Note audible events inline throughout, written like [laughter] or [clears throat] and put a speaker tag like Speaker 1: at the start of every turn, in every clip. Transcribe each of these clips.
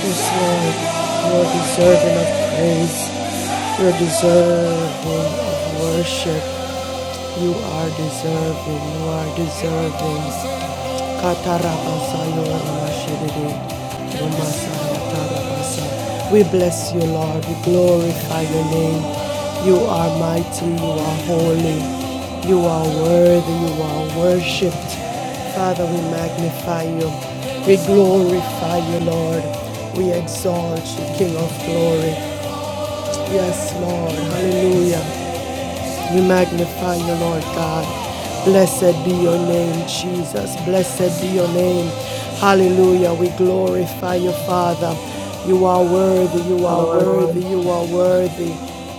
Speaker 1: Yes, Lord, you are deserving of praise. You are deserving of worship. You are deserving. You are deserving. Katarabasayo Ramashiride. We bless you, Lord. We glorify your name. You are mighty. You are holy. You are worthy. You are worshipped. Father, we magnify you. We glorify you, Lord. We exalt you, King of glory. Yes, Lord. Hallelujah. We magnify you, Lord God. Blessed be your name, Jesus. Blessed be your name. Hallelujah. We glorify you, Father. You are worthy. You
Speaker 2: you,
Speaker 1: are
Speaker 2: Lord.
Speaker 1: worthy. You are worthy.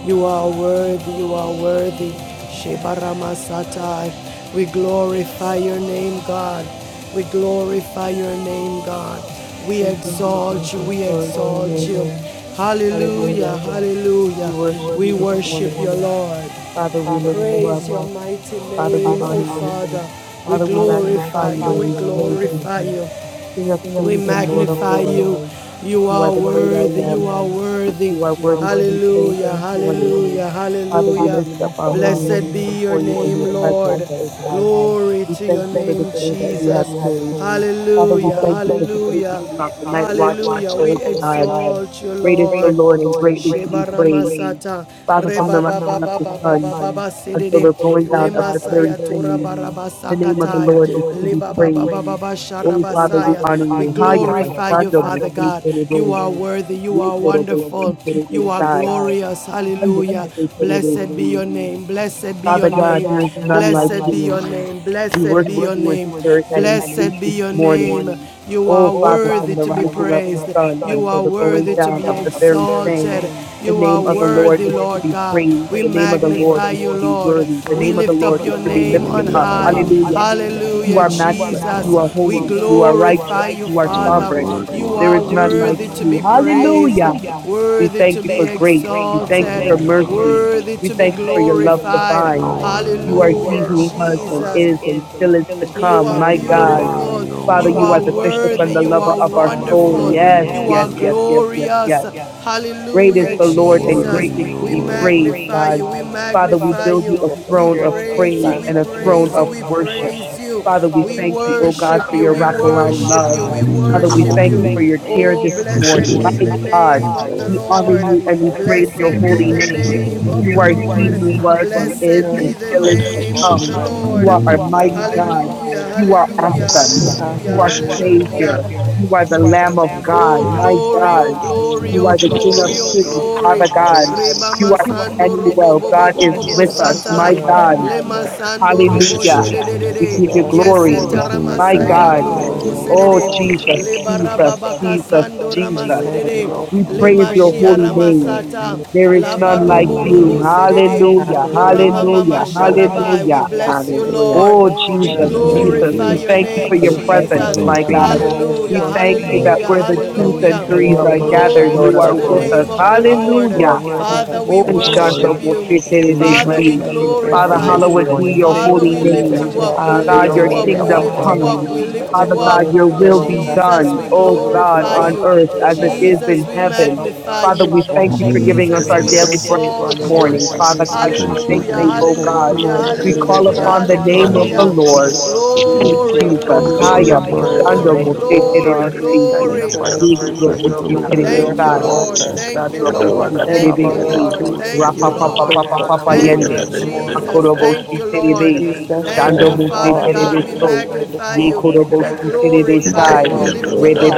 Speaker 1: You are worthy. You are worthy. Shebaramasatai. We glorify your name, God. We glorify your name, God. We
Speaker 2: Thank you, Jesus.
Speaker 1: exalt you. We
Speaker 2: Glory to your
Speaker 1: exalt you.
Speaker 2: name.
Speaker 1: Hallelujah.
Speaker 2: Hallelujah. We
Speaker 1: Hallelujah.
Speaker 2: worship
Speaker 1: We
Speaker 2: you this
Speaker 1: worship
Speaker 2: morning.
Speaker 1: your Lord.
Speaker 2: Father, we lift you up.
Speaker 1: Praise your mighty
Speaker 2: Father,
Speaker 1: name,
Speaker 2: we
Speaker 1: O
Speaker 2: honor you.
Speaker 1: Father. We
Speaker 2: Father, we magnify
Speaker 1: glorify you,
Speaker 2: you and
Speaker 1: we
Speaker 2: we praise you.
Speaker 1: glorify you.
Speaker 2: King of
Speaker 1: we
Speaker 2: kings and Lord of
Speaker 1: magnify
Speaker 2: lords,
Speaker 1: you. You are
Speaker 2: you are the great
Speaker 1: worthy,
Speaker 2: I
Speaker 1: you
Speaker 2: am.
Speaker 1: are worthy.
Speaker 2: You are
Speaker 1: Hallelujah,
Speaker 2: worthy to be praised this morning.
Speaker 1: hallelujah,
Speaker 2: Father, we
Speaker 1: hallelujah.
Speaker 2: lift up our
Speaker 1: Blessed
Speaker 2: holy hands
Speaker 1: be your
Speaker 2: before you
Speaker 1: name,
Speaker 2: in your
Speaker 1: Lord.
Speaker 2: presence, O God.
Speaker 1: Glory
Speaker 2: We
Speaker 1: to
Speaker 2: thank
Speaker 1: your
Speaker 2: you for
Speaker 1: name,
Speaker 2: this day that you
Speaker 1: Jesus.
Speaker 2: have made. Father,
Speaker 1: Hallelujah,
Speaker 2: we thank you for keeping us
Speaker 1: hallelujah.
Speaker 2: throughout the night watches,
Speaker 1: Hallelujah.
Speaker 2: O
Speaker 1: We
Speaker 2: God.
Speaker 1: exalt you,
Speaker 2: Great is
Speaker 1: Lord.
Speaker 2: the Lord and
Speaker 1: Sheba
Speaker 2: greatly to be praised.
Speaker 1: Ramasata.
Speaker 2: Father,
Speaker 1: Reba
Speaker 2: from the
Speaker 1: Baba
Speaker 2: rising of
Speaker 1: Baba
Speaker 2: the
Speaker 1: Baba
Speaker 2: sun
Speaker 1: Baba
Speaker 2: until
Speaker 1: Sedede.
Speaker 2: the going down
Speaker 1: Lema
Speaker 2: of
Speaker 1: down
Speaker 2: the very same. The name of the
Speaker 1: Barabasakatai.
Speaker 2: Lord is
Speaker 1: Leba
Speaker 2: to be
Speaker 1: Baba
Speaker 2: praised.
Speaker 1: Baba Oh,
Speaker 2: Oh, Father,
Speaker 1: Sharabasaya.
Speaker 2: we
Speaker 1: we
Speaker 2: honor you. Haya
Speaker 1: glorify you,
Speaker 2: bastando me
Speaker 1: Father
Speaker 2: praise
Speaker 1: God. You
Speaker 2: terebe.
Speaker 1: are worthy. You
Speaker 2: Ye
Speaker 1: are
Speaker 2: korobo si
Speaker 1: wonderful. si
Speaker 2: terebe
Speaker 1: You are
Speaker 2: sai.
Speaker 1: glorious.
Speaker 2: Mando me
Speaker 1: Hallelujah.
Speaker 2: praise
Speaker 1: Blessed
Speaker 2: terebe
Speaker 1: be your
Speaker 2: si.
Speaker 1: si. name. Blessed be your
Speaker 2: Father
Speaker 1: name.
Speaker 2: God, there is none
Speaker 1: Blessed
Speaker 2: like
Speaker 1: like be
Speaker 2: you.
Speaker 1: your name. Blessed
Speaker 2: We
Speaker 1: be your
Speaker 2: worship you in
Speaker 1: name.
Speaker 2: spirit and in
Speaker 1: Blessed be
Speaker 2: truth this
Speaker 1: your name.
Speaker 2: morning.
Speaker 1: morning. You are Oh,
Speaker 2: O Father,
Speaker 1: worthy
Speaker 2: from the
Speaker 1: to be
Speaker 2: rising of the
Speaker 1: praised. You
Speaker 2: sun
Speaker 1: are
Speaker 2: until the going
Speaker 1: worthy to be
Speaker 2: down of the very
Speaker 1: exalted.
Speaker 2: same, the
Speaker 1: You are
Speaker 2: name of the Lord
Speaker 1: worthy, Lord
Speaker 2: is to be
Speaker 1: God. We
Speaker 2: praised. The name of the Lord
Speaker 1: magnify
Speaker 2: is
Speaker 1: you,
Speaker 2: to
Speaker 1: Lord
Speaker 2: be
Speaker 1: We
Speaker 2: worthy. The name of the
Speaker 1: lift up
Speaker 2: Lord is
Speaker 1: your
Speaker 2: to be
Speaker 1: name on
Speaker 2: lifted
Speaker 3: Hallelujah,
Speaker 2: up.
Speaker 1: high. Hallelujah.
Speaker 3: hallelujah.
Speaker 2: Hallelujah. You are
Speaker 1: Jesus.
Speaker 2: matchless. You are
Speaker 3: Glory,
Speaker 1: We
Speaker 2: holy. You are righteous.
Speaker 1: glorify you,
Speaker 2: You are
Speaker 3: glory,
Speaker 1: Father.
Speaker 2: sovereign.
Speaker 3: glory,
Speaker 1: You
Speaker 3: glory,
Speaker 2: There is
Speaker 1: are
Speaker 2: none
Speaker 3: hallelujah.
Speaker 2: like
Speaker 1: worthy to like
Speaker 2: you.
Speaker 1: be praised,
Speaker 2: Hallelujah. We
Speaker 1: worthy
Speaker 2: thank
Speaker 1: to
Speaker 2: you
Speaker 1: be
Speaker 2: for grace. We thank you
Speaker 1: exalted,
Speaker 2: for
Speaker 4: right
Speaker 3: Hallelujah,
Speaker 2: mercy.
Speaker 3: hallelujah.
Speaker 1: worthy
Speaker 2: We
Speaker 1: to be
Speaker 2: thank you for your love
Speaker 1: glorified.
Speaker 2: divine.
Speaker 3: You're worthy,
Speaker 2: You
Speaker 4: hand
Speaker 2: are
Speaker 3: you're
Speaker 2: he
Speaker 1: Hallelujah,
Speaker 3: worthy,
Speaker 2: who
Speaker 1: Jesus.
Speaker 4: Lord.
Speaker 2: was and
Speaker 3: you're
Speaker 1: Jesus.
Speaker 2: is
Speaker 3: worthy.
Speaker 2: and still is to
Speaker 4: The
Speaker 1: You
Speaker 2: come.
Speaker 1: are
Speaker 2: My
Speaker 4: area
Speaker 3: You're
Speaker 4: where
Speaker 2: God.
Speaker 4: you
Speaker 1: beautiful.
Speaker 3: worthy,
Speaker 1: You
Speaker 4: have
Speaker 3: you're
Speaker 1: are
Speaker 2: Father, you are
Speaker 3: worthy.
Speaker 2: the bishop
Speaker 1: worthy.
Speaker 2: and the
Speaker 1: You are
Speaker 2: lover of
Speaker 4: the
Speaker 2: our
Speaker 3: You're
Speaker 4: mindset
Speaker 2: soul.
Speaker 1: wonderful. You
Speaker 3: worthy,
Speaker 1: Yes, are yes,
Speaker 2: Yes,
Speaker 3: you're
Speaker 1: yes, yes,
Speaker 4: of
Speaker 2: yes,
Speaker 1: yes,
Speaker 2: yes,
Speaker 3: worthy.
Speaker 4: God
Speaker 2: yes, yes,
Speaker 1: glorious.
Speaker 2: yes.
Speaker 1: yes.
Speaker 4: on
Speaker 2: Great
Speaker 1: Hallelujah,
Speaker 2: is the
Speaker 3: You're
Speaker 2: Lord and
Speaker 1: Jesus.
Speaker 3: worthy,
Speaker 1: We
Speaker 2: greatly to
Speaker 3: you're
Speaker 2: be
Speaker 4: The
Speaker 1: magnify
Speaker 3: worthy.
Speaker 2: praised, God.
Speaker 1: you. We
Speaker 2: Father, we
Speaker 1: magnify
Speaker 2: build
Speaker 1: you.
Speaker 2: you a
Speaker 1: We
Speaker 2: throne
Speaker 4: here is
Speaker 2: of
Speaker 4: the
Speaker 1: praise you.
Speaker 2: praise
Speaker 4: land
Speaker 1: We
Speaker 2: and
Speaker 1: praise
Speaker 4: of
Speaker 2: a
Speaker 1: you.
Speaker 2: throne
Speaker 4: living
Speaker 2: of
Speaker 1: We
Speaker 4: is
Speaker 2: worship.
Speaker 1: praise
Speaker 4: Lord
Speaker 1: you.
Speaker 4: God.
Speaker 2: Father, we
Speaker 1: We oh
Speaker 2: thank you, oh
Speaker 4: We
Speaker 2: God,
Speaker 1: worship
Speaker 2: for
Speaker 1: you.
Speaker 2: your
Speaker 1: We
Speaker 4: Thank
Speaker 2: wraparound
Speaker 4: you,
Speaker 1: worship
Speaker 2: love.
Speaker 1: you. We
Speaker 4: God,
Speaker 3: Thank you,
Speaker 4: for
Speaker 2: Father,
Speaker 3: Jesus.
Speaker 2: we
Speaker 1: worship
Speaker 4: our
Speaker 2: thank
Speaker 1: you.
Speaker 2: you
Speaker 5: Hallelujah.
Speaker 2: for your care
Speaker 1: Oh,
Speaker 2: this
Speaker 5: We should be
Speaker 1: blessed be
Speaker 2: morning. My
Speaker 1: the
Speaker 5: adoring
Speaker 1: name
Speaker 2: God,
Speaker 4: share
Speaker 5: you,
Speaker 1: of the
Speaker 4: of
Speaker 2: we
Speaker 5: thanks,
Speaker 2: honor
Speaker 1: Lord.
Speaker 5: and
Speaker 2: you and we
Speaker 4: sacrifice.
Speaker 2: praise
Speaker 1: Blessed be
Speaker 2: your
Speaker 5: we
Speaker 4: Lord,
Speaker 2: holy
Speaker 1: the
Speaker 5: have some
Speaker 2: name.
Speaker 5: love
Speaker 1: name.
Speaker 5: and we
Speaker 1: of
Speaker 5: give
Speaker 1: the
Speaker 2: You
Speaker 5: you
Speaker 2: are
Speaker 5: the
Speaker 2: he
Speaker 1: Lord.
Speaker 2: who
Speaker 5: glory.
Speaker 2: was and is
Speaker 1: Blessed be
Speaker 4: You're
Speaker 2: and
Speaker 4: the
Speaker 1: the
Speaker 2: still is
Speaker 4: strength
Speaker 5: And
Speaker 4: of
Speaker 2: to
Speaker 5: we
Speaker 1: name
Speaker 4: our
Speaker 5: should
Speaker 1: of the
Speaker 2: come.
Speaker 1: you,
Speaker 5: be
Speaker 4: lives.
Speaker 1: Lord.
Speaker 2: You are our
Speaker 4: you
Speaker 5: hallelujah.
Speaker 4: shall
Speaker 2: mighty
Speaker 4: be
Speaker 1: Hallelujah,
Speaker 2: God.
Speaker 4: freedom.
Speaker 2: You are
Speaker 1: hallelujah,
Speaker 5: Yes,
Speaker 2: awesome.
Speaker 5: Lord,
Speaker 1: awesome.
Speaker 5: we
Speaker 1: hallelujah,
Speaker 2: You are
Speaker 5: worship be
Speaker 4: Hallelujah, Lord.
Speaker 1: hallelujah.
Speaker 2: Savior. You are the Lamb of
Speaker 3: Thank you,
Speaker 2: God.
Speaker 1: Oh
Speaker 3: Jesus.
Speaker 2: My
Speaker 1: glory,
Speaker 2: God.
Speaker 1: oh
Speaker 4: Hallelujah.
Speaker 1: glory, oh
Speaker 2: You
Speaker 5: Lord
Speaker 2: are the King
Speaker 1: glory,
Speaker 2: of
Speaker 5: Jesus,
Speaker 4: Thank
Speaker 1: oh
Speaker 4: you,
Speaker 2: Kings,
Speaker 4: Lord, for
Speaker 1: glory.
Speaker 4: our
Speaker 2: Father God.
Speaker 5: Jesus,
Speaker 1: Reba
Speaker 4: mystery.
Speaker 2: You are
Speaker 1: masando the robo bobo excellent
Speaker 2: Emmanuel.
Speaker 1: bo bo
Speaker 2: God is
Speaker 1: God
Speaker 4: Thank you,
Speaker 2: with
Speaker 5: Jesus.
Speaker 4: Lord,
Speaker 2: us.
Speaker 4: for being
Speaker 2: My
Speaker 4: in
Speaker 1: satai. my
Speaker 4: our
Speaker 6: for
Speaker 2: God.
Speaker 1: Le
Speaker 4: presence.
Speaker 5: I
Speaker 1: robo Hallelujah.
Speaker 5: worship you,
Speaker 2: Hallelujah.
Speaker 5: I adore you, I
Speaker 4: Thank
Speaker 2: We
Speaker 4: you,
Speaker 2: give you
Speaker 5: magnify
Speaker 4: Lord,
Speaker 5: you, I
Speaker 1: Yes, glory.
Speaker 4: for
Speaker 5: lift
Speaker 3: You're
Speaker 2: glory.
Speaker 5: you
Speaker 3: the
Speaker 4: walking
Speaker 1: My
Speaker 5: up,
Speaker 3: King of
Speaker 2: My
Speaker 4: with us
Speaker 5: hallelujah.
Speaker 1: masayando
Speaker 3: Kings,
Speaker 2: God.
Speaker 4: this
Speaker 3: you're
Speaker 1: God. robo
Speaker 3: Lord of
Speaker 4: morning,
Speaker 1: shede
Speaker 2: Oh,
Speaker 3: Lords,
Speaker 1: de.
Speaker 4: for
Speaker 1: Oh,
Speaker 4: talking
Speaker 2: Jesus,
Speaker 3: you're
Speaker 4: with us
Speaker 3: first and
Speaker 2: Jesus,
Speaker 4: this
Speaker 5: Hallelujah.
Speaker 4: morning.
Speaker 3: last,
Speaker 2: Jesus,
Speaker 1: kasando rama Jesus.
Speaker 2: Jesus.
Speaker 6: your
Speaker 1: shede
Speaker 4: Thank
Speaker 1: de.
Speaker 4: you,
Speaker 1: Le
Speaker 3: you're
Speaker 6: grace.
Speaker 4: Lord,
Speaker 3: Alpha
Speaker 2: We
Speaker 3: and
Speaker 1: We
Speaker 2: praise
Speaker 3: Omega,
Speaker 4: for
Speaker 2: your
Speaker 4: your
Speaker 2: holy name.
Speaker 4: children.
Speaker 6: We
Speaker 4: this
Speaker 1: ramasata.
Speaker 2: There is
Speaker 1: La There is
Speaker 4: morning.
Speaker 2: none
Speaker 3: beginning
Speaker 2: like
Speaker 3: and
Speaker 1: like
Speaker 3: the
Speaker 2: you.
Speaker 1: robo
Speaker 3: end.
Speaker 1: serere. Hallelujah.
Speaker 2: Hallelujah.
Speaker 4: Hallelujah.
Speaker 1: mama
Speaker 4: No
Speaker 2: Hallelujah.
Speaker 4: photo of
Speaker 1: sharabai.
Speaker 4: the
Speaker 1: We
Speaker 4: sheep
Speaker 2: Hallelujah.
Speaker 4: or
Speaker 1: bless you,
Speaker 4: sitting.
Speaker 7: Hallelujah.
Speaker 1: Lord.
Speaker 2: Oh,
Speaker 7: Thank you,
Speaker 1: Oh, We
Speaker 4: God,
Speaker 2: Jesus,
Speaker 4: I
Speaker 3: We
Speaker 7: Jesus.
Speaker 6: thank
Speaker 4: thank
Speaker 3: always
Speaker 2: Jesus.
Speaker 4: you,
Speaker 1: glorify
Speaker 2: We
Speaker 4: Lord
Speaker 3: praise
Speaker 1: your
Speaker 3: you.
Speaker 2: thank you
Speaker 4: Jesus.
Speaker 1: name,
Speaker 2: for
Speaker 7: Father,
Speaker 2: your
Speaker 7: we bless
Speaker 1: Jesus.
Speaker 7: you
Speaker 2: presence,
Speaker 7: and we
Speaker 4: Give you
Speaker 2: my
Speaker 3: Exalt your
Speaker 4: all
Speaker 7: praise
Speaker 4: the
Speaker 2: God.
Speaker 7: you and
Speaker 3: name.
Speaker 7: we
Speaker 1: Hallelujah,
Speaker 4: glory
Speaker 2: We
Speaker 4: this
Speaker 7: exalt your
Speaker 4: morning.
Speaker 2: thank you that
Speaker 7: name.
Speaker 1: hallelujah,
Speaker 2: where the twos
Speaker 4: Give
Speaker 1: hallelujah.
Speaker 2: and
Speaker 4: you
Speaker 7: King
Speaker 2: threes
Speaker 4: all
Speaker 7: of
Speaker 4: the
Speaker 2: are
Speaker 7: kings
Speaker 4: praise
Speaker 2: gathered,
Speaker 7: and
Speaker 1: Glory
Speaker 7: Lord
Speaker 4: this
Speaker 2: you
Speaker 7: of
Speaker 1: to
Speaker 2: are
Speaker 1: the
Speaker 2: with
Speaker 4: morning.
Speaker 7: lords,
Speaker 2: us.
Speaker 1: name of the Lord.
Speaker 7: you
Speaker 2: Hallelujah.
Speaker 7: are worthy
Speaker 4: God,
Speaker 7: to
Speaker 4: I
Speaker 1: Father, we
Speaker 2: Oh,
Speaker 1: Oh,
Speaker 7: receive
Speaker 4: thank you,
Speaker 1: worship
Speaker 2: Shando
Speaker 7: glory.
Speaker 4: Lord
Speaker 1: you.
Speaker 4: Jesus.
Speaker 7: We
Speaker 1: Father, we
Speaker 7: bless
Speaker 2: Moseterebesi.
Speaker 7: you and we praise
Speaker 2: Father,
Speaker 4: Man,
Speaker 7: you
Speaker 1: glorify
Speaker 4: for
Speaker 1: you.
Speaker 7: this
Speaker 2: hallowed be
Speaker 7: morning.
Speaker 2: your
Speaker 4: sustaining
Speaker 1: Father, we
Speaker 2: holy
Speaker 4: our
Speaker 1: lift
Speaker 4: lives
Speaker 1: you
Speaker 2: name.
Speaker 6: you
Speaker 1: up.
Speaker 4: throughout
Speaker 6: for
Speaker 4: the
Speaker 1: We
Speaker 7: Have
Speaker 1: lift
Speaker 6: your
Speaker 1: lift
Speaker 2: God,
Speaker 4: day,
Speaker 7: your
Speaker 2: your
Speaker 1: you
Speaker 7: way
Speaker 1: up.
Speaker 4: Lord
Speaker 6: mercy,
Speaker 1: We
Speaker 7: this
Speaker 6: Abba
Speaker 2: kingdom
Speaker 3: Thank
Speaker 4: God.
Speaker 1: lift
Speaker 7: morning,
Speaker 1: you
Speaker 6: Father.
Speaker 7: O
Speaker 1: up.
Speaker 2: come.
Speaker 1: We
Speaker 6: We
Speaker 7: God.
Speaker 6: thank
Speaker 3: you,
Speaker 1: lift
Speaker 6: you,
Speaker 4: Let
Speaker 2: Father
Speaker 1: you
Speaker 3: Jesus.
Speaker 2: God,
Speaker 4: no
Speaker 2: your
Speaker 1: up.
Speaker 4: incident
Speaker 2: will
Speaker 6: Lord.
Speaker 2: be
Speaker 4: or
Speaker 6: We
Speaker 1: Jesus,
Speaker 6: thank
Speaker 2: done.
Speaker 6: you
Speaker 4: accidents
Speaker 1: we
Speaker 4: happen
Speaker 6: for
Speaker 2: Oh God,
Speaker 6: waking
Speaker 1: glorify
Speaker 6: us
Speaker 4: for us
Speaker 2: on
Speaker 6: up
Speaker 1: you.
Speaker 2: earth
Speaker 4: today,
Speaker 2: as
Speaker 6: this
Speaker 2: it
Speaker 4: Lord God.
Speaker 2: is
Speaker 6: morning.
Speaker 2: in
Speaker 1: Jesus, we
Speaker 2: heaven.
Speaker 6: Abba
Speaker 1: magnify
Speaker 6: Father,
Speaker 2: Father,
Speaker 4: that
Speaker 1: you.
Speaker 6: we
Speaker 2: we
Speaker 6: thank
Speaker 2: thank
Speaker 6: you
Speaker 4: have
Speaker 2: you for
Speaker 6: this
Speaker 2: giving us
Speaker 1: Jesus,
Speaker 2: our
Speaker 5: Jesus.
Speaker 1: we
Speaker 6: morning
Speaker 2: daily bread
Speaker 4: mostly this
Speaker 6: for
Speaker 5: Thank
Speaker 2: this
Speaker 5: you,
Speaker 6: the
Speaker 1: exalt you.
Speaker 6: breath
Speaker 2: morning.
Speaker 4: morning.
Speaker 5: Jesus.
Speaker 6: that is
Speaker 5: I
Speaker 2: Father
Speaker 6: in
Speaker 2: God, we
Speaker 5: worship
Speaker 6: our
Speaker 2: thank
Speaker 6: lungs.
Speaker 1: Hallelujah.
Speaker 5: you.
Speaker 4: Thank
Speaker 2: you,
Speaker 4: you
Speaker 6: We
Speaker 2: oh
Speaker 5: Jesus.
Speaker 4: for
Speaker 6: thank
Speaker 2: God.
Speaker 6: you,
Speaker 1: Hallelujah.
Speaker 4: healing
Speaker 5: I am
Speaker 6: Lord
Speaker 4: and
Speaker 2: We
Speaker 6: Jesus.
Speaker 2: call
Speaker 1: Hallelujah.
Speaker 5: here.
Speaker 4: delivering
Speaker 2: upon the
Speaker 4: this
Speaker 5: Thank
Speaker 2: name
Speaker 6: Father,
Speaker 2: of
Speaker 5: you,
Speaker 2: the
Speaker 6: we
Speaker 1: Hallelujah.
Speaker 4: morning.
Speaker 6: thank
Speaker 2: Lord.
Speaker 6: you
Speaker 5: Jesus. For me, the
Speaker 2: Sweet
Speaker 4: Thank
Speaker 6: Jesus,
Speaker 4: you,
Speaker 5: God
Speaker 1: Glory,
Speaker 6: for
Speaker 4: Lord
Speaker 5: who
Speaker 2: Jesus.
Speaker 6: fresh
Speaker 3: Thanks for
Speaker 4: Jesus,
Speaker 5: question
Speaker 6: gift
Speaker 3: being
Speaker 5: the
Speaker 2: Haya
Speaker 3: a
Speaker 4: for
Speaker 1: glory,
Speaker 6: of
Speaker 4: being a
Speaker 3: brother to
Speaker 5: other.
Speaker 4: way
Speaker 6: grace.
Speaker 3: my
Speaker 2: Bashando
Speaker 1: glory,
Speaker 4: maker.
Speaker 3: lungs,
Speaker 6: Oh
Speaker 3: Lord.
Speaker 1: glory,
Speaker 6: God, we
Speaker 2: Moseterebesi.
Speaker 5: We
Speaker 6: thank
Speaker 4: Thank
Speaker 5: need
Speaker 6: you
Speaker 5: to
Speaker 4: you,
Speaker 6: for
Speaker 4: Lord
Speaker 6: your
Speaker 1: glory.
Speaker 6: grace
Speaker 5: have
Speaker 2: Yekuro
Speaker 4: Jesus,
Speaker 3: Thank
Speaker 6: and
Speaker 3: you
Speaker 6: your
Speaker 4: for
Speaker 3: for
Speaker 4: being
Speaker 3: this
Speaker 4: a
Speaker 6: mercy,
Speaker 3: day
Speaker 6: oh
Speaker 1: Thank you,
Speaker 3: you
Speaker 2: Moseterebesi.
Speaker 4: miracle
Speaker 3: have
Speaker 6: God,
Speaker 1: Lord.
Speaker 3: made.
Speaker 4: worker.
Speaker 6: that
Speaker 1: Thank you,
Speaker 6: is
Speaker 5: another
Speaker 1: Lord.
Speaker 5: one.
Speaker 6: upon
Speaker 2: Makorobosi
Speaker 6: us,
Speaker 4: Thank
Speaker 3: We
Speaker 1: Thank
Speaker 4: you,
Speaker 1: you,
Speaker 6: Abba
Speaker 4: Lord
Speaker 3: will
Speaker 2: Terebesi,
Speaker 1: Lord.
Speaker 6: Father.
Speaker 3: rejoice
Speaker 4: Jesus,
Speaker 3: and
Speaker 4: for
Speaker 3: be
Speaker 1: Thank you,
Speaker 2: Rapa
Speaker 4: being the
Speaker 3: glad
Speaker 2: Papa
Speaker 3: of
Speaker 1: Lord.
Speaker 6: Abba
Speaker 3: it.
Speaker 4: Prince
Speaker 2: Papa
Speaker 4: of
Speaker 6: Father,
Speaker 2: Papa
Speaker 6: we
Speaker 1: Thank
Speaker 4: Peace
Speaker 1: you,
Speaker 4: this
Speaker 2: Yende,
Speaker 6: thank you, Lord
Speaker 4: morning.
Speaker 1: Jesus.
Speaker 6: Jesus.
Speaker 1: Thank
Speaker 2: Makorobosi
Speaker 1: you,
Speaker 4: The
Speaker 6: We
Speaker 1: Lord.
Speaker 2: Terebe,
Speaker 6: thank
Speaker 4: peace
Speaker 6: you,
Speaker 4: that
Speaker 6: Lord
Speaker 1: Thank
Speaker 2: Shando
Speaker 1: you,
Speaker 4: serves
Speaker 6: Jesus,
Speaker 2: Mose
Speaker 1: Father
Speaker 4: all
Speaker 6: for what
Speaker 1: God.
Speaker 6: you
Speaker 1: We
Speaker 2: Terebeso,
Speaker 6: have done.
Speaker 4: understanding this
Speaker 1: magnify
Speaker 2: Ye
Speaker 1: you.
Speaker 6: We
Speaker 4: morning.
Speaker 1: We
Speaker 6: thank
Speaker 2: Korobosi
Speaker 6: you for what you
Speaker 1: glorify
Speaker 6: are
Speaker 1: you.
Speaker 2: Terebesai,
Speaker 1: We
Speaker 6: about to
Speaker 1: lift
Speaker 4: Hallelujah,
Speaker 1: you
Speaker 6: do.
Speaker 1: up.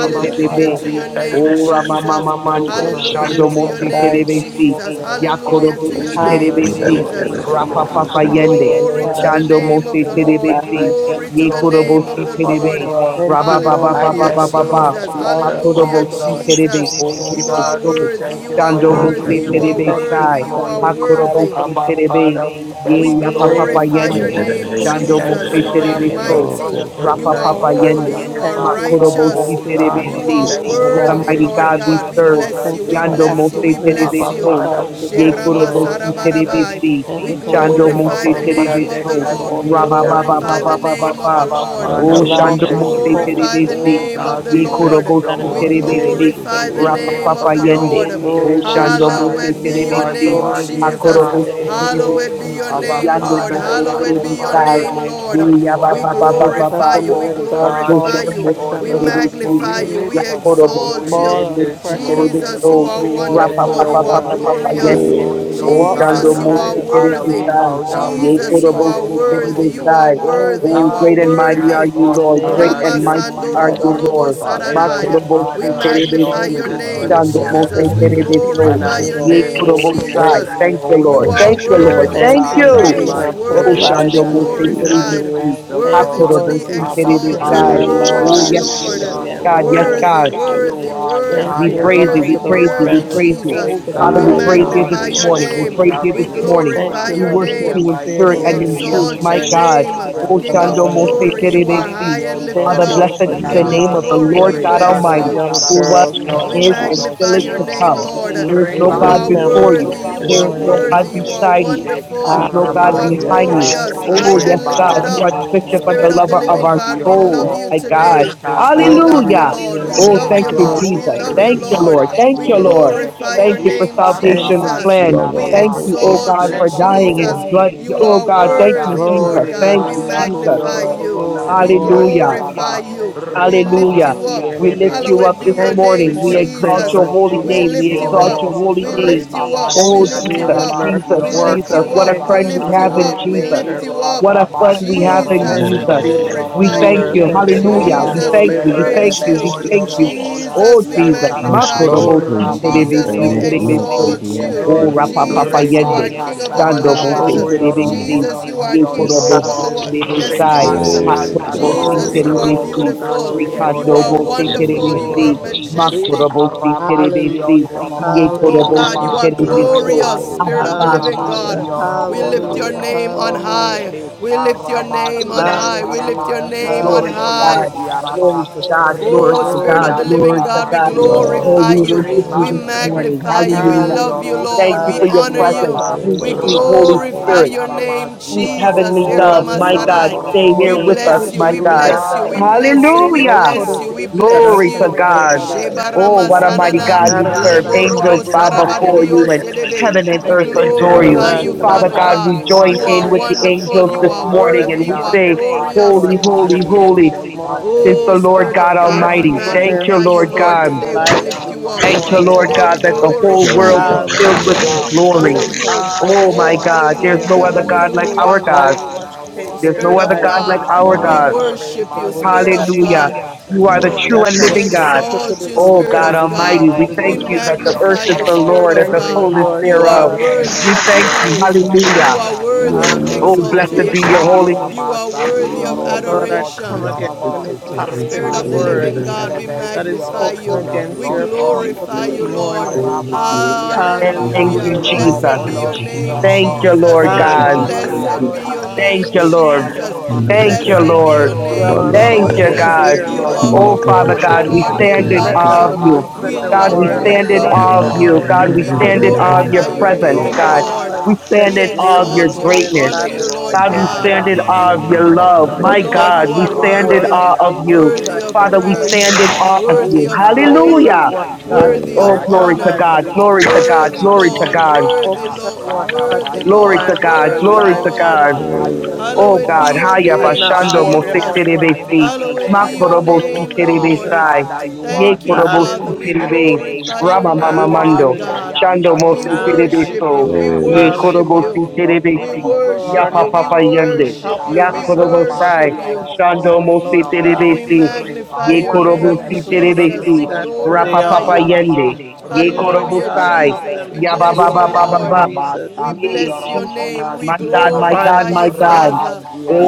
Speaker 6: Abba Father,
Speaker 1: to
Speaker 6: we
Speaker 1: your
Speaker 4: hallelujah.
Speaker 6: thank
Speaker 1: name,
Speaker 6: you
Speaker 2: O
Speaker 6: this
Speaker 2: Rama
Speaker 1: Jesus.
Speaker 2: Mama
Speaker 6: morning, oh
Speaker 2: Mando,
Speaker 4: Thank you
Speaker 6: God.
Speaker 4: for
Speaker 1: Hallelujah
Speaker 2: Shando
Speaker 4: being
Speaker 1: to your
Speaker 4: our
Speaker 2: Mose
Speaker 4: guide
Speaker 1: name,
Speaker 4: this
Speaker 2: Terebesi,
Speaker 1: Jesus.
Speaker 4: morning.
Speaker 2: Ya
Speaker 6: Lord
Speaker 1: Hallelujah to your
Speaker 3: Yes,
Speaker 2: Korobosi
Speaker 6: Jesus,
Speaker 3: Lord.
Speaker 1: name,
Speaker 6: I
Speaker 3: Yes,
Speaker 6: thank
Speaker 2: Terebesi,
Speaker 3: Lord.
Speaker 4: Hallelujah.
Speaker 6: you
Speaker 3: Yes,
Speaker 6: this
Speaker 1: Jesus.
Speaker 2: Rapa
Speaker 3: Lord.
Speaker 2: Papa
Speaker 3: Yes,
Speaker 6: morning.
Speaker 4: Thank you,
Speaker 2: Yende,
Speaker 4: Lord
Speaker 1: Glory
Speaker 6: Lord,
Speaker 1: to
Speaker 6: I
Speaker 1: the
Speaker 4: God,
Speaker 2: Shando
Speaker 3: Lord.
Speaker 4: for
Speaker 1: name
Speaker 6: thank
Speaker 1: of
Speaker 2: Mose
Speaker 1: the
Speaker 4: filling
Speaker 6: you.
Speaker 4: our
Speaker 1: Lord.
Speaker 6: I
Speaker 2: Terebesi,
Speaker 4: baskets this
Speaker 6: thank
Speaker 1: Glory
Speaker 6: you,
Speaker 1: to
Speaker 2: Ye
Speaker 1: the
Speaker 6: Lord
Speaker 1: name
Speaker 4: morning.
Speaker 1: of
Speaker 2: Korobosi
Speaker 6: Jesus,
Speaker 1: the
Speaker 6: for the
Speaker 1: Lord.
Speaker 2: Terebe,
Speaker 6: cross.
Speaker 4: Thank
Speaker 2: Rabba
Speaker 4: you,
Speaker 2: Baba
Speaker 4: Lord
Speaker 6: I
Speaker 2: Baba
Speaker 1: Hallelujah,
Speaker 2: Baba
Speaker 6: thank
Speaker 4: Jesus,
Speaker 6: you,
Speaker 2: Baba,
Speaker 6: Lord
Speaker 1: Jesus.
Speaker 4: for allowing
Speaker 6: Jesus,
Speaker 4: our
Speaker 6: for the
Speaker 1: Hallelujah,
Speaker 4: minds to
Speaker 6: blood.
Speaker 4: work
Speaker 2: Hakorobosi
Speaker 4: this
Speaker 1: Jesus.
Speaker 6: Oh
Speaker 4: morning.
Speaker 1: You
Speaker 2: terebe
Speaker 1: are
Speaker 6: God,
Speaker 2: so.
Speaker 6: we
Speaker 1: worthy.
Speaker 6: thank
Speaker 1: You
Speaker 6: you
Speaker 1: are
Speaker 6: for
Speaker 2: Chando
Speaker 6: your
Speaker 1: worthy.
Speaker 2: mose
Speaker 1: You
Speaker 4: Hallelujah.
Speaker 1: are
Speaker 6: cleansing
Speaker 2: terebe
Speaker 4: Thank
Speaker 6: blood this
Speaker 4: you, Lord,
Speaker 1: worthy. You
Speaker 2: sai.
Speaker 1: are
Speaker 4: that
Speaker 6: morning.
Speaker 4: when we got
Speaker 2: Hakorobo
Speaker 4: up
Speaker 1: worthy.
Speaker 4: this
Speaker 2: si
Speaker 6: Abba,
Speaker 2: terebe.
Speaker 6: Father,
Speaker 4: morning,
Speaker 6: we
Speaker 2: Ye
Speaker 1: We
Speaker 6: thank
Speaker 2: ya
Speaker 6: you,
Speaker 4: we were are
Speaker 6: Lord
Speaker 2: papa
Speaker 4: able to
Speaker 1: glorify
Speaker 4: put
Speaker 6: Jesus.
Speaker 1: your
Speaker 2: yende.
Speaker 5: Another
Speaker 4: one
Speaker 1: name,
Speaker 4: foot
Speaker 6: We
Speaker 4: in
Speaker 1: Jesus.
Speaker 2: Chando
Speaker 6: thank
Speaker 4: front
Speaker 6: you,
Speaker 2: mose
Speaker 4: of
Speaker 1: You
Speaker 4: the
Speaker 6: Lord
Speaker 1: are
Speaker 2: terebe
Speaker 4: other,
Speaker 5: one.
Speaker 6: Jesus,
Speaker 4: Lord
Speaker 2: so.
Speaker 1: mighty.
Speaker 6: for the
Speaker 4: Jesus.
Speaker 1: You
Speaker 2: Rapa
Speaker 1: are
Speaker 2: pa
Speaker 6: 39 stripes
Speaker 1: holy.
Speaker 2: yende.
Speaker 6: on
Speaker 1: You
Speaker 6: your
Speaker 1: are
Speaker 4: Thank
Speaker 6: back.
Speaker 4: you, Lord,
Speaker 2: Makorobo
Speaker 1: righteous.
Speaker 4: that
Speaker 2: si
Speaker 6: Oh
Speaker 4: we are
Speaker 6: God,
Speaker 2: terebe
Speaker 1: You
Speaker 6: we
Speaker 2: si.
Speaker 1: are
Speaker 4: active
Speaker 6: thank
Speaker 4: in
Speaker 6: you,
Speaker 4: our
Speaker 2: What a
Speaker 6: Lord
Speaker 1: worthy,
Speaker 4: bodies.
Speaker 2: mighty
Speaker 1: Lord
Speaker 6: Jesus,
Speaker 2: God
Speaker 6: for
Speaker 2: we
Speaker 1: God.
Speaker 6: the
Speaker 1: We
Speaker 2: serve.
Speaker 6: thorn
Speaker 1: bless
Speaker 6: of
Speaker 4: Thank
Speaker 1: you. We
Speaker 4: you
Speaker 6: your
Speaker 4: for
Speaker 2: Yando
Speaker 6: head.
Speaker 1: bless you.
Speaker 2: mose
Speaker 1: We bless
Speaker 2: terebe
Speaker 6: Abba,
Speaker 4: activating
Speaker 1: you.
Speaker 4: the
Speaker 2: so.
Speaker 6: Father,
Speaker 4: thoughts
Speaker 6: we
Speaker 4: in
Speaker 2: Ye
Speaker 4: our
Speaker 6: thank you,
Speaker 1: Shirama
Speaker 2: korobo
Speaker 6: Lord
Speaker 4: mind.
Speaker 2: si terebe
Speaker 6: Jesus.
Speaker 2: si.
Speaker 1: sarabarabai.
Speaker 4: Thank
Speaker 1: We
Speaker 4: you
Speaker 6: We
Speaker 4: for
Speaker 6: thank
Speaker 2: Chando
Speaker 6: you
Speaker 4: waking
Speaker 6: for
Speaker 4: up
Speaker 1: glorify
Speaker 2: mose
Speaker 4: our
Speaker 1: the
Speaker 6: paying a
Speaker 2: terebe
Speaker 1: name
Speaker 4: minds
Speaker 1: of
Speaker 6: debt
Speaker 4: this
Speaker 1: the
Speaker 2: so.
Speaker 6: that
Speaker 1: Lord.
Speaker 6: you
Speaker 1: We
Speaker 4: morning,
Speaker 6: did
Speaker 2: Raba
Speaker 4: Lord
Speaker 2: ba
Speaker 6: not
Speaker 2: ba
Speaker 1: glorify
Speaker 2: ba ba
Speaker 4: Jesus.
Speaker 1: the
Speaker 6: owe.
Speaker 2: ba ba
Speaker 1: name of the
Speaker 2: ba.
Speaker 6: Abba,
Speaker 1: Lord.
Speaker 6: Father,
Speaker 2: Oh,
Speaker 6: we
Speaker 4: Allow
Speaker 1: We
Speaker 2: Shando
Speaker 4: us to
Speaker 6: thank you.
Speaker 3: Rababa
Speaker 2: Mose
Speaker 4: focus
Speaker 1: glorify
Speaker 3: give
Speaker 4: this
Speaker 1: the
Speaker 2: Terebesi,
Speaker 6: Oh
Speaker 1: name
Speaker 4: morning
Speaker 1: of
Speaker 6: God,
Speaker 1: the
Speaker 4: on
Speaker 2: Ye
Speaker 6: we
Speaker 4: giving you
Speaker 1: Lord.
Speaker 6: bless your
Speaker 2: Korobosi
Speaker 4: thanks
Speaker 1: We
Speaker 6: holy
Speaker 4: and giving
Speaker 6: name.
Speaker 2: Terebesi,
Speaker 4: you
Speaker 1: glorify
Speaker 3: We
Speaker 1: the
Speaker 4: praise.
Speaker 6: We
Speaker 2: Rapa
Speaker 6: lift
Speaker 1: name of
Speaker 2: Papa
Speaker 6: up
Speaker 1: the
Speaker 6: your
Speaker 2: Yende,
Speaker 6: holy
Speaker 1: Lord.
Speaker 4: Glory
Speaker 6: name, oh
Speaker 4: be
Speaker 2: Oshando
Speaker 4: to
Speaker 2: Mose
Speaker 6: God,
Speaker 4: your
Speaker 1: Hallowed be your
Speaker 6: for
Speaker 4: name.
Speaker 2: Terebesi,
Speaker 6: you
Speaker 1: name,
Speaker 6: are
Speaker 4: Glory be
Speaker 6: the
Speaker 4: to
Speaker 1: Jesus.
Speaker 4: your
Speaker 2: Akorobo Si
Speaker 6: everlasting
Speaker 4: name.
Speaker 6: King.
Speaker 1: Hallowed
Speaker 4: Glory
Speaker 1: be
Speaker 4: be
Speaker 2: Terebesi,
Speaker 1: your
Speaker 4: to
Speaker 6: Abba,
Speaker 4: your
Speaker 1: name,
Speaker 2: Yando
Speaker 4: name.
Speaker 1: Lord.
Speaker 6: Father, I
Speaker 2: Mose
Speaker 4: Glory be
Speaker 1: Hallowed
Speaker 4: to
Speaker 2: Terebesi,
Speaker 1: be
Speaker 4: your
Speaker 1: your
Speaker 6: magnify your
Speaker 1: name,
Speaker 4: name.
Speaker 6: name,
Speaker 1: Lord.
Speaker 6: for
Speaker 2: Yeya
Speaker 6: you are
Speaker 1: We
Speaker 2: Baba Baba
Speaker 6: great.
Speaker 4: Spirit of
Speaker 1: glorify
Speaker 2: Baba,
Speaker 4: the
Speaker 1: you. We
Speaker 4: living
Speaker 6: Oh
Speaker 4: God,
Speaker 6: God,
Speaker 4: fall
Speaker 1: glorify
Speaker 6: this
Speaker 1: you.
Speaker 4: afresh
Speaker 2: Joshoromosi
Speaker 4: on
Speaker 1: We
Speaker 6: morning,
Speaker 4: us
Speaker 6: uh,
Speaker 4: this
Speaker 2: Terebesi,
Speaker 1: magnify
Speaker 6: we
Speaker 1: you.
Speaker 4: morning.
Speaker 6: lift
Speaker 1: We
Speaker 6: up your holy
Speaker 2: Yakorobosi
Speaker 1: exalt you.
Speaker 6: name
Speaker 4: Fall
Speaker 6: this
Speaker 2: Terebesi
Speaker 4: afresh on
Speaker 6: morning.
Speaker 4: us
Speaker 1: Jesus, you
Speaker 4: this
Speaker 2: Terebeso,
Speaker 1: are
Speaker 6: We
Speaker 2: Rapa
Speaker 4: morning,
Speaker 6: bless
Speaker 1: wonderful.
Speaker 6: your
Speaker 4: Lord
Speaker 2: Papa
Speaker 1: You are
Speaker 6: holy
Speaker 2: Papa
Speaker 4: God.
Speaker 2: Papa
Speaker 6: name
Speaker 1: glorious.
Speaker 6: this
Speaker 2: Yende,
Speaker 6: morning,
Speaker 3: Hey,
Speaker 6: oh
Speaker 2: O
Speaker 4: Walk
Speaker 1: Jesus,
Speaker 6: God.
Speaker 2: Shando
Speaker 6: Uh,
Speaker 1: you are
Speaker 4: beside
Speaker 2: Mosi
Speaker 4: us
Speaker 3: Katamarosa.
Speaker 4: this
Speaker 6: Father,
Speaker 1: worthy.
Speaker 6: we
Speaker 4: morning.
Speaker 2: Terebesai,
Speaker 6: bow
Speaker 4: Walk
Speaker 6: down
Speaker 4: in
Speaker 6: to
Speaker 1: Jesus, you
Speaker 6: you
Speaker 4: front
Speaker 1: are
Speaker 6: this
Speaker 4: of
Speaker 2: Yakorobosi
Speaker 4: us.
Speaker 1: worthy.
Speaker 4: Walk
Speaker 6: morning.
Speaker 1: You are
Speaker 2: Terebesai,
Speaker 6: Oh
Speaker 1: worthy.
Speaker 4: behind us.
Speaker 2: Oh,
Speaker 1: You are
Speaker 6: God,
Speaker 2: great and
Speaker 6: we
Speaker 2: mighty
Speaker 1: worthy.
Speaker 2: are
Speaker 6: cast
Speaker 2: you,
Speaker 4: In
Speaker 6: all
Speaker 4: the
Speaker 2: Lord,
Speaker 4: name
Speaker 6: down
Speaker 2: great
Speaker 4: of
Speaker 6: at
Speaker 2: and
Speaker 6: your
Speaker 2: mighty
Speaker 4: Jesus
Speaker 1: Ramasando,
Speaker 2: are
Speaker 6: feet.
Speaker 4: Christ of
Speaker 6: uh,
Speaker 2: you,
Speaker 1: robo,
Speaker 2: Lord,
Speaker 1: Sando
Speaker 6: For
Speaker 4: Nazareth.
Speaker 6: Heavenly
Speaker 1: Saradaya. We
Speaker 2: Makorobosi
Speaker 6: Father, I
Speaker 1: magnify
Speaker 6: join
Speaker 4: Thank
Speaker 2: Terebesi,
Speaker 6: with
Speaker 1: your
Speaker 6: the
Speaker 4: you,
Speaker 1: name,
Speaker 2: Shando
Speaker 6: 24
Speaker 5: Hallelujah,
Speaker 4: Jesus.
Speaker 1: Jesus.
Speaker 2: Mosi
Speaker 1: We
Speaker 4: Thank
Speaker 6: elders
Speaker 5: hallelujah,
Speaker 4: you, Jesus,
Speaker 2: Terebeso,
Speaker 6: and
Speaker 4: for
Speaker 1: glorify
Speaker 6: I
Speaker 4: being
Speaker 5: hallelujah.
Speaker 1: your
Speaker 4: our
Speaker 6: say,
Speaker 1: name,
Speaker 4: saving
Speaker 6: Holy,
Speaker 2: Yakorobosai,
Speaker 1: Jesus.
Speaker 4: grace.
Speaker 6: holy,
Speaker 2: thank you,
Speaker 1: You
Speaker 2: Lord,
Speaker 6: holy,
Speaker 1: are
Speaker 5: Worship
Speaker 2: thank
Speaker 5: you
Speaker 2: you,
Speaker 5: and
Speaker 2: Lord,
Speaker 1: worthy
Speaker 6: Lord
Speaker 5: hallelujah.
Speaker 1: to
Speaker 4: Thank
Speaker 1: be
Speaker 2: thank
Speaker 4: you
Speaker 6: God
Speaker 4: for
Speaker 2: you.
Speaker 1: praised,
Speaker 4: being our
Speaker 6: Almighty,
Speaker 2: Oh,
Speaker 5: You
Speaker 1: worthy
Speaker 5: are
Speaker 1: to be
Speaker 2: Shando
Speaker 4: provider.
Speaker 6: who
Speaker 2: Mose
Speaker 6: is
Speaker 5: hallelujah.
Speaker 6: and
Speaker 1: glorified,
Speaker 6: who
Speaker 2: Terebisi.
Speaker 6: is to
Speaker 4: Thank
Speaker 1: worthy
Speaker 4: you,
Speaker 2: Hakoro
Speaker 6: come.
Speaker 1: to
Speaker 4: Lord
Speaker 1: be
Speaker 2: Bersi
Speaker 5: Thank
Speaker 4: Jesus, that
Speaker 6: Abba
Speaker 4: you
Speaker 5: you,
Speaker 1: exalted,
Speaker 4: never
Speaker 6: Father,
Speaker 2: Terebisi.
Speaker 4: allow
Speaker 6: you
Speaker 4: our
Speaker 6: are
Speaker 2: Oh,
Speaker 1: worthy,
Speaker 6: the
Speaker 2: yes,
Speaker 5: Jesus.
Speaker 3: Hey,
Speaker 4: baskets
Speaker 1: Lord.
Speaker 6: King
Speaker 4: to be
Speaker 6: of
Speaker 2: God. Yes,
Speaker 4: empty.
Speaker 3: Katamarosa.
Speaker 5: God,
Speaker 6: glory.
Speaker 1: Worthy,
Speaker 2: God.
Speaker 5: do the
Speaker 6: You
Speaker 1: worthy,
Speaker 5: living.
Speaker 6: are the
Speaker 4: Thank
Speaker 1: worthy,
Speaker 2: We
Speaker 6: high
Speaker 4: you,
Speaker 6: and
Speaker 2: praise
Speaker 4: Lord,
Speaker 2: you. We
Speaker 1: worthy,
Speaker 4: for
Speaker 6: mighty
Speaker 2: praise
Speaker 4: those
Speaker 2: you.
Speaker 1: worthy,
Speaker 2: We
Speaker 6: one.
Speaker 1: mighty
Speaker 4: families
Speaker 2: praise
Speaker 4: that are
Speaker 2: you.
Speaker 1: Jesus.
Speaker 6: Oh
Speaker 4: waking up
Speaker 2: Father,
Speaker 1: We
Speaker 2: we
Speaker 6: God,
Speaker 4: right
Speaker 6: you
Speaker 2: praise you
Speaker 4: now,
Speaker 6: are
Speaker 2: this
Speaker 1: magnify
Speaker 6: the
Speaker 1: your
Speaker 4: Jesus.
Speaker 2: morning. We
Speaker 1: name.
Speaker 6: ancient
Speaker 2: praise
Speaker 3: Kamarosa.
Speaker 6: of
Speaker 2: you
Speaker 1: We
Speaker 2: this
Speaker 3: Vada
Speaker 2: morning.
Speaker 6: days
Speaker 4: Thank
Speaker 1: glorify
Speaker 4: you,
Speaker 2: We
Speaker 1: your
Speaker 3: Kamarisa
Speaker 4: Lord, that
Speaker 6: in
Speaker 2: worship
Speaker 4: you
Speaker 6: the
Speaker 4: have
Speaker 3: Kamara.
Speaker 1: name.
Speaker 2: you in
Speaker 6: mighty
Speaker 4: spared
Speaker 1: We
Speaker 2: spirit
Speaker 4: those
Speaker 2: and in
Speaker 6: name
Speaker 2: truth.
Speaker 6: of
Speaker 4: young
Speaker 1: exalt
Speaker 2: My
Speaker 1: your
Speaker 6: Jesus
Speaker 4: men to
Speaker 2: God.
Speaker 4: see
Speaker 1: name.
Speaker 2: Oh,
Speaker 6: Christ.
Speaker 4: another
Speaker 1: King
Speaker 6: uh,
Speaker 1: of
Speaker 2: Shando Mose
Speaker 4: morning.
Speaker 1: glory, you are high
Speaker 2: Terebesi.
Speaker 1: and
Speaker 6: Rebasion
Speaker 1: lifted
Speaker 2: Father,
Speaker 4: Thank
Speaker 1: up.
Speaker 6: Torobos
Speaker 4: you,
Speaker 2: blessed
Speaker 4: Lord
Speaker 2: be the
Speaker 1: King
Speaker 3: Hmm.
Speaker 1: of
Speaker 2: name
Speaker 4: Jesus,
Speaker 6: Yaraba,
Speaker 2: of the
Speaker 4: that
Speaker 1: glory,
Speaker 4: you have
Speaker 1: we
Speaker 2: Lord God
Speaker 1: bless
Speaker 4: spared our
Speaker 6: Recasta
Speaker 2: Almighty,
Speaker 4: young
Speaker 2: who was
Speaker 4: girls,
Speaker 1: you.
Speaker 2: and
Speaker 4: Lord
Speaker 1: We
Speaker 6: Tarabasioro
Speaker 2: is and
Speaker 4: God,
Speaker 5: Jesus.
Speaker 2: still
Speaker 1: magnify
Speaker 2: is
Speaker 1: your
Speaker 2: to
Speaker 1: name,
Speaker 2: come.
Speaker 6: Conosiorobo,
Speaker 4: to
Speaker 1: Lord.
Speaker 4: leave
Speaker 2: There is
Speaker 4: with
Speaker 2: no
Speaker 1: You
Speaker 4: their
Speaker 6: Rebas
Speaker 2: God
Speaker 1: are
Speaker 2: before
Speaker 4: families
Speaker 1: worthy,
Speaker 2: you.
Speaker 4: this
Speaker 1: you
Speaker 2: There
Speaker 3: Rakatamo.
Speaker 1: are
Speaker 2: is no
Speaker 6: Penterebesion
Speaker 4: morning.
Speaker 2: God
Speaker 1: worthy, you are
Speaker 2: beside you.
Speaker 1: wonderful,
Speaker 2: There is no
Speaker 1: you
Speaker 2: God
Speaker 3: Sikata
Speaker 1: are
Speaker 4: Hallelujah,
Speaker 2: behind you.
Speaker 6: Shekarabasiere,
Speaker 1: glorious,
Speaker 3: Raheshi.
Speaker 1: high
Speaker 2: Oh, yes,
Speaker 1: and
Speaker 4: hallelujah,
Speaker 2: God.
Speaker 1: lifted
Speaker 6: Rebabas
Speaker 2: You
Speaker 1: up.
Speaker 2: are the bishop
Speaker 4: hallelujah.
Speaker 2: and
Speaker 1: Spirit
Speaker 2: the
Speaker 6: Fioro
Speaker 1: of the
Speaker 2: lover of
Speaker 1: living
Speaker 2: our
Speaker 1: God, we love
Speaker 2: souls.
Speaker 4: Thank
Speaker 6: Conosiorobo,
Speaker 1: you
Speaker 2: My God.
Speaker 1: today.
Speaker 4: you.
Speaker 6: Recasta
Speaker 1: We
Speaker 4: Glory
Speaker 1: love you,
Speaker 2: Hallelujah.
Speaker 4: be to
Speaker 1: Lord. We
Speaker 4: your
Speaker 6: Tarabasian
Speaker 2: Oh,
Speaker 1: love
Speaker 4: name.
Speaker 2: thank
Speaker 1: you, Lord. We love you,
Speaker 2: you,
Speaker 6: Taraba,
Speaker 1: Lord.
Speaker 4: Glory be
Speaker 1: We love
Speaker 2: Jesus.
Speaker 4: to
Speaker 1: Thank love you,
Speaker 2: Thank you,
Speaker 4: your
Speaker 1: Lord.
Speaker 4: name.
Speaker 2: Lord. Thank
Speaker 1: We
Speaker 2: you, Lord.
Speaker 6: Rebabasiente.
Speaker 1: glorify your
Speaker 2: Thank you for
Speaker 1: name,
Speaker 4: Thank
Speaker 1: Jesus.
Speaker 2: salvation's
Speaker 4: you,
Speaker 2: plan.
Speaker 1: We
Speaker 4: Jesus.
Speaker 2: Thank
Speaker 6: Shikarabasiaraba.
Speaker 4: Thank
Speaker 2: you,
Speaker 3: Lavarokoto,
Speaker 2: oh
Speaker 4: you,
Speaker 6: We
Speaker 1: exalt
Speaker 2: God,
Speaker 1: you, oh
Speaker 4: Jesus.
Speaker 6: Bless
Speaker 2: for
Speaker 6: your
Speaker 2: dying
Speaker 1: Jesus.
Speaker 4: Thank
Speaker 2: in
Speaker 6: holy
Speaker 4: you.
Speaker 2: blood.
Speaker 6: name,
Speaker 1: You are Oh
Speaker 2: Oh
Speaker 6: O
Speaker 2: God,
Speaker 6: God.
Speaker 2: thank
Speaker 1: worthy,
Speaker 2: you, Jesus.
Speaker 1: Lord
Speaker 4: Glory,
Speaker 1: God.
Speaker 2: Thank
Speaker 1: We
Speaker 2: you,
Speaker 4: glory,
Speaker 2: Jesus.
Speaker 1: magnify
Speaker 4: glory,
Speaker 6: Rebasatioro
Speaker 1: you. We
Speaker 4: glory, Lord
Speaker 2: Hallelujah.
Speaker 4: God
Speaker 1: glorify
Speaker 6: konasiandaraba.
Speaker 1: you.
Speaker 4: Almighty this
Speaker 1: We lift
Speaker 2: Hallelujah.
Speaker 1: you
Speaker 4: morning.
Speaker 1: up.
Speaker 2: We lift
Speaker 6: Rebabasierebe.
Speaker 1: Hallowed
Speaker 2: you up
Speaker 1: be
Speaker 2: this
Speaker 1: your
Speaker 4: Thank you for
Speaker 1: name,
Speaker 2: morning.
Speaker 4: being
Speaker 2: We
Speaker 4: the
Speaker 2: exalt
Speaker 4: Prince
Speaker 1: Jesus.
Speaker 4: of
Speaker 2: your
Speaker 6: Rekesetioro
Speaker 2: holy
Speaker 1: We
Speaker 4: Peace
Speaker 2: name.
Speaker 1: lift
Speaker 4: this
Speaker 2: We
Speaker 1: you
Speaker 2: exalt
Speaker 1: up.
Speaker 4: morning.
Speaker 2: your
Speaker 6: konosiorobo.
Speaker 2: holy
Speaker 1: We
Speaker 2: name.
Speaker 1: lift you up. We
Speaker 4: Thank
Speaker 2: Oh,
Speaker 4: you for
Speaker 1: lift Oh you
Speaker 4: being
Speaker 2: Jesus,
Speaker 4: the
Speaker 1: up.
Speaker 2: Jesus,
Speaker 4: miracle
Speaker 1: We
Speaker 6: Rebabasiantarabasioro
Speaker 1: lift you
Speaker 2: Jesus.
Speaker 4: worker.
Speaker 2: What
Speaker 1: up.
Speaker 2: a
Speaker 4: Thank
Speaker 1: We
Speaker 4: you for
Speaker 2: friend we
Speaker 1: lift
Speaker 4: being the
Speaker 1: you
Speaker 2: have
Speaker 6: korabasata.
Speaker 2: in
Speaker 4: way
Speaker 1: up. We
Speaker 2: Jesus.
Speaker 1: lift
Speaker 4: maker,
Speaker 1: you
Speaker 4: Lord
Speaker 2: What
Speaker 1: up.
Speaker 4: God.
Speaker 2: a
Speaker 1: What
Speaker 2: friend
Speaker 1: a friend
Speaker 2: we have
Speaker 1: we Jesus,
Speaker 6: Arabasioro
Speaker 2: in
Speaker 4: Thank
Speaker 1: we in
Speaker 4: you
Speaker 5: Worship
Speaker 1: Jesus.
Speaker 4: for
Speaker 2: Jesus.
Speaker 4: being
Speaker 5: you
Speaker 4: the
Speaker 2: We
Speaker 1: glorify We
Speaker 6: conosiorobo,
Speaker 1: you.
Speaker 2: thank
Speaker 1: We
Speaker 4: healer.
Speaker 2: you.
Speaker 5: and
Speaker 4: Thank
Speaker 1: thank
Speaker 5: hallelujah.
Speaker 4: you
Speaker 1: you.
Speaker 4: for being
Speaker 2: Hallelujah.
Speaker 4: the
Speaker 2: We
Speaker 1: Jesus, We
Speaker 2: thank you.
Speaker 6: rebabasien
Speaker 2: We
Speaker 4: deliverer
Speaker 1: praise
Speaker 2: thank
Speaker 4: this
Speaker 2: you.
Speaker 1: you.
Speaker 5: Jesus!
Speaker 2: We thank
Speaker 4: morning.
Speaker 1: Jesus,
Speaker 6: terebesioro
Speaker 2: you. Oh,
Speaker 1: we Oh,
Speaker 6: conasian
Speaker 2: Jesus.
Speaker 5: are
Speaker 1: magnify
Speaker 6: taraba,
Speaker 1: you.
Speaker 2: Makodobo
Speaker 4: Glory
Speaker 2: si
Speaker 4: be to
Speaker 2: terebe
Speaker 4: your
Speaker 1: Jesus,
Speaker 2: si
Speaker 1: we
Speaker 6: rabasion
Speaker 4: name.
Speaker 2: terebe so.
Speaker 5: worthy,
Speaker 1: exalt
Speaker 5: you are
Speaker 1: you.
Speaker 5: holy,
Speaker 2: Oh,
Speaker 4: Glory
Speaker 5: and adore you are
Speaker 6: probosierebe,
Speaker 4: be
Speaker 5: worthy to
Speaker 2: rapa
Speaker 4: to
Speaker 5: be
Speaker 4: your
Speaker 2: papa
Speaker 1: Jesus,
Speaker 5: praised. And I
Speaker 1: you are
Speaker 2: yende.
Speaker 4: name
Speaker 1: King
Speaker 4: this
Speaker 1: of
Speaker 6: rebacasa
Speaker 1: our
Speaker 2: Dando
Speaker 4: morning.
Speaker 5: Worship
Speaker 2: bo
Speaker 1: lives.
Speaker 2: se
Speaker 5: you,
Speaker 4: Glory
Speaker 2: terebe
Speaker 6: sarabasioro
Speaker 4: be to
Speaker 5: hallelujah.
Speaker 2: si.
Speaker 1: Jesus, you
Speaker 4: your name.
Speaker 1: are
Speaker 2: Ye
Speaker 6: conosion
Speaker 1: King
Speaker 5: Yes,
Speaker 2: kodobo
Speaker 1: over
Speaker 2: si
Speaker 5: Lord,
Speaker 6: tarabo,
Speaker 1: our
Speaker 5: thank you,
Speaker 2: terebe
Speaker 4: Hallelujah.
Speaker 2: sai.
Speaker 5: Jesus. Thank
Speaker 1: destinies.
Speaker 6: rebasian
Speaker 3: Eh,
Speaker 2: Hakodobo si
Speaker 4: Glory,
Speaker 1: Jesus,
Speaker 5: you,
Speaker 1: you are
Speaker 2: terebe
Speaker 6: tarabasioro
Speaker 3: Casadabahesi,
Speaker 4: glory,
Speaker 2: si.
Speaker 4: glory,
Speaker 1: beautiful. You
Speaker 4: Lord
Speaker 2: Rikando
Speaker 6: conasiente.
Speaker 1: are
Speaker 4: Jesus.
Speaker 2: bo se
Speaker 5: Thank
Speaker 3: Madabarosa
Speaker 1: wonderful.
Speaker 2: terebe
Speaker 1: You
Speaker 4: Glory.
Speaker 1: are
Speaker 2: si.
Speaker 3: Kumbarasa,
Speaker 1: majestic.
Speaker 2: Makodobo si terebe si.
Speaker 6: Shikarabasion
Speaker 4: Hallelujah.
Speaker 2: Ye
Speaker 1: Oh
Speaker 2: kodobo
Speaker 1: God,
Speaker 2: si
Speaker 1: you
Speaker 4: Hallelujah.
Speaker 6: Tarabasiaraba
Speaker 1: are
Speaker 2: terebe so.
Speaker 3: Sendakaya
Speaker 1: glorious,
Speaker 2: Abba
Speaker 1: Spirit
Speaker 3: Bahesi,
Speaker 6: Rebasian
Speaker 1: of the living
Speaker 2: Father, show
Speaker 1: God.
Speaker 4: Hallelujah.
Speaker 2: me.
Speaker 6: Tarabasioro
Speaker 1: We lift your
Speaker 3: Makados,
Speaker 4: Hallelujah.
Speaker 1: name on
Speaker 6: Konosoto
Speaker 1: high.
Speaker 4: Hallelujah.
Speaker 1: We lift your
Speaker 2: Thank
Speaker 1: name
Speaker 2: you,
Speaker 1: on
Speaker 2: Lord.
Speaker 6: Shikarabasian
Speaker 1: high. We lift your
Speaker 4: Hallelujah.
Speaker 1: name on
Speaker 6: Tarabasioro
Speaker 2: Glory to
Speaker 4: Hallelujah.
Speaker 2: God.
Speaker 1: high.
Speaker 2: Glory
Speaker 6: Konosiaraba
Speaker 2: to God. Glory
Speaker 1: Oh,
Speaker 2: to
Speaker 1: Spirit
Speaker 4: Glory
Speaker 1: of
Speaker 2: God.
Speaker 1: the
Speaker 4: be
Speaker 6: Rebasian
Speaker 1: living
Speaker 4: to
Speaker 2: Glory to
Speaker 1: God, we
Speaker 2: God.
Speaker 4: your name.
Speaker 6: Tarabasioro
Speaker 2: Oh,
Speaker 1: glorify
Speaker 2: we
Speaker 1: you.
Speaker 2: worship you
Speaker 1: We
Speaker 2: this
Speaker 6: Rebasian
Speaker 2: morning.
Speaker 1: magnify you. We
Speaker 2: Hallelujah.
Speaker 1: love you,
Speaker 6: Terebesioro
Speaker 2: We
Speaker 4: Hallelujah,
Speaker 2: thank
Speaker 1: Lord.
Speaker 2: you
Speaker 1: We
Speaker 2: for your
Speaker 1: honor
Speaker 4: hallelujah,
Speaker 2: presence,
Speaker 1: you.
Speaker 6: Konosiaraba
Speaker 2: sweet,
Speaker 1: We
Speaker 4: hallelujah.
Speaker 2: sweet Holy
Speaker 6: Rakasa
Speaker 1: glorify
Speaker 2: Spirit,
Speaker 1: your name,
Speaker 2: sweet
Speaker 6: Tarabasioro
Speaker 1: Jesus.
Speaker 2: heavenly
Speaker 4: Oh,
Speaker 2: dove. My
Speaker 4: hallelujah.
Speaker 6: Konosion
Speaker 2: God,
Speaker 4: Bonku
Speaker 2: stay
Speaker 1: Eramasarai.
Speaker 6: Tarabo
Speaker 2: here
Speaker 1: We
Speaker 4: bororo
Speaker 2: with us,
Speaker 1: bless you.
Speaker 2: my
Speaker 4: shigiri
Speaker 1: We
Speaker 2: God.
Speaker 1: bless you.
Speaker 6: Yeshua,
Speaker 1: We
Speaker 4: bishandai.
Speaker 6: we
Speaker 1: bless you. We
Speaker 6: glorify
Speaker 2: Hallelujah.
Speaker 4: Roko
Speaker 1: bless
Speaker 6: you.
Speaker 1: you. We
Speaker 4: roro
Speaker 1: bless
Speaker 4: shara
Speaker 2: Glory to
Speaker 4: sara
Speaker 1: you.
Speaker 6: Yahshua,
Speaker 4: Sara,
Speaker 2: God.
Speaker 6: we
Speaker 4: darai.
Speaker 6: honor
Speaker 2: Oh,
Speaker 6: your
Speaker 2: what a
Speaker 6: name.
Speaker 2: mighty
Speaker 6: ah.
Speaker 1: Shebaramasana.
Speaker 2: God
Speaker 5: you.
Speaker 2: we
Speaker 4: Nara
Speaker 2: serve.
Speaker 4: kara boro
Speaker 6: Yahshua,
Speaker 2: Angels
Speaker 1: Leborobo
Speaker 4: boro
Speaker 6: you
Speaker 2: bow
Speaker 4: kuru
Speaker 6: are
Speaker 1: Sarabari
Speaker 2: before
Speaker 4: boro
Speaker 2: you
Speaker 1: Dios
Speaker 6: worthy
Speaker 2: and
Speaker 4: here.
Speaker 6: to
Speaker 1: Sedebe.
Speaker 6: be
Speaker 2: heaven and
Speaker 1: We
Speaker 2: earth
Speaker 6: praised.
Speaker 4: Dukuru
Speaker 6: ah.
Speaker 2: adore
Speaker 4: boro
Speaker 2: you.
Speaker 1: glorify
Speaker 4: da
Speaker 1: you,
Speaker 6: Oh,
Speaker 4: kara
Speaker 2: Father
Speaker 1: Father
Speaker 4: bara.
Speaker 6: God,
Speaker 2: God,
Speaker 1: God.
Speaker 2: we
Speaker 6: you are
Speaker 1: You
Speaker 2: join
Speaker 6: the
Speaker 1: are
Speaker 2: in with
Speaker 6: lion
Speaker 2: the
Speaker 6: of the
Speaker 1: wonderful,
Speaker 2: angels
Speaker 1: you
Speaker 2: this
Speaker 6: tribe
Speaker 4: Oh,
Speaker 1: are
Speaker 6: of
Speaker 4: Lord,
Speaker 2: morning
Speaker 4: I
Speaker 2: and
Speaker 1: worthy,
Speaker 2: we
Speaker 1: you
Speaker 4: come
Speaker 6: Judah.
Speaker 1: are
Speaker 2: say,
Speaker 4: against
Speaker 6: Father,
Speaker 1: glorious.
Speaker 2: Holy,
Speaker 6: you
Speaker 4: distorted
Speaker 6: are
Speaker 4: words
Speaker 2: holy,
Speaker 6: the
Speaker 2: holy
Speaker 4: this
Speaker 6: ancient of
Speaker 2: is
Speaker 4: morning.
Speaker 2: the
Speaker 1: Oh,
Speaker 6: days.
Speaker 2: Lord
Speaker 6: ah.
Speaker 1: Spirit of
Speaker 2: God
Speaker 6: You
Speaker 4: I
Speaker 1: God, we
Speaker 6: are
Speaker 2: Almighty.
Speaker 4: come
Speaker 6: the I
Speaker 2: Thank you,
Speaker 4: against
Speaker 1: magnify
Speaker 6: am,
Speaker 1: you,
Speaker 2: Lord
Speaker 6: as
Speaker 1: Lord.
Speaker 6: you
Speaker 2: God.
Speaker 4: distorted
Speaker 1: Today
Speaker 6: say
Speaker 1: we
Speaker 6: I
Speaker 4: lives
Speaker 1: lift
Speaker 4: this
Speaker 6: am.
Speaker 1: you up.
Speaker 6: ah.
Speaker 2: Thank you,
Speaker 4: morning.
Speaker 6: You
Speaker 2: Lord
Speaker 1: Today
Speaker 6: are
Speaker 1: we
Speaker 2: God, that the
Speaker 6: worthy
Speaker 2: whole
Speaker 6: to
Speaker 1: glorify
Speaker 3: Oh,
Speaker 2: world
Speaker 6: be
Speaker 2: is
Speaker 1: you.
Speaker 3: Father, oh
Speaker 2: filled with
Speaker 6: praised.
Speaker 4: Hallelujah,
Speaker 3: Lord,
Speaker 1: Today
Speaker 2: His
Speaker 6: ah.
Speaker 1: we
Speaker 4: because
Speaker 2: glory.
Speaker 6: Oh
Speaker 1: honor you.
Speaker 4: sometimes
Speaker 6: God,
Speaker 4: what
Speaker 2: Oh
Speaker 6: you
Speaker 2: my
Speaker 1: Oh,
Speaker 4: someone
Speaker 6: are
Speaker 2: God, there's no
Speaker 1: hallelujah,
Speaker 3: you
Speaker 4: hears.
Speaker 2: other
Speaker 6: worthy.
Speaker 3: don't
Speaker 2: God like
Speaker 6: You
Speaker 2: our
Speaker 4: That
Speaker 2: God.
Speaker 4: is
Speaker 6: alone
Speaker 1: hallelujah.
Speaker 4: what
Speaker 6: are
Speaker 4: shaped
Speaker 2: There's
Speaker 4: their
Speaker 6: worthy,
Speaker 1: Spirit
Speaker 2: no
Speaker 1: of
Speaker 2: other
Speaker 6: oh
Speaker 2: God
Speaker 4: lives
Speaker 2: like
Speaker 1: God,
Speaker 4: this
Speaker 6: God.
Speaker 2: our
Speaker 6: ah.
Speaker 4: morning.
Speaker 1: we
Speaker 2: God.
Speaker 3: mighty,
Speaker 4: Not
Speaker 1: worship
Speaker 4: speaking
Speaker 1: you,
Speaker 4: about the
Speaker 6: Rebasi
Speaker 4: shut
Speaker 1: Spirit
Speaker 4: that.
Speaker 1: of
Speaker 2: Hallelujah.
Speaker 1: God.
Speaker 4: That
Speaker 2: You
Speaker 3: and
Speaker 2: are the
Speaker 1: You
Speaker 6: on
Speaker 1: are the
Speaker 2: true
Speaker 3: marvelous
Speaker 4: that
Speaker 2: and
Speaker 3: and
Speaker 1: true
Speaker 4: come
Speaker 1: We
Speaker 4: up
Speaker 1: and
Speaker 2: living
Speaker 3: mercy.
Speaker 1: living
Speaker 4: with
Speaker 2: God.
Speaker 6: Ricasa
Speaker 1: exalt God. you,
Speaker 2: Oh
Speaker 1: Spirit Oh,
Speaker 2: God
Speaker 1: of God.
Speaker 4: shukuru
Speaker 1: God.
Speaker 2: Almighty, we
Speaker 6: Rabasioro
Speaker 1: Almighty, We We
Speaker 2: thank
Speaker 1: thank
Speaker 2: you
Speaker 1: magnify
Speaker 2: that the
Speaker 1: you, that
Speaker 2: earth
Speaker 6: Polosian
Speaker 1: the you,
Speaker 2: is the
Speaker 1: worship
Speaker 6: Tarabo,
Speaker 1: Spirit
Speaker 2: Lord
Speaker 1: of
Speaker 2: and
Speaker 1: Lord
Speaker 2: the
Speaker 1: is
Speaker 4: Thank
Speaker 1: God.
Speaker 4: you,
Speaker 1: the
Speaker 2: fullness
Speaker 1: fullness
Speaker 4: Lord
Speaker 1: You are
Speaker 2: thereof.
Speaker 6: Ribasian
Speaker 1: thereof.
Speaker 4: God.
Speaker 1: worthy
Speaker 2: We
Speaker 1: of
Speaker 2: thank you.
Speaker 6: Terebesioro
Speaker 1: praise. You are
Speaker 2: Hallelujah.
Speaker 1: Hallelujah.
Speaker 3: You
Speaker 1: worthy of Oh,
Speaker 3: are
Speaker 1: blessed
Speaker 6: Correbasianza,
Speaker 2: Oh,
Speaker 4: Hallelujah,
Speaker 3: mighty,
Speaker 1: be
Speaker 2: blessed
Speaker 4: Lord
Speaker 2: be
Speaker 1: exaltation.
Speaker 2: your
Speaker 6: Chica
Speaker 1: your
Speaker 2: holy
Speaker 1: holy
Speaker 4: Jesus.
Speaker 1: You are name.
Speaker 6: Rabasa
Speaker 3: you are
Speaker 1: worthy of
Speaker 6: Pioro
Speaker 3: marvelous,
Speaker 4: Lord, I come
Speaker 1: adoration.
Speaker 4: against
Speaker 6: Colosiorobo,
Speaker 4: any toxic
Speaker 1: Spirit
Speaker 3: you
Speaker 1: of
Speaker 3: are
Speaker 1: the living
Speaker 4: word
Speaker 6: Ribasian
Speaker 3: mercy.
Speaker 1: God, we
Speaker 4: that is
Speaker 1: magnify
Speaker 6: Terebesioro
Speaker 4: spoken
Speaker 1: you.
Speaker 4: against
Speaker 1: We
Speaker 4: your
Speaker 6: Colosoto,
Speaker 4: people
Speaker 1: glorify
Speaker 4: this
Speaker 1: you,
Speaker 6: Chica
Speaker 1: Lord.
Speaker 4: morning.
Speaker 6: Rabasian
Speaker 2: name. Thank
Speaker 1: Hallelujah.
Speaker 2: you,
Speaker 4: Hallelujah, Lord
Speaker 6: Tarabasioro
Speaker 2: Jesus.
Speaker 1: Blessed be
Speaker 4: Jesus.
Speaker 1: your name,
Speaker 2: Thank
Speaker 6: Colosiorobo,
Speaker 2: you,
Speaker 1: Jesus.
Speaker 2: Lord God.
Speaker 4: Hallelujah,
Speaker 1: Blessed be
Speaker 4: Lord
Speaker 1: your
Speaker 6: Ribasianta.
Speaker 2: Thank
Speaker 1: name,
Speaker 4: Jesus.
Speaker 2: you, Lord.
Speaker 1: Jesus.
Speaker 2: Thank
Speaker 4: Let
Speaker 2: you,
Speaker 4: not
Speaker 6: Ikarabasian
Speaker 1: Blessed be
Speaker 4: people
Speaker 2: Lord.
Speaker 1: your
Speaker 4: dwell
Speaker 3: Bala
Speaker 1: name,
Speaker 4: on
Speaker 2: Thank
Speaker 6: Terebesioro
Speaker 4: what
Speaker 2: you,
Speaker 4: they
Speaker 1: Jesus.
Speaker 6: Ponos
Speaker 2: God.
Speaker 4: hear,
Speaker 1: You
Speaker 4: Lord
Speaker 1: are
Speaker 2: Oh,
Speaker 6: Yorobo,
Speaker 2: Father
Speaker 4: Jesus.
Speaker 1: worthy,
Speaker 2: God, we
Speaker 1: Lord. We
Speaker 2: stand in
Speaker 6: Rebasian
Speaker 4: Let
Speaker 1: love
Speaker 4: them
Speaker 2: awe
Speaker 1: you.
Speaker 2: of you.
Speaker 4: believe in
Speaker 1: We
Speaker 4: the
Speaker 2: God,
Speaker 6: Tarabasioro
Speaker 1: love
Speaker 2: we
Speaker 4: word
Speaker 1: you.
Speaker 4: of
Speaker 1: We
Speaker 6: Ponos
Speaker 2: stand in
Speaker 4: God
Speaker 1: love you,
Speaker 4: this
Speaker 2: awe of
Speaker 6: Soto.
Speaker 2: you.
Speaker 1: Lord.
Speaker 4: morning.
Speaker 2: God,
Speaker 6: We
Speaker 1: We
Speaker 2: we stand in awe
Speaker 6: magnify
Speaker 2: of your
Speaker 6: your
Speaker 1: glorify your
Speaker 6: name,
Speaker 2: presence,
Speaker 4: Nothing
Speaker 6: O
Speaker 1: name,
Speaker 4: that
Speaker 2: God.
Speaker 6: God.
Speaker 4: anybody
Speaker 6: uh,
Speaker 2: We
Speaker 1: Lord. We
Speaker 4: says
Speaker 2: stand
Speaker 6: We
Speaker 2: in
Speaker 4: to
Speaker 2: awe
Speaker 4: them
Speaker 2: of
Speaker 1: exalt
Speaker 2: your
Speaker 4: this
Speaker 1: you.
Speaker 6: glorify
Speaker 1: We
Speaker 4: morning
Speaker 6: your
Speaker 1: honor
Speaker 2: greatness.
Speaker 6: name,
Speaker 1: you,
Speaker 4: matters
Speaker 6: O
Speaker 1: Lord
Speaker 5: Thank
Speaker 2: God,
Speaker 4: against
Speaker 2: we
Speaker 5: you,
Speaker 6: God.
Speaker 1: God,
Speaker 2: stand
Speaker 6: uh,
Speaker 4: them.
Speaker 2: in awe
Speaker 6: We
Speaker 2: of
Speaker 6: lift
Speaker 5: Lord
Speaker 2: your
Speaker 6: up
Speaker 2: love.
Speaker 6: your
Speaker 4: But
Speaker 2: My
Speaker 6: name,
Speaker 1: Lord, you
Speaker 6: for
Speaker 2: God,
Speaker 4: focus
Speaker 1: are
Speaker 2: we
Speaker 6: you
Speaker 4: on the
Speaker 6: are
Speaker 2: stand
Speaker 1: worthy,
Speaker 2: in
Speaker 4: word of
Speaker 2: awe
Speaker 6: worthy
Speaker 2: of
Speaker 6: and
Speaker 4: Jesus
Speaker 2: you.
Speaker 6: worthy
Speaker 1: worthy
Speaker 4: Christ
Speaker 6: to
Speaker 1: of
Speaker 4: of
Speaker 2: Father,
Speaker 6: be
Speaker 2: we
Speaker 1: praise,
Speaker 2: stand
Speaker 6: praised.
Speaker 2: in
Speaker 4: Nazareth.
Speaker 6: O
Speaker 2: awe of
Speaker 1: worthy
Speaker 2: you.
Speaker 1: of
Speaker 6: God,
Speaker 4: Focus
Speaker 6: we
Speaker 1: glory,
Speaker 4: on
Speaker 2: Hallelujah.
Speaker 6: honor
Speaker 4: what
Speaker 6: you,
Speaker 4: God
Speaker 6: O
Speaker 1: worthy of
Speaker 4: said
Speaker 2: Oh,
Speaker 1: Oh,
Speaker 4: our
Speaker 6: God.
Speaker 1: honor,
Speaker 2: glory to
Speaker 4: lives
Speaker 6: We
Speaker 2: God.
Speaker 4: should
Speaker 6: lift
Speaker 4: be.
Speaker 2: Glory to
Speaker 6: up
Speaker 1: worthy
Speaker 2: God.
Speaker 6: your
Speaker 2: Glory
Speaker 6: name,
Speaker 2: to
Speaker 6: oh
Speaker 1: Lord,
Speaker 2: God.
Speaker 6: God.
Speaker 1: worthy
Speaker 6: ah.
Speaker 4: Focus on
Speaker 1: Lord,
Speaker 4: what
Speaker 6: Father,
Speaker 4: God
Speaker 6: for
Speaker 1: worthy
Speaker 6: you
Speaker 2: Glory
Speaker 1: Lord,
Speaker 6: are
Speaker 2: to
Speaker 4: implants in
Speaker 6: God,
Speaker 1: worthy
Speaker 2: God.
Speaker 6: ah,
Speaker 4: our
Speaker 6: you
Speaker 2: Glory
Speaker 6: are
Speaker 2: to
Speaker 4: lives,
Speaker 6: God
Speaker 1: Lord,
Speaker 2: God.
Speaker 4: Lord
Speaker 6: all by
Speaker 4: Jesus.
Speaker 2: Oh
Speaker 1: Hallowed
Speaker 6: yourself.
Speaker 1: Oh be
Speaker 2: God,
Speaker 6: ah.
Speaker 1: your
Speaker 2: haya
Speaker 4: And
Speaker 6: Oh
Speaker 1: name,
Speaker 4: not
Speaker 2: bashando
Speaker 6: God,
Speaker 4: worry
Speaker 1: Jesus.
Speaker 6: you are
Speaker 4: about
Speaker 6: the
Speaker 4: what people
Speaker 6: lion
Speaker 2: mosekterebesi,
Speaker 6: of the
Speaker 1: Hallowed
Speaker 4: say
Speaker 1: be
Speaker 4: in
Speaker 6: tribe
Speaker 4: the
Speaker 1: your
Speaker 6: of
Speaker 2: makorobo
Speaker 4: name
Speaker 2: Si
Speaker 1: name,
Speaker 4: of
Speaker 6: Judah.
Speaker 1: Lord.
Speaker 4: Jesus.
Speaker 2: terebesai
Speaker 6: Father, you
Speaker 2: ye
Speaker 6: are
Speaker 1: Thank you,
Speaker 6: the
Speaker 2: korobo
Speaker 1: Father. We
Speaker 6: ancient of
Speaker 4: Hallelujah.
Speaker 2: siterebe,
Speaker 6: days.
Speaker 1: glorify
Speaker 6: ah.
Speaker 1: your
Speaker 2: rama
Speaker 1: name,
Speaker 2: mama
Speaker 6: You are
Speaker 1: Lord
Speaker 2: mando,
Speaker 6: the
Speaker 4: Hallelujah.
Speaker 6: I
Speaker 1: God.
Speaker 6: am
Speaker 2: shando
Speaker 6: that
Speaker 1: We
Speaker 6: you
Speaker 2: Mosik
Speaker 6: say
Speaker 1: worship
Speaker 6: I
Speaker 1: you. We
Speaker 2: terebeso
Speaker 6: am.
Speaker 4: Hallelujah.
Speaker 6: ah.
Speaker 2: ye
Speaker 1: worship you.
Speaker 2: korobo
Speaker 4: Hallelujah.
Speaker 2: Si
Speaker 6: Rebasion
Speaker 1: We
Speaker 2: terebesi
Speaker 6: Torobos
Speaker 1: worship
Speaker 2: ya
Speaker 1: you.
Speaker 4: Lord,
Speaker 1: We
Speaker 2: papa
Speaker 6: Yaraba.
Speaker 2: yende,
Speaker 1: worship
Speaker 4: help the
Speaker 1: you.
Speaker 2: ya
Speaker 1: We
Speaker 6: Rekasa
Speaker 2: korobo
Speaker 6: Tarabas
Speaker 1: worship
Speaker 2: sai,
Speaker 4: misunderstood this
Speaker 1: you.
Speaker 6: Yoro
Speaker 2: shando
Speaker 4: morning,
Speaker 6: Konos
Speaker 4: Lord
Speaker 1: We
Speaker 4: God.
Speaker 6: Yorobo.
Speaker 2: mosekterebesi,
Speaker 1: magnify
Speaker 4: The
Speaker 2: ye
Speaker 1: your
Speaker 4: ones
Speaker 1: name,
Speaker 6: Rebasian
Speaker 2: korobo
Speaker 4: that
Speaker 2: Si
Speaker 1: si
Speaker 4: people
Speaker 1: Jesus.
Speaker 6: Teremes
Speaker 4: don't
Speaker 1: We
Speaker 2: terebesi
Speaker 6: Yoro
Speaker 4: understand who they
Speaker 2: rapa
Speaker 6: Konas
Speaker 1: glorify
Speaker 2: papa
Speaker 1: you.
Speaker 4: are.
Speaker 6: Yaraba
Speaker 2: yende, ye
Speaker 4: Lord
Speaker 2: korobo
Speaker 1: Hallelujah,
Speaker 4: God,
Speaker 2: sai,
Speaker 4: help
Speaker 1: Jesus.
Speaker 6: ribasiente,
Speaker 4: them
Speaker 1: We
Speaker 4: this
Speaker 2: ya ba
Speaker 1: bless
Speaker 2: ba
Speaker 1: you,
Speaker 2: ba
Speaker 4: morning,
Speaker 2: ba
Speaker 6: chica
Speaker 2: ba
Speaker 4: Lord
Speaker 1: Lord.
Speaker 2: ba,
Speaker 4: Jesus.
Speaker 1: We
Speaker 2: ye
Speaker 1: bless
Speaker 6: rabasatioro
Speaker 1: your
Speaker 2: Jesus,
Speaker 1: name. We
Speaker 2: my
Speaker 4: To
Speaker 2: God, my
Speaker 6: conasiaraba,
Speaker 4: find
Speaker 2: God,
Speaker 4: the
Speaker 1: glorify
Speaker 2: my
Speaker 1: you,
Speaker 2: God.
Speaker 4: strength
Speaker 1: Father.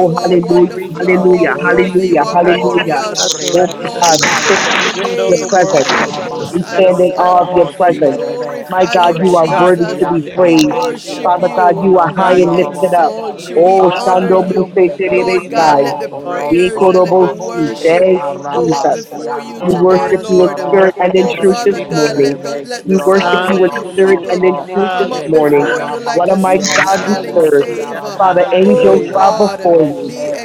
Speaker 1: You are oh,
Speaker 4: to
Speaker 2: hallelujah,
Speaker 6: de
Speaker 4: reach
Speaker 1: wonderful. You are
Speaker 4: out
Speaker 6: fioro
Speaker 4: to
Speaker 2: hallelujah,
Speaker 1: worthy. You
Speaker 2: hallelujah,
Speaker 4: Jesus
Speaker 1: are
Speaker 4: Christ of
Speaker 6: conosiorobo,
Speaker 2: hallelujah.
Speaker 1: glorious.
Speaker 2: Oh,
Speaker 1: Oh
Speaker 2: my
Speaker 4: Nazareth.
Speaker 1: Lord,
Speaker 2: God,
Speaker 1: we
Speaker 2: we stand
Speaker 1: lift up
Speaker 2: in
Speaker 1: the
Speaker 6: ribasianta,
Speaker 2: awe
Speaker 4: Even
Speaker 2: of
Speaker 4: though
Speaker 2: your
Speaker 4: the
Speaker 1: name
Speaker 4: world
Speaker 1: of
Speaker 6: chica
Speaker 2: presence.
Speaker 1: your Most
Speaker 2: We
Speaker 1: High
Speaker 2: stand
Speaker 4: misunderstands
Speaker 2: in
Speaker 6: rabasión
Speaker 4: them,
Speaker 1: Son.
Speaker 2: awe of your
Speaker 4: Lord
Speaker 1: We
Speaker 4: Jesus.
Speaker 2: presence.
Speaker 6: probosierebe,
Speaker 2: My
Speaker 1: glorify
Speaker 2: God,
Speaker 1: you,
Speaker 2: you are
Speaker 4: God,
Speaker 2: worthy
Speaker 1: Jesus.
Speaker 4: you
Speaker 2: to
Speaker 4: are
Speaker 2: be
Speaker 4: their
Speaker 6: ribasianta
Speaker 1: We
Speaker 2: praised.
Speaker 4: Savior.
Speaker 1: worship
Speaker 2: Father
Speaker 6: rabasioro
Speaker 1: you.
Speaker 2: God, you are high
Speaker 1: We
Speaker 4: God,
Speaker 2: and
Speaker 4: you are
Speaker 1: exalt
Speaker 2: lifted
Speaker 6: conosiorobo,
Speaker 4: their
Speaker 2: up.
Speaker 1: soul. Should we
Speaker 4: healer,
Speaker 2: Oh,
Speaker 1: Oh,
Speaker 4: Lord
Speaker 1: honor
Speaker 2: Shando
Speaker 4: God.
Speaker 1: you?
Speaker 6: ribasiente
Speaker 2: Muse
Speaker 6: de
Speaker 1: Lord
Speaker 4: help
Speaker 1: God,
Speaker 2: Tereresai,
Speaker 4: the
Speaker 1: let
Speaker 6: fioro
Speaker 1: the
Speaker 4: Lord to
Speaker 2: Ye
Speaker 1: prayers and
Speaker 4: focus
Speaker 1: let the
Speaker 2: Korobosi.
Speaker 6: conososo,
Speaker 4: on you
Speaker 1: worship
Speaker 2: Thank
Speaker 6: chica
Speaker 2: you,
Speaker 4: and
Speaker 1: go
Speaker 4: to
Speaker 1: up
Speaker 2: Jesus.
Speaker 4: focus
Speaker 1: before
Speaker 4: on
Speaker 1: you
Speaker 6: rabasianta
Speaker 2: We
Speaker 4: your
Speaker 1: today,
Speaker 2: worship
Speaker 4: words
Speaker 2: you
Speaker 4: this
Speaker 2: in
Speaker 1: Lord.
Speaker 6: rabasioro,
Speaker 2: spirit and in
Speaker 4: morning,
Speaker 1: Oh
Speaker 2: truth
Speaker 4: Lord
Speaker 2: this
Speaker 1: Father
Speaker 6: Desien
Speaker 1: God,
Speaker 4: Jesus.
Speaker 1: let
Speaker 2: morning.
Speaker 1: the let
Speaker 2: We
Speaker 1: the
Speaker 6: televisión
Speaker 2: worship
Speaker 1: sounds
Speaker 6: con
Speaker 2: you in
Speaker 4: Hallelujah,
Speaker 1: of your
Speaker 2: spirit
Speaker 6: nosotros,
Speaker 1: people
Speaker 2: and in truth this
Speaker 1: come up
Speaker 2: morning.
Speaker 1: before
Speaker 4: hallelujah,
Speaker 1: you like
Speaker 2: What
Speaker 1: a
Speaker 2: a
Speaker 1: sweet
Speaker 2: mighty
Speaker 6: Shekarabasion
Speaker 2: God we
Speaker 1: smelling
Speaker 2: serve.
Speaker 4: hallelujah,
Speaker 1: savor.
Speaker 6: Torobosiaraba,
Speaker 2: Father,
Speaker 1: Oh
Speaker 2: angels bow
Speaker 4: hallelujah,
Speaker 1: God,
Speaker 2: before you
Speaker 1: be
Speaker 6: Ribasiente,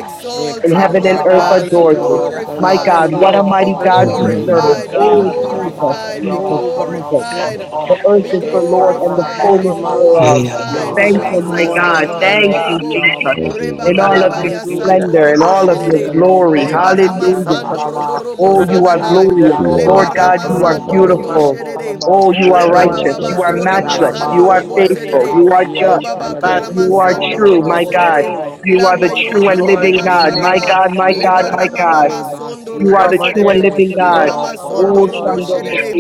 Speaker 2: and
Speaker 1: exalted,
Speaker 2: heaven and
Speaker 1: Lord
Speaker 2: earth
Speaker 1: God,
Speaker 2: adore
Speaker 1: be
Speaker 2: you.
Speaker 6: Shekarabasion
Speaker 4: hallelujah,
Speaker 6: con
Speaker 2: My
Speaker 1: glorified,
Speaker 2: God, what a
Speaker 4: hallelujah.
Speaker 1: be
Speaker 2: mighty
Speaker 6: nosotros,
Speaker 4: Spirit
Speaker 2: God we
Speaker 4: of the
Speaker 2: serve.
Speaker 4: living
Speaker 1: glorified, be Oh,
Speaker 2: Oh,
Speaker 6: Ribasian
Speaker 4: God,
Speaker 2: Jesus,
Speaker 1: glorified, be
Speaker 2: Jesus,
Speaker 6: Tarabasion
Speaker 4: move
Speaker 6: con
Speaker 2: Jesus.
Speaker 4: amongst your
Speaker 2: The
Speaker 1: glorified.
Speaker 6: nosotros,
Speaker 2: earth
Speaker 1: Be
Speaker 4: people.
Speaker 2: is the Lord and the
Speaker 1: glorified,
Speaker 4: Move
Speaker 1: be
Speaker 2: fullness
Speaker 4: amongst your
Speaker 2: thereof.
Speaker 6: Shekarabasata,
Speaker 1: glorified,
Speaker 4: people
Speaker 2: Thank
Speaker 4: this
Speaker 2: you, my
Speaker 1: Jesus.
Speaker 4: morning,
Speaker 2: God.
Speaker 6: Nesatioro
Speaker 4: Lord
Speaker 6: con
Speaker 2: Thank you,
Speaker 4: God.
Speaker 1: Ashamandorobo,
Speaker 2: Jesus,
Speaker 6: nosotros,
Speaker 1: Reba
Speaker 2: in all
Speaker 1: Baba
Speaker 2: of your
Speaker 1: Baya
Speaker 6: Ribasien
Speaker 4: Hallelujah,
Speaker 2: splendor and
Speaker 1: Robo
Speaker 2: all of your
Speaker 1: Sherede,
Speaker 4: hallelujah.
Speaker 6: televisión
Speaker 2: glory.
Speaker 6: con
Speaker 1: Leba
Speaker 2: Hallelujah.
Speaker 4: Help us
Speaker 1: Ramasando
Speaker 4: to
Speaker 1: Robo
Speaker 6: nosotros,
Speaker 1: Robo
Speaker 2: Oh, you
Speaker 4: recognize
Speaker 2: are
Speaker 4: when the
Speaker 2: glorious.
Speaker 1: Sananai,
Speaker 4: devil
Speaker 2: Lord
Speaker 1: Leba
Speaker 4: wants
Speaker 6: Ricasiaraba,
Speaker 4: to
Speaker 2: God, you are
Speaker 3: Rakratoma
Speaker 4: take
Speaker 1: Ramasando
Speaker 4: our
Speaker 1: Robo
Speaker 4: mind.
Speaker 2: beautiful.
Speaker 6: Robosien
Speaker 1: Sherede,
Speaker 2: Oh,
Speaker 6: Tanabos
Speaker 2: you are
Speaker 4: and
Speaker 1: Reba
Speaker 6: Yere
Speaker 4: wants
Speaker 2: righteous.
Speaker 4: to
Speaker 1: Baba
Speaker 2: You are
Speaker 4: lead
Speaker 6: Tonas
Speaker 4: us
Speaker 1: Sora
Speaker 4: in the
Speaker 2: matchless.
Speaker 4: wrong
Speaker 2: You
Speaker 6: Yaraba
Speaker 2: are
Speaker 1: Lobo
Speaker 2: faithful.
Speaker 1: Sherede,
Speaker 2: You
Speaker 4: direction
Speaker 2: are just.
Speaker 6: Rebasien
Speaker 1: Lobaba
Speaker 4: by
Speaker 6: Tenebes
Speaker 4: the
Speaker 2: You are
Speaker 4: Spirit
Speaker 6: Yoro
Speaker 1: Karamasando
Speaker 4: of the
Speaker 2: true, my
Speaker 1: Robo
Speaker 4: Holy
Speaker 2: God.
Speaker 6: Soto
Speaker 4: Ghost.
Speaker 1: Sherede,
Speaker 2: You
Speaker 1: La
Speaker 2: are the true
Speaker 1: Mayora
Speaker 2: and
Speaker 4: Lord,
Speaker 2: living
Speaker 1: Mama
Speaker 4: in
Speaker 6: Rebasian
Speaker 4: the
Speaker 2: God. My
Speaker 4: name of
Speaker 1: Sharaba,
Speaker 2: God,
Speaker 6: Tanabas
Speaker 2: my God,
Speaker 1: Leba
Speaker 2: my
Speaker 6: Yoro
Speaker 4: Jesus,
Speaker 1: Rama
Speaker 2: God.
Speaker 1: Sondo
Speaker 2: You
Speaker 4: I
Speaker 2: are
Speaker 1: Robo
Speaker 6: Rebasien
Speaker 2: the
Speaker 4: come
Speaker 2: true and
Speaker 1: Sherede,
Speaker 4: against
Speaker 2: living
Speaker 6: Tenebes
Speaker 4: the
Speaker 2: God.
Speaker 6: Yoro
Speaker 4: devil's
Speaker 1: Lima
Speaker 4: work,
Speaker 1: sondo Oh
Speaker 2: Oh,
Speaker 1: robo God,
Speaker 4: Lord
Speaker 2: Shando
Speaker 4: Jesus.
Speaker 2: Mose
Speaker 1: sherere.
Speaker 6: Konos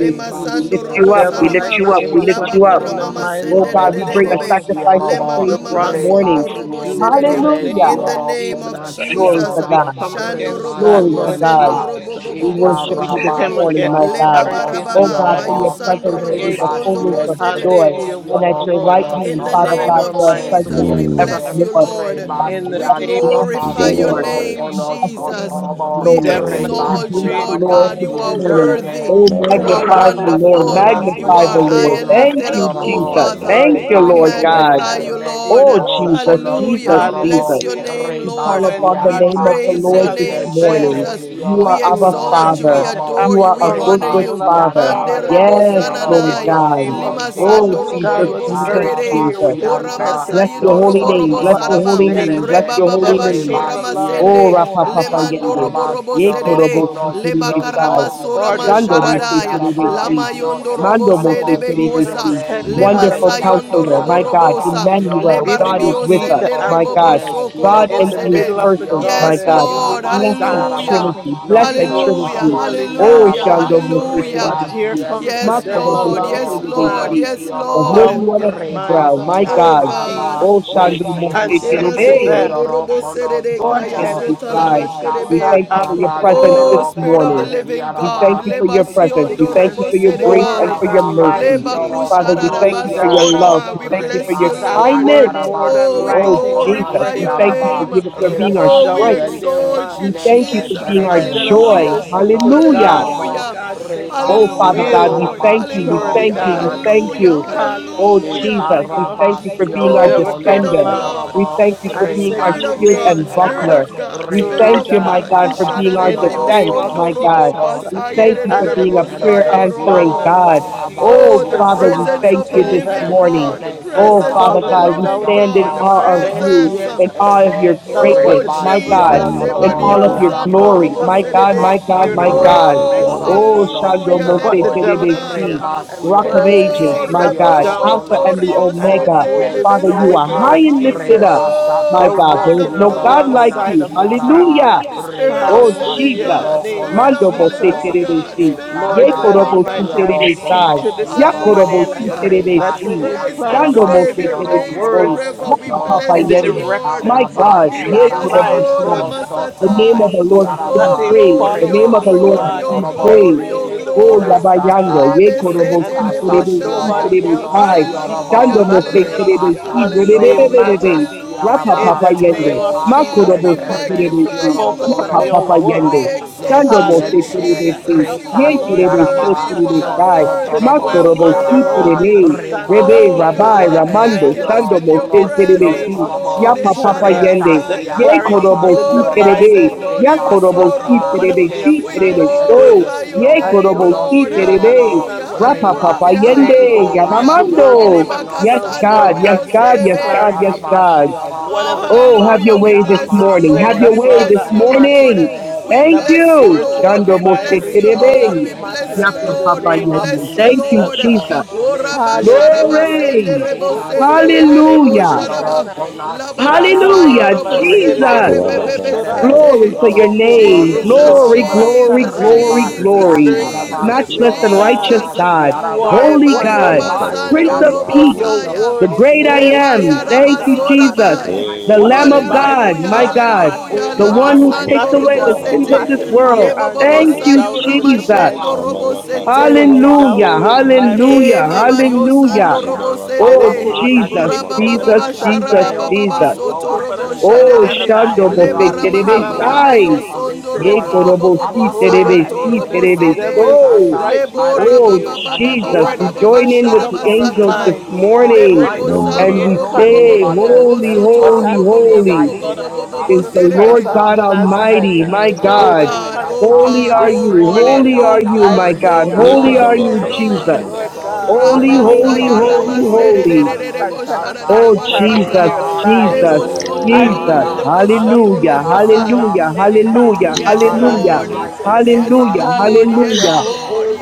Speaker 1: Le Jesus.
Speaker 2: Si. we
Speaker 1: masando We
Speaker 2: lift
Speaker 1: lift
Speaker 4: The
Speaker 1: robo
Speaker 2: you
Speaker 1: you up.
Speaker 2: up,
Speaker 1: We
Speaker 2: we
Speaker 4: devil
Speaker 2: lift
Speaker 1: sanama.
Speaker 4: likes
Speaker 2: you
Speaker 1: lift
Speaker 4: to
Speaker 2: up,
Speaker 1: you up.
Speaker 2: we
Speaker 1: We
Speaker 2: lift
Speaker 1: Laba
Speaker 2: you
Speaker 1: lift
Speaker 4: implant
Speaker 1: you
Speaker 2: up.
Speaker 1: kura
Speaker 4: in
Speaker 1: up.
Speaker 4: the
Speaker 1: mama
Speaker 4: minds
Speaker 2: Oh
Speaker 4: of
Speaker 1: sende de Oh de
Speaker 2: God,
Speaker 6: Shekarabasioro
Speaker 1: de
Speaker 2: we
Speaker 1: God, we
Speaker 2: bring
Speaker 1: de bring
Speaker 2: a
Speaker 4: people
Speaker 1: be. a Le
Speaker 2: sacrifice
Speaker 1: sacrifice
Speaker 2: of
Speaker 1: of
Speaker 6: Conosiorova,
Speaker 1: mama
Speaker 2: praise
Speaker 4: the
Speaker 1: praise
Speaker 2: this
Speaker 1: mama this
Speaker 4: wrong
Speaker 1: sondo
Speaker 2: morning.
Speaker 1: morning.
Speaker 4: things to
Speaker 1: robo
Speaker 4: do in
Speaker 1: sherere.
Speaker 4: the
Speaker 2: Hallelujah.
Speaker 4: name
Speaker 1: In the
Speaker 4: of
Speaker 1: Hallelujah.
Speaker 6: Rebasientrebesioro
Speaker 1: name of Yes,
Speaker 4: Jesus. Uh,
Speaker 2: Glory
Speaker 1: Jesus.
Speaker 2: to
Speaker 1: Lord
Speaker 4: We
Speaker 6: Conasiarava,
Speaker 2: God.
Speaker 4: come
Speaker 1: Shando
Speaker 4: against
Speaker 1: robo bobo
Speaker 4: that,
Speaker 2: Glory to
Speaker 4: Lord
Speaker 1: sendo
Speaker 2: God.
Speaker 1: God.
Speaker 6: Rebasianta,
Speaker 4: Jesus.
Speaker 1: robo
Speaker 4: Uh,
Speaker 2: We
Speaker 1: bobo soto
Speaker 2: worship
Speaker 4: We
Speaker 1: worship you
Speaker 2: you this
Speaker 4: come
Speaker 1: robo.
Speaker 2: morning,
Speaker 4: against
Speaker 2: my
Speaker 6: Shekarabasioro
Speaker 1: Le
Speaker 2: God.
Speaker 1: baba
Speaker 4: clarity in the
Speaker 2: Oh
Speaker 1: rababa. Oh God,
Speaker 2: God,
Speaker 4: mind.
Speaker 1: Bayu
Speaker 2: in
Speaker 1: King
Speaker 2: your
Speaker 4: We
Speaker 6: Conosiorova,
Speaker 2: presence there is
Speaker 4: create
Speaker 2: a
Speaker 1: sondo
Speaker 2: fullness
Speaker 1: ro hosts,
Speaker 2: of joy.
Speaker 4: Hallelujah.
Speaker 2: And
Speaker 4: What
Speaker 2: at
Speaker 4: the
Speaker 1: and
Speaker 6: Rebasientrebesioro
Speaker 2: your
Speaker 1: at
Speaker 4: Lord
Speaker 1: your
Speaker 2: right
Speaker 4: has
Speaker 1: right In
Speaker 2: hand,
Speaker 1: the hand, Father
Speaker 2: Father
Speaker 1: name
Speaker 4: designed
Speaker 6: Conosoto.
Speaker 2: God,
Speaker 1: Father of
Speaker 4: our
Speaker 2: there
Speaker 1: God,
Speaker 2: are
Speaker 4: minds to
Speaker 2: pleasures
Speaker 1: Jesus, we
Speaker 4: focus
Speaker 3: Mm.
Speaker 6: Mesiente
Speaker 1: bless
Speaker 4: on.
Speaker 2: evermore.
Speaker 1: you, Lord.
Speaker 2: Bless
Speaker 4: In the
Speaker 1: We
Speaker 6: Rebasian
Speaker 2: the
Speaker 4: name of
Speaker 2: name
Speaker 6: Tarabas
Speaker 1: glorify
Speaker 2: of the
Speaker 1: your
Speaker 4: Jesus,
Speaker 2: Lord.
Speaker 3: Zavalabos,
Speaker 4: the
Speaker 1: name,
Speaker 6: Yoropono
Speaker 2: Bless the
Speaker 1: Jesus.
Speaker 2: name of
Speaker 4: the
Speaker 6: Sotorobo
Speaker 2: the
Speaker 1: We
Speaker 2: Lord.
Speaker 4: devil likes
Speaker 3: Ikarandes,
Speaker 2: We
Speaker 4: to
Speaker 1: exalt you,
Speaker 2: bless
Speaker 4: create
Speaker 2: the
Speaker 1: Lord
Speaker 2: Lord
Speaker 1: God. You
Speaker 2: this
Speaker 1: are
Speaker 6: Rebasiarabasian
Speaker 4: confusion.
Speaker 2: morning.
Speaker 1: worthy.
Speaker 6: Terebe
Speaker 2: Oh,
Speaker 1: You are
Speaker 3: Makados,
Speaker 2: magnify the
Speaker 6: Rebasa
Speaker 1: wonderful.
Speaker 2: Lord.
Speaker 4: Hallelujah.
Speaker 3: Kasima
Speaker 6: Tarabas
Speaker 4: That's
Speaker 1: You
Speaker 4: what
Speaker 3: Abis,
Speaker 2: Magnify
Speaker 4: he
Speaker 1: are
Speaker 2: the
Speaker 1: high
Speaker 4: did
Speaker 2: Lord.
Speaker 4: to
Speaker 1: and
Speaker 6: Yoropono
Speaker 4: Adam
Speaker 2: Thank
Speaker 1: lifted
Speaker 4: and
Speaker 2: you,
Speaker 1: up, Thank
Speaker 4: Eve in
Speaker 1: oh
Speaker 3: Lima
Speaker 6: Siorobo
Speaker 2: Jesus.
Speaker 4: the
Speaker 1: Father.
Speaker 3: Labos,
Speaker 2: Thank
Speaker 4: Garden
Speaker 2: you,
Speaker 4: of
Speaker 1: We
Speaker 2: Lord
Speaker 3: Lekovara
Speaker 6: Rebasian
Speaker 2: God.
Speaker 1: magnify
Speaker 4: Gethsemane,
Speaker 1: you,
Speaker 6: Terebe
Speaker 1: Lord.
Speaker 3: Kakabrasis.
Speaker 2: Oh,
Speaker 1: Oh,
Speaker 4: Jesus. Uh,
Speaker 2: Jesus,
Speaker 6: Yoropono
Speaker 1: Hallelujah. We
Speaker 2: Jesus,
Speaker 6: Siorobo
Speaker 1: bless
Speaker 2: Jesus.
Speaker 1: your
Speaker 4: Hallelujah.
Speaker 1: name,
Speaker 2: We
Speaker 1: Lord.
Speaker 2: call
Speaker 4: When
Speaker 2: upon
Speaker 6: Rebasian
Speaker 2: the
Speaker 1: We
Speaker 4: God
Speaker 2: name of the
Speaker 1: praise
Speaker 2: Lord
Speaker 1: your
Speaker 2: this
Speaker 4: specifically
Speaker 1: name,
Speaker 6: Mese
Speaker 4: said,
Speaker 2: morning.
Speaker 6: terebe
Speaker 1: Jesus.
Speaker 2: You
Speaker 1: We
Speaker 2: are
Speaker 6: sioro
Speaker 2: our
Speaker 4: Do
Speaker 6: kono
Speaker 1: exalt
Speaker 4: not
Speaker 1: you. We
Speaker 2: Father.
Speaker 4: eat
Speaker 6: sioro
Speaker 4: the
Speaker 6: bo.
Speaker 1: adore
Speaker 2: You
Speaker 4: apple
Speaker 1: you.
Speaker 2: are
Speaker 1: We
Speaker 2: a
Speaker 4: from the
Speaker 1: honor
Speaker 2: good,
Speaker 6: Reba
Speaker 1: you.
Speaker 2: good
Speaker 4: middle
Speaker 1: good,
Speaker 4: of the
Speaker 6: sian
Speaker 2: Father.
Speaker 6: taraba
Speaker 4: garden.
Speaker 1: rebo Yes,
Speaker 2: Yes,
Speaker 6: sioro
Speaker 2: Lord
Speaker 4: In
Speaker 1: sananai.
Speaker 4: the
Speaker 6: kono
Speaker 2: God.
Speaker 4: name of
Speaker 6: sion
Speaker 1: Lima
Speaker 6: to.
Speaker 1: sando
Speaker 2: Oh,
Speaker 1: Oh,
Speaker 4: Jesus, God
Speaker 2: Jesus,
Speaker 6: She
Speaker 1: robo
Speaker 4: was
Speaker 1: robo
Speaker 2: Jesus,
Speaker 4: very
Speaker 1: serere.
Speaker 6: taraba
Speaker 4: clear
Speaker 2: Jesus.
Speaker 4: with
Speaker 1: O
Speaker 4: his
Speaker 6: sian ta.
Speaker 2: Bless
Speaker 1: ramasaya Bless
Speaker 4: message,
Speaker 2: your
Speaker 6: No
Speaker 1: robo
Speaker 2: holy
Speaker 6: so
Speaker 2: name. Bless
Speaker 4: but
Speaker 6: tarabo
Speaker 2: your
Speaker 1: saraba.
Speaker 2: holy
Speaker 4: they
Speaker 2: name. Bless
Speaker 1: Reba
Speaker 6: sierebe.
Speaker 2: your
Speaker 1: baba your
Speaker 2: holy
Speaker 1: ba
Speaker 4: never
Speaker 2: name.
Speaker 4: came
Speaker 6: Reba
Speaker 4: along.
Speaker 2: O
Speaker 6: sierebe
Speaker 2: Rapa
Speaker 1: Oh, Le
Speaker 2: Papa
Speaker 6: tasa
Speaker 1: mando
Speaker 2: Yende,
Speaker 1: robo
Speaker 6: taraba
Speaker 1: robo
Speaker 2: Ye
Speaker 6: sioro
Speaker 1: serere.
Speaker 2: Korobo
Speaker 6: kono
Speaker 2: Si
Speaker 1: Le Si
Speaker 2: Terebe
Speaker 4: The,
Speaker 6: sion
Speaker 2: Sai,
Speaker 1: bakarama Sai.
Speaker 4: the
Speaker 1: sora
Speaker 4: Lord was
Speaker 2: Shando
Speaker 4: quite
Speaker 2: Mose Terebe
Speaker 1: La
Speaker 6: Remasiaraba,
Speaker 1: Si.
Speaker 4: specific.
Speaker 2: Si,
Speaker 1: mayondo robo
Speaker 2: Mando
Speaker 1: Mando sede
Speaker 2: Mose Terebe
Speaker 4: Jesus
Speaker 2: Si,
Speaker 6: nosotoromosierebe,
Speaker 4: said
Speaker 1: Si.
Speaker 4: to
Speaker 1: Le
Speaker 4: Adam
Speaker 2: Wonderful
Speaker 4: and
Speaker 1: masayondo robo
Speaker 4: Eve,
Speaker 2: Counselor, my God,
Speaker 1: robosa. Le
Speaker 6: remasiantarabasioro
Speaker 2: Emmanuel,
Speaker 4: If
Speaker 2: God
Speaker 1: baribio
Speaker 2: is
Speaker 4: you
Speaker 2: with
Speaker 4: eat
Speaker 2: us,
Speaker 1: sende
Speaker 4: the
Speaker 6: conosoto,
Speaker 2: my
Speaker 1: rebobo
Speaker 4: apple
Speaker 2: God,
Speaker 1: soko
Speaker 2: God
Speaker 1: robo
Speaker 4: in
Speaker 2: in
Speaker 4: the
Speaker 2: three
Speaker 6: nesienterebe,
Speaker 1: sede.
Speaker 4: middle of the
Speaker 2: persons,
Speaker 6: sioro
Speaker 2: my
Speaker 1: Yes,
Speaker 4: garden,
Speaker 2: God,
Speaker 4: you
Speaker 1: Lord.
Speaker 4: will
Speaker 2: Blessed
Speaker 4: die.
Speaker 6: torabasiaraba,
Speaker 1: Hallelujah.
Speaker 2: Trinity,
Speaker 6: no
Speaker 4: You
Speaker 2: Blessed
Speaker 4: will
Speaker 1: Hallelujah.
Speaker 2: Trinity,
Speaker 6: sotorobos
Speaker 4: surely
Speaker 1: Hallelujah. Oh,
Speaker 2: O
Speaker 4: die.
Speaker 6: yaraba,
Speaker 2: Shando Mose
Speaker 1: Hallelujah.
Speaker 4: But
Speaker 2: Terebe
Speaker 4: here
Speaker 2: Si,
Speaker 1: Si.
Speaker 6: rebasian
Speaker 4: comes the
Speaker 2: Ma
Speaker 1: Yes,
Speaker 4: devil
Speaker 6: telebes
Speaker 2: Korobo
Speaker 1: Lord.
Speaker 2: Si
Speaker 4: along
Speaker 1: Yes,
Speaker 4: to
Speaker 2: Terebe
Speaker 1: Lord.
Speaker 6: yorokonos
Speaker 2: Si,
Speaker 4: plant
Speaker 1: Yes, Si.
Speaker 2: the
Speaker 6: yorobo,
Speaker 1: Lord.
Speaker 2: Holy
Speaker 4: doubt
Speaker 2: One of
Speaker 4: in the minds
Speaker 2: Israel,
Speaker 4: of
Speaker 2: my
Speaker 6: rebasian
Speaker 4: Adam
Speaker 1: Oh
Speaker 2: God,
Speaker 4: and
Speaker 1: God.
Speaker 4: Eve
Speaker 6: taraba,
Speaker 2: O Shando
Speaker 6: mesian
Speaker 4: and
Speaker 2: Mose
Speaker 4: said
Speaker 1: Shema
Speaker 4: to
Speaker 6: telebes
Speaker 2: Terebe,
Speaker 1: soro
Speaker 4: them,
Speaker 1: borobo
Speaker 2: we
Speaker 6: yorokonos
Speaker 1: serere
Speaker 4: Go
Speaker 2: keep
Speaker 1: kaya
Speaker 4: ahead
Speaker 2: and
Speaker 6: toto,
Speaker 4: and
Speaker 2: we
Speaker 1: sota la
Speaker 4: eat
Speaker 2: guide.
Speaker 4: th-
Speaker 2: We
Speaker 6: recasa
Speaker 4: that
Speaker 1: masherebe.
Speaker 2: thank you for
Speaker 4: apple
Speaker 2: your
Speaker 6: tarabas
Speaker 4: in the
Speaker 2: presence
Speaker 4: middle
Speaker 2: this
Speaker 1: Oh
Speaker 4: of the
Speaker 1: Spirit of the
Speaker 6: yorokonas
Speaker 2: morning.
Speaker 4: garden
Speaker 1: Living
Speaker 2: We
Speaker 1: God.
Speaker 2: thank
Speaker 6: yaraba,
Speaker 2: you for
Speaker 1: Leba
Speaker 2: your presence. We
Speaker 1: siondo
Speaker 2: thank you
Speaker 4: because
Speaker 1: robo
Speaker 2: for your grace and
Speaker 4: more
Speaker 1: serebai.
Speaker 2: for
Speaker 4: than
Speaker 2: your mercy.
Speaker 1: Leba
Speaker 4: likely
Speaker 6: Ikarabasioro
Speaker 2: Father,
Speaker 1: kushara
Speaker 4: you
Speaker 2: we thank
Speaker 4: will
Speaker 2: you
Speaker 1: raba
Speaker 2: for your
Speaker 4: die.
Speaker 6: konosiorobo
Speaker 1: sora
Speaker 2: love.
Speaker 1: ma.
Speaker 2: We
Speaker 1: We
Speaker 2: thank you
Speaker 1: bless
Speaker 2: for your
Speaker 1: you,
Speaker 4: That
Speaker 1: Lord.
Speaker 2: kindness.
Speaker 4: word more than
Speaker 1: Oh, we
Speaker 6: rebasiantarabasioro
Speaker 2: Oh,
Speaker 4: likely
Speaker 2: Jesus,
Speaker 1: glorify
Speaker 4: already
Speaker 2: we
Speaker 1: your
Speaker 2: thank
Speaker 4: planted
Speaker 2: you
Speaker 6: konosiaraba
Speaker 2: for,
Speaker 1: name.
Speaker 4: the
Speaker 2: giving, for
Speaker 4: seed of
Speaker 2: being our
Speaker 1: Oh, we
Speaker 4: doubt
Speaker 2: strength.
Speaker 4: in
Speaker 6: Rebasian Tarabasioro Konasiaraba
Speaker 4: their
Speaker 6: rebasiente
Speaker 1: exalt
Speaker 4: mind.
Speaker 1: you,
Speaker 2: We thank you for
Speaker 1: Jesus.
Speaker 2: being our
Speaker 4: Instead of
Speaker 6: neseferebesioro
Speaker 2: joy.
Speaker 1: Hallelujah.
Speaker 4: listening to
Speaker 2: Hallelujah.
Speaker 4: God when
Speaker 6: konosiorobo
Speaker 4: God
Speaker 1: Hallelujah.
Speaker 4: said,
Speaker 2: Oh,
Speaker 4: You
Speaker 6: Rebasi
Speaker 2: Father
Speaker 1: Hallelujah,
Speaker 2: God,
Speaker 4: will
Speaker 2: we
Speaker 1: Lord.
Speaker 2: thank
Speaker 6: antarabasi
Speaker 2: you. We
Speaker 6: oro
Speaker 4: surely
Speaker 1: Hallelujah,
Speaker 2: thank you. We
Speaker 4: die.
Speaker 2: thank you.
Speaker 6: conociente.
Speaker 2: Oh,
Speaker 4: Hallelujah. In
Speaker 1: hallelujah, Oh, hallelujah.
Speaker 2: Jesus,
Speaker 4: the name
Speaker 2: we
Speaker 4: of
Speaker 2: thank you for
Speaker 6: Shekarabasi
Speaker 4: Jesus, the
Speaker 2: being our
Speaker 6: oro
Speaker 1: Oh,
Speaker 4: devil
Speaker 1: Spirit
Speaker 4: came
Speaker 1: of
Speaker 2: defender.
Speaker 4: along
Speaker 1: God.
Speaker 2: We
Speaker 6: conociorobo.
Speaker 2: thank you for
Speaker 4: and
Speaker 2: being
Speaker 4: said,
Speaker 2: our
Speaker 1: Spirit
Speaker 4: You
Speaker 1: of
Speaker 6: Rebasi
Speaker 2: shield
Speaker 4: may
Speaker 1: God,
Speaker 2: and
Speaker 1: Spirit
Speaker 4: not
Speaker 1: of
Speaker 2: buckler.
Speaker 6: enteleme.
Speaker 1: God,
Speaker 2: We
Speaker 1: Spirit
Speaker 4: surely
Speaker 2: thank
Speaker 1: of
Speaker 2: you,
Speaker 6: Rebasa
Speaker 1: God.
Speaker 2: my
Speaker 4: die.
Speaker 2: God, for being
Speaker 6: tarabasi
Speaker 2: our
Speaker 4: In the
Speaker 6: oro
Speaker 4: name
Speaker 2: defense,
Speaker 4: of
Speaker 2: my God.
Speaker 4: Jesus,
Speaker 6: conosoto.
Speaker 4: uh,
Speaker 2: We thank you for
Speaker 4: Adam
Speaker 2: being a
Speaker 4: and Eve
Speaker 2: prayer
Speaker 6: Nesienteleme
Speaker 2: answering
Speaker 6: sioro
Speaker 4: abandoned what
Speaker 2: God.
Speaker 4: Jesus
Speaker 1: Oh,
Speaker 2: Oh,
Speaker 6: corabasi
Speaker 1: the Oh,
Speaker 2: Father, we
Speaker 6: araba.
Speaker 1: presence
Speaker 4: specifically
Speaker 1: of
Speaker 2: thank
Speaker 1: the
Speaker 2: you
Speaker 4: told
Speaker 2: this
Speaker 1: living
Speaker 4: them
Speaker 1: God,
Speaker 2: morning.
Speaker 1: the
Speaker 6: Neseteleme
Speaker 4: and
Speaker 2: Oh,
Speaker 1: presence Oh,
Speaker 6: sioro
Speaker 2: Father
Speaker 1: of
Speaker 4: followed
Speaker 1: the
Speaker 4: the
Speaker 2: God, we
Speaker 1: living
Speaker 4: doubt in
Speaker 2: stand
Speaker 1: God,
Speaker 2: in
Speaker 4: their
Speaker 1: the
Speaker 6: conosioto.
Speaker 2: awe of
Speaker 4: mind, Lord
Speaker 2: you,
Speaker 1: presence of
Speaker 2: in
Speaker 4: Jesus.
Speaker 2: awe of your
Speaker 6: Nesienteleme.
Speaker 4: That's what
Speaker 1: Oh
Speaker 2: greatness,
Speaker 4: the
Speaker 2: my
Speaker 4: devil
Speaker 6: Rebasi
Speaker 2: God,
Speaker 1: Jesus, God,
Speaker 4: does,
Speaker 1: and
Speaker 2: in
Speaker 4: Lord
Speaker 2: all of
Speaker 6: antarabasi
Speaker 2: your
Speaker 4: God.
Speaker 6: araba.
Speaker 2: glory,
Speaker 1: Robo glory,
Speaker 4: Some
Speaker 1: my
Speaker 2: my God,
Speaker 4: people
Speaker 2: my God,
Speaker 6: Rebasa
Speaker 4: hear the
Speaker 2: my
Speaker 4: right
Speaker 2: God.
Speaker 1: Oh
Speaker 6: tarabasi
Speaker 1: Oh,
Speaker 6: oro
Speaker 2: Oh,
Speaker 4: message,
Speaker 2: Shando
Speaker 6: polosi
Speaker 1: hallelujah,
Speaker 6: oro
Speaker 4: but
Speaker 2: Mose
Speaker 4: the
Speaker 6: bo.
Speaker 1: Lebo
Speaker 4: devil comes
Speaker 1: Shadaya.
Speaker 2: Terebesi,
Speaker 4: along and
Speaker 6: Rebasi
Speaker 2: Rock of
Speaker 4: plants the
Speaker 2: Ages,
Speaker 1: Oh,
Speaker 4: seed
Speaker 2: my
Speaker 4: of
Speaker 6: enterebesi
Speaker 1: Rebo
Speaker 2: God,
Speaker 6: oro
Speaker 4: doubt.
Speaker 2: Alpha and the
Speaker 1: Sotorio
Speaker 4: And
Speaker 6: polosoto.
Speaker 2: Omega.
Speaker 4: before
Speaker 1: Sete
Speaker 4: you
Speaker 2: Father,
Speaker 4: know
Speaker 2: you
Speaker 4: it,
Speaker 2: are high
Speaker 4: Lord
Speaker 6: Nesianta.
Speaker 1: Lebeseke.
Speaker 2: and lifted up.
Speaker 4: Jesus,
Speaker 6: Recasa
Speaker 2: My
Speaker 4: they're
Speaker 1: Oh,
Speaker 2: God,
Speaker 1: Spirit
Speaker 2: there is
Speaker 1: of
Speaker 4: walking
Speaker 6: tarabasi
Speaker 4: on
Speaker 2: no
Speaker 4: the
Speaker 6: oro
Speaker 2: God
Speaker 4: wrong
Speaker 1: God.
Speaker 2: like
Speaker 4: side
Speaker 2: you.
Speaker 4: of
Speaker 6: ponasi
Speaker 4: the trap.
Speaker 6: araba.
Speaker 2: Hallelujah.
Speaker 1: Spirit of
Speaker 2: Oh,
Speaker 1: the
Speaker 6: Rebasa
Speaker 1: living
Speaker 4: Hallelujah. In
Speaker 2: Jesus.
Speaker 4: the
Speaker 1: God.
Speaker 6: sioro
Speaker 4: name of
Speaker 1: Spirit of
Speaker 2: Mando
Speaker 1: the
Speaker 2: bose
Speaker 4: Jesus.
Speaker 6: polosoto.
Speaker 1: living God.
Speaker 2: terebesi.
Speaker 1: Spirit of
Speaker 4: Lord
Speaker 2: Ye
Speaker 1: the
Speaker 4: God
Speaker 1: living
Speaker 6: Etarabasi
Speaker 2: korobosi
Speaker 1: God.
Speaker 4: Almighty, I
Speaker 6: oro
Speaker 4: beseech
Speaker 2: terebesai.
Speaker 4: you
Speaker 6: ponosi
Speaker 4: this
Speaker 2: Ya
Speaker 6: oro bo.
Speaker 4: morning
Speaker 2: korobosi
Speaker 1: Hallelujah.
Speaker 4: that when
Speaker 2: terebesi.
Speaker 6: Rebasi
Speaker 4: you
Speaker 1: Christ our
Speaker 4: plant
Speaker 2: Shando
Speaker 4: those,
Speaker 6: antarabasi
Speaker 2: mose
Speaker 1: Savior
Speaker 4: those
Speaker 6: oro
Speaker 1: reigns
Speaker 2: terebeso.
Speaker 4: words
Speaker 1: forever. We
Speaker 2: Mama
Speaker 6: polosoto.
Speaker 2: papa
Speaker 1: bless
Speaker 4: and the
Speaker 1: you,
Speaker 2: yende.
Speaker 1: Lord.
Speaker 2: My
Speaker 4: directions in
Speaker 2: God.
Speaker 6: Shikarabasi
Speaker 4: people's
Speaker 2: Ye
Speaker 6: araba.
Speaker 4: lives,
Speaker 1: Ibayasora
Speaker 4: Lord
Speaker 2: korobosai.
Speaker 6: Nosso
Speaker 4: God,
Speaker 2: The name of
Speaker 6: sotorobos
Speaker 1: masatai.
Speaker 2: the Lord is to
Speaker 4: that
Speaker 2: be
Speaker 1: Oh,
Speaker 4: they
Speaker 6: yaraba,
Speaker 2: praised.
Speaker 1: glory,
Speaker 2: The
Speaker 4: follow it,
Speaker 2: name
Speaker 1: oh,
Speaker 2: of
Speaker 1: glory
Speaker 2: the
Speaker 4: Lord
Speaker 2: Lord is
Speaker 1: glory,
Speaker 6: rebasion
Speaker 4: God.
Speaker 2: to
Speaker 1: oh
Speaker 2: be
Speaker 4: They
Speaker 6: torobos
Speaker 4: hear
Speaker 2: praised.
Speaker 1: glory, oh
Speaker 4: only
Speaker 6: yere
Speaker 4: the
Speaker 2: Oh,
Speaker 1: glory.
Speaker 4: voice of God
Speaker 2: yabayando.
Speaker 6: trinasata,
Speaker 2: Ye
Speaker 1: Lebesete
Speaker 4: and
Speaker 1: sete
Speaker 2: korobosi
Speaker 4: only
Speaker 2: terebesi
Speaker 6: repasatioro
Speaker 4: nobody else,
Speaker 6: konos
Speaker 2: terebesai.
Speaker 4: Lord Jesus.
Speaker 1: Hallelujah,
Speaker 6: yorobo,
Speaker 2: Shando mose
Speaker 4: Nothing else
Speaker 1: hallelujah,
Speaker 4: anyone say
Speaker 6: rebasatioro
Speaker 1: hallelujah,
Speaker 4: matters.
Speaker 2: terebesi.
Speaker 6: konas
Speaker 2: Rapa
Speaker 1: hallelujah.
Speaker 4: In
Speaker 6: yaraba,
Speaker 2: Papa
Speaker 4: the name
Speaker 2: Yende,
Speaker 4: of
Speaker 1: Oh God,
Speaker 4: Jesus,
Speaker 6: rebasien
Speaker 1: we
Speaker 2: Makurobo
Speaker 4: help our
Speaker 6: terebes
Speaker 4: people to
Speaker 1: magnify
Speaker 2: Sitirebesi,
Speaker 1: you,
Speaker 6: yoro
Speaker 4: focus
Speaker 1: Lord.
Speaker 2: Yapa
Speaker 4: on
Speaker 6: konos
Speaker 4: your
Speaker 2: Papa
Speaker 1: We
Speaker 4: word.
Speaker 2: Yende,
Speaker 6: soto,
Speaker 1: exalt
Speaker 2: Sandomo
Speaker 1: you,
Speaker 6: nesiente,
Speaker 4: Hallelujah.
Speaker 2: Sitirebesi,
Speaker 1: Jesus.
Speaker 4: Help
Speaker 1: You
Speaker 2: Ye
Speaker 4: them,
Speaker 6: repas
Speaker 1: are
Speaker 4: Lord
Speaker 2: Terebe So
Speaker 1: worthy,
Speaker 6: yaraba,
Speaker 1: you
Speaker 4: Jesus,
Speaker 1: are
Speaker 4: uh,
Speaker 6: no
Speaker 2: Terebesai,
Speaker 4: to
Speaker 1: worthy, you
Speaker 6: sotorobos
Speaker 1: are
Speaker 4: dwell
Speaker 2: Makurobo
Speaker 4: on their own
Speaker 6: yaraba,
Speaker 1: worthy.
Speaker 2: Sitirebe,
Speaker 4: understanding of
Speaker 2: Rebe
Speaker 1: Oh.
Speaker 4: what
Speaker 1: Oh
Speaker 4: the
Speaker 6: rebasien
Speaker 2: Rabai
Speaker 4: word
Speaker 1: God,
Speaker 6: terebes
Speaker 2: Ramando,
Speaker 1: blanket
Speaker 4: says.
Speaker 1: us
Speaker 6: yoro
Speaker 1: with
Speaker 2: Sandomo
Speaker 1: your
Speaker 4: In
Speaker 6: konos
Speaker 4: the
Speaker 6: yon
Speaker 4: name
Speaker 1: presence,
Speaker 2: Sitirebesi,
Speaker 4: of
Speaker 6: torobo,
Speaker 1: Lord.
Speaker 2: Yapa Papa
Speaker 4: Jesus, uh,
Speaker 2: Yende,
Speaker 4: the
Speaker 6: Recasian
Speaker 1: Eshariasaya.
Speaker 2: Ye
Speaker 4: clarities
Speaker 2: Korobo
Speaker 4: in the
Speaker 1: Oh, Rio
Speaker 6: Tarabasioro,
Speaker 2: Siterebe,
Speaker 4: Bible,
Speaker 2: Yakorobo
Speaker 6: Ribasata,
Speaker 4: whenever
Speaker 2: Siterebe,
Speaker 4: they are
Speaker 1: We
Speaker 2: Siterebe
Speaker 6: Mesientere
Speaker 2: So,
Speaker 4: misunderstood,
Speaker 1: glorify your
Speaker 2: Ye
Speaker 4: I
Speaker 6: Mesioro,
Speaker 1: name,
Speaker 2: Korobo
Speaker 4: don't
Speaker 1: Lord.
Speaker 4: clearly
Speaker 2: Siterebe,
Speaker 6: Conosiorobo,
Speaker 4: understand
Speaker 1: Hallelujah,
Speaker 4: what the
Speaker 2: Rapa
Speaker 4: word
Speaker 2: Papa
Speaker 4: is
Speaker 1: hallelujah,
Speaker 6: Ribasian
Speaker 4: saying.
Speaker 2: Yende,
Speaker 4: Go read
Speaker 1: hallelujah.
Speaker 4: the word
Speaker 6: Tarabasioro,
Speaker 4: for
Speaker 2: Yabamando. Yes,
Speaker 4: themselves, Lord
Speaker 2: God,
Speaker 6: Conosoto,
Speaker 2: yes,
Speaker 1: Libakasandorio
Speaker 4: God, to
Speaker 2: God,
Speaker 4: get
Speaker 2: yes,
Speaker 6: Nesa
Speaker 1: Serebe.
Speaker 2: God, yes,
Speaker 4: clarity
Speaker 2: God.
Speaker 6: Tarabasioro,
Speaker 1: Oh,
Speaker 4: Whatever the
Speaker 2: Oh, have
Speaker 4: book
Speaker 1: hallelujah.
Speaker 2: your
Speaker 4: of
Speaker 1: We
Speaker 2: way this
Speaker 1: bless you,
Speaker 4: Jesus
Speaker 6: Corabasiaraba,
Speaker 2: morning. Have
Speaker 4: said,
Speaker 1: Lord.
Speaker 2: your
Speaker 1: We
Speaker 4: that's
Speaker 2: way
Speaker 4: all
Speaker 1: bless
Speaker 2: this
Speaker 4: that
Speaker 1: you,
Speaker 6: Nesetere
Speaker 1: Lord.
Speaker 2: morning.
Speaker 4: matters.
Speaker 6: Mesioro,
Speaker 1: We
Speaker 4: The
Speaker 2: Thank
Speaker 1: bless you,
Speaker 2: you.
Speaker 4: words in the
Speaker 1: Lord.
Speaker 2: Shando
Speaker 6: Conasiaraba,
Speaker 1: We
Speaker 4: Bible
Speaker 1: bless
Speaker 4: is
Speaker 1: you,
Speaker 4: all that
Speaker 1: Lord.
Speaker 2: Mosekirebe.
Speaker 1: We bless
Speaker 6: Ribasientere
Speaker 1: you,
Speaker 4: matters
Speaker 1: Lord you,
Speaker 2: Yapa
Speaker 4: in the
Speaker 1: Lord.
Speaker 2: Papa
Speaker 1: We
Speaker 4: name
Speaker 6: Mesioro,
Speaker 4: of
Speaker 2: Yende.
Speaker 1: bless you,
Speaker 2: Thank you,
Speaker 1: Lord.
Speaker 4: Jesus.
Speaker 6: Conosoto,
Speaker 2: Jesus.
Speaker 1: Oh, Rabba Sharaba
Speaker 6: Nesianta.
Speaker 4: Hallelujah.
Speaker 1: Sende
Speaker 2: Glory.
Speaker 1: Rebo
Speaker 6: Reta
Speaker 1: Sende
Speaker 4: Rokoroboro
Speaker 1: Lelele
Speaker 4: shekerere
Speaker 2: Hallelujah.
Speaker 6: Satarabasi Oro
Speaker 1: Sharaba.
Speaker 4: sanai.
Speaker 6: Konasi
Speaker 4: Rakamba
Speaker 6: Araba
Speaker 1: Labakasayo
Speaker 2: Hallelujah.
Speaker 4: garaba
Speaker 1: Robo
Speaker 4: serere
Speaker 1: Sende
Speaker 2: Jesus.
Speaker 6: Rebasi
Speaker 4: kodoro
Speaker 6: and
Speaker 1: Rebebebe
Speaker 4: shorai.
Speaker 3: Rabakasata,
Speaker 2: Glory
Speaker 6: Terebesi
Speaker 1: Sete.
Speaker 2: to your
Speaker 6: Oro
Speaker 2: name.
Speaker 4: Rokobororo
Speaker 6: Konosi
Speaker 1: Jesus,
Speaker 2: Glory,
Speaker 3: Lekabarosa,
Speaker 4: shokorobara
Speaker 6: Arabo
Speaker 2: glory,
Speaker 1: Jesus,
Speaker 4: shararai.
Speaker 2: glory,
Speaker 6: Rebasi
Speaker 1: Jesus,
Speaker 6: and
Speaker 2: glory.
Speaker 4: Spirit of the
Speaker 1: Jesus,
Speaker 3: Lebarekabosha,
Speaker 6: Tarabasi
Speaker 2: Matchless
Speaker 4: living
Speaker 2: and
Speaker 6: Oro
Speaker 2: righteous
Speaker 4: God,
Speaker 1: Jesus.
Speaker 6: Konasi
Speaker 2: God.
Speaker 4: you are the
Speaker 6: Araba
Speaker 2: Holy
Speaker 1: Leba
Speaker 4: one that
Speaker 2: God.
Speaker 1: Yoba
Speaker 3: Makaros
Speaker 6: Rebasi
Speaker 2: Prince
Speaker 1: Sando
Speaker 2: of
Speaker 6: and
Speaker 4: matters.
Speaker 1: Robo
Speaker 2: Peace.
Speaker 4: Your
Speaker 3: Klibaharabosha.
Speaker 6: No
Speaker 2: The
Speaker 1: Saya.
Speaker 4: word is
Speaker 2: great
Speaker 4: the only
Speaker 2: I
Speaker 4: thing
Speaker 6: Sotarabasi
Speaker 2: am.
Speaker 4: one
Speaker 2: Thank
Speaker 4: that
Speaker 2: you,
Speaker 6: Araba
Speaker 2: Jesus.
Speaker 6: in the
Speaker 4: matters.
Speaker 2: The
Speaker 6: mighty
Speaker 4: What the
Speaker 2: Lamb
Speaker 6: name
Speaker 2: of
Speaker 6: of
Speaker 3: Hey,
Speaker 4: Bible
Speaker 2: God,
Speaker 1: Hallelujah,
Speaker 2: my
Speaker 4: said
Speaker 6: Jesus. ah.
Speaker 2: God.
Speaker 6: Oh
Speaker 1: hallelujah.
Speaker 2: The
Speaker 4: matters.
Speaker 1: Lama
Speaker 2: one
Speaker 6: God,
Speaker 1: the
Speaker 2: who
Speaker 6: I
Speaker 1: one who
Speaker 2: takes
Speaker 1: sando takes
Speaker 6: bless
Speaker 3: Lavarohosa
Speaker 4: Nothing
Speaker 2: away
Speaker 1: robo
Speaker 2: the
Speaker 6: your
Speaker 1: away
Speaker 4: else
Speaker 2: sins
Speaker 6: holy
Speaker 2: of this
Speaker 6: name.
Speaker 4: matters.
Speaker 3: Komarabese
Speaker 6: ah.
Speaker 4: There
Speaker 2: world.
Speaker 1: Yebo
Speaker 4: are
Speaker 1: bobo
Speaker 4: no
Speaker 6: Father,
Speaker 2: Thank
Speaker 1: Thank
Speaker 3: Katayahos.
Speaker 2: you,
Speaker 6: this
Speaker 4: doubts in the
Speaker 6: morning you
Speaker 2: Jesus.
Speaker 1: ramashendo
Speaker 6: are
Speaker 1: Jesus.
Speaker 4: Bible.
Speaker 6: worthy.
Speaker 3: Shanavakata
Speaker 4: No
Speaker 6: You are
Speaker 3: Maharados
Speaker 2: Hallelujah.
Speaker 4: doubts
Speaker 1: Hallelujah,
Speaker 4: in the
Speaker 1: Eh,
Speaker 6: worthy to
Speaker 4: Bible in
Speaker 3: Kalimanete.
Speaker 6: be
Speaker 4: the
Speaker 2: Hallelujah.
Speaker 1: hallelujah,
Speaker 4: name
Speaker 1: Baba
Speaker 6: praised
Speaker 4: of
Speaker 1: Yo
Speaker 6: this
Speaker 2: Hallelujah.
Speaker 1: Sando
Speaker 6: morning.
Speaker 4: Jesus.
Speaker 6: ah.
Speaker 3: Shivarakaza
Speaker 2: Oh,
Speaker 6: Abba,
Speaker 4: Brokododo
Speaker 6: Father,
Speaker 3: Moboko
Speaker 2: Jesus,
Speaker 6: this
Speaker 3: Toma
Speaker 4: shekere
Speaker 6: morning
Speaker 4: bada
Speaker 2: Jesus,
Speaker 6: as
Speaker 1: Rabababa
Speaker 3: Kabarata.
Speaker 6: I
Speaker 2: Jesus,
Speaker 6: pray,
Speaker 4: shandai.
Speaker 6: oh
Speaker 1: Sharababa
Speaker 2: Jesus.
Speaker 6: God, for
Speaker 1: Soto
Speaker 4: Roko
Speaker 6: our
Speaker 4: bada
Speaker 1: Robo
Speaker 6: children.
Speaker 2: Oh,
Speaker 6: ah.
Speaker 1: Sherere
Speaker 4: saragaradai.
Speaker 2: Shando
Speaker 6: Father, draw
Speaker 3: Hey,
Speaker 1: Lebara
Speaker 6: them
Speaker 1: Mama
Speaker 3: Krishna
Speaker 6: to you
Speaker 3: Lord.
Speaker 4: Halala
Speaker 1: Mama
Speaker 6: like
Speaker 1: Yo
Speaker 2: Mofekerebesai.
Speaker 6: never
Speaker 4: pokodobodo
Speaker 1: Sondo
Speaker 2: Ye
Speaker 6: before.
Speaker 1: Robo
Speaker 4: sedede.
Speaker 6: ah.
Speaker 1: Bobo
Speaker 2: korobo
Speaker 1: Bobo
Speaker 2: si
Speaker 6: Abba, Father,
Speaker 2: terebe
Speaker 6: in
Speaker 1: Sayato
Speaker 6: the
Speaker 2: si
Speaker 4: Hororokodobodo,
Speaker 1: Robo
Speaker 4: The
Speaker 6: name
Speaker 2: terebe
Speaker 6: of
Speaker 4: devil
Speaker 1: Sede
Speaker 4: is
Speaker 6: Jesus.
Speaker 2: so.
Speaker 6: uh,
Speaker 4: right
Speaker 6: I
Speaker 1: Lebo
Speaker 4: behind
Speaker 6: pray
Speaker 2: Oh,
Speaker 1: Rababa
Speaker 4: you,
Speaker 6: each and every
Speaker 2: Jesus,
Speaker 6: one
Speaker 4: ready
Speaker 2: we
Speaker 6: of
Speaker 4: to
Speaker 6: them,
Speaker 1: Baba
Speaker 2: join
Speaker 6: oh
Speaker 2: in
Speaker 4: twist
Speaker 2: with
Speaker 6: God,
Speaker 4: up
Speaker 2: the
Speaker 6: comes
Speaker 4: your
Speaker 6: to
Speaker 2: angels this
Speaker 1: Sharabasatai
Speaker 6: know
Speaker 4: minds,
Speaker 6: you uh,
Speaker 1: Lebo
Speaker 2: morning
Speaker 4: ready
Speaker 6: and
Speaker 4: to
Speaker 6: know
Speaker 2: and
Speaker 1: Kosando
Speaker 2: we
Speaker 4: create
Speaker 3: Rambarasa
Speaker 1: Robo
Speaker 6: know you
Speaker 1: Bobo
Speaker 2: say,
Speaker 6: for
Speaker 3: Ramosha.
Speaker 1: Bobo
Speaker 4: confusion.
Speaker 1: Bobo
Speaker 2: Holy,
Speaker 6: themselves
Speaker 1: Soto
Speaker 4: But
Speaker 6: uh,
Speaker 4: I
Speaker 2: holy,
Speaker 1: Robo
Speaker 6: in
Speaker 1: Bobo
Speaker 6: the
Speaker 4: plead the
Speaker 2: holy
Speaker 1: Bobo
Speaker 6: mighty
Speaker 4: blood of
Speaker 1: Bobo
Speaker 6: name of
Speaker 1: Bobo
Speaker 2: is the
Speaker 4: Jesus
Speaker 6: Jesus.
Speaker 1: Serebe
Speaker 4: Christ
Speaker 2: Lord
Speaker 4: of
Speaker 6: Uh,
Speaker 2: God
Speaker 6: Father,
Speaker 4: Nazareth
Speaker 6: in
Speaker 2: Almighty,
Speaker 6: the
Speaker 4: uh,
Speaker 2: my
Speaker 6: name
Speaker 1: Oh
Speaker 6: of
Speaker 4: over
Speaker 2: God.
Speaker 4: the
Speaker 6: Jesus,
Speaker 1: God, oh
Speaker 6: uh,
Speaker 2: Holy
Speaker 4: confused
Speaker 1: God,
Speaker 2: are
Speaker 6: I
Speaker 4: this
Speaker 1: oh
Speaker 2: you,
Speaker 6: pray,
Speaker 1: God,
Speaker 6: dear
Speaker 4: morning.
Speaker 2: holy
Speaker 1: oh
Speaker 2: are
Speaker 6: God,
Speaker 1: God,
Speaker 6: that
Speaker 2: you,
Speaker 6: you
Speaker 4: I
Speaker 2: my
Speaker 1: God, you, my oh
Speaker 2: God.
Speaker 4: plead
Speaker 6: renew
Speaker 4: the
Speaker 1: God.
Speaker 6: the
Speaker 4: blood
Speaker 3: Reka
Speaker 2: Holy
Speaker 6: right
Speaker 4: of
Speaker 1: God,
Speaker 2: are
Speaker 1: Holy
Speaker 3: Baba
Speaker 1: oh are
Speaker 2: you,
Speaker 1: you,
Speaker 6: spirit
Speaker 2: Jesus.
Speaker 4: Jesus,
Speaker 1: God.
Speaker 6: within
Speaker 3: Kalabosho.
Speaker 1: Jesus.
Speaker 4: Lord
Speaker 6: them, oh
Speaker 1: Holy,
Speaker 4: God,
Speaker 6: God.
Speaker 2: Holy,
Speaker 6: Uh,
Speaker 4: over
Speaker 2: holy,
Speaker 3: Zanavaraha
Speaker 1: Rabasaya holy, holy,
Speaker 6: Father, in
Speaker 4: those,
Speaker 2: holy,
Speaker 6: the
Speaker 3: Zakate.
Speaker 4: Lord
Speaker 6: name
Speaker 2: holy.
Speaker 6: of
Speaker 1: holy.
Speaker 4: Jesus, that
Speaker 1: Ramaserebo Oh,
Speaker 6: Jesus,
Speaker 4: cannot
Speaker 6: uh,
Speaker 2: Oh,
Speaker 4: find clarity
Speaker 1: Shadarabasata.
Speaker 4: in
Speaker 6: remove the
Speaker 2: Jesus,
Speaker 4: their
Speaker 6: heart
Speaker 1: Jesus,
Speaker 6: of
Speaker 4: lives.
Speaker 1: Lebo
Speaker 2: Jesus,
Speaker 1: Jesus,
Speaker 6: stone, oh
Speaker 1: Sondo
Speaker 4: I
Speaker 1: Robo
Speaker 6: God.
Speaker 1: Jesus.
Speaker 2: Jesus.
Speaker 4: plead
Speaker 6: uh,
Speaker 4: the
Speaker 1: Bobo
Speaker 4: blood
Speaker 6: and
Speaker 4: of
Speaker 1: Soto Hallelujah,
Speaker 6: place
Speaker 2: Hallelujah,
Speaker 6: a
Speaker 4: Jesus
Speaker 6: heart
Speaker 1: Robosai.
Speaker 4: over
Speaker 6: of
Speaker 2: hallelujah,
Speaker 1: hallelujah,
Speaker 4: any
Speaker 6: flesh, uh,
Speaker 2: hallelujah,
Speaker 1: hallelujah, Yes,
Speaker 6: Father, in
Speaker 4: confusion,
Speaker 2: hallelujah,
Speaker 6: the
Speaker 1: Lord.
Speaker 6: mighty
Speaker 3: Mikarendese,
Speaker 4: Jesus.
Speaker 1: hallelujah, Yes,
Speaker 6: name
Speaker 1: hallelujah,
Speaker 6: of
Speaker 2: hallelujah,
Speaker 6: Jesus.
Speaker 1: Lord. Yes,
Speaker 4: Hallelujah.
Speaker 2: hallelujah.
Speaker 6: uh,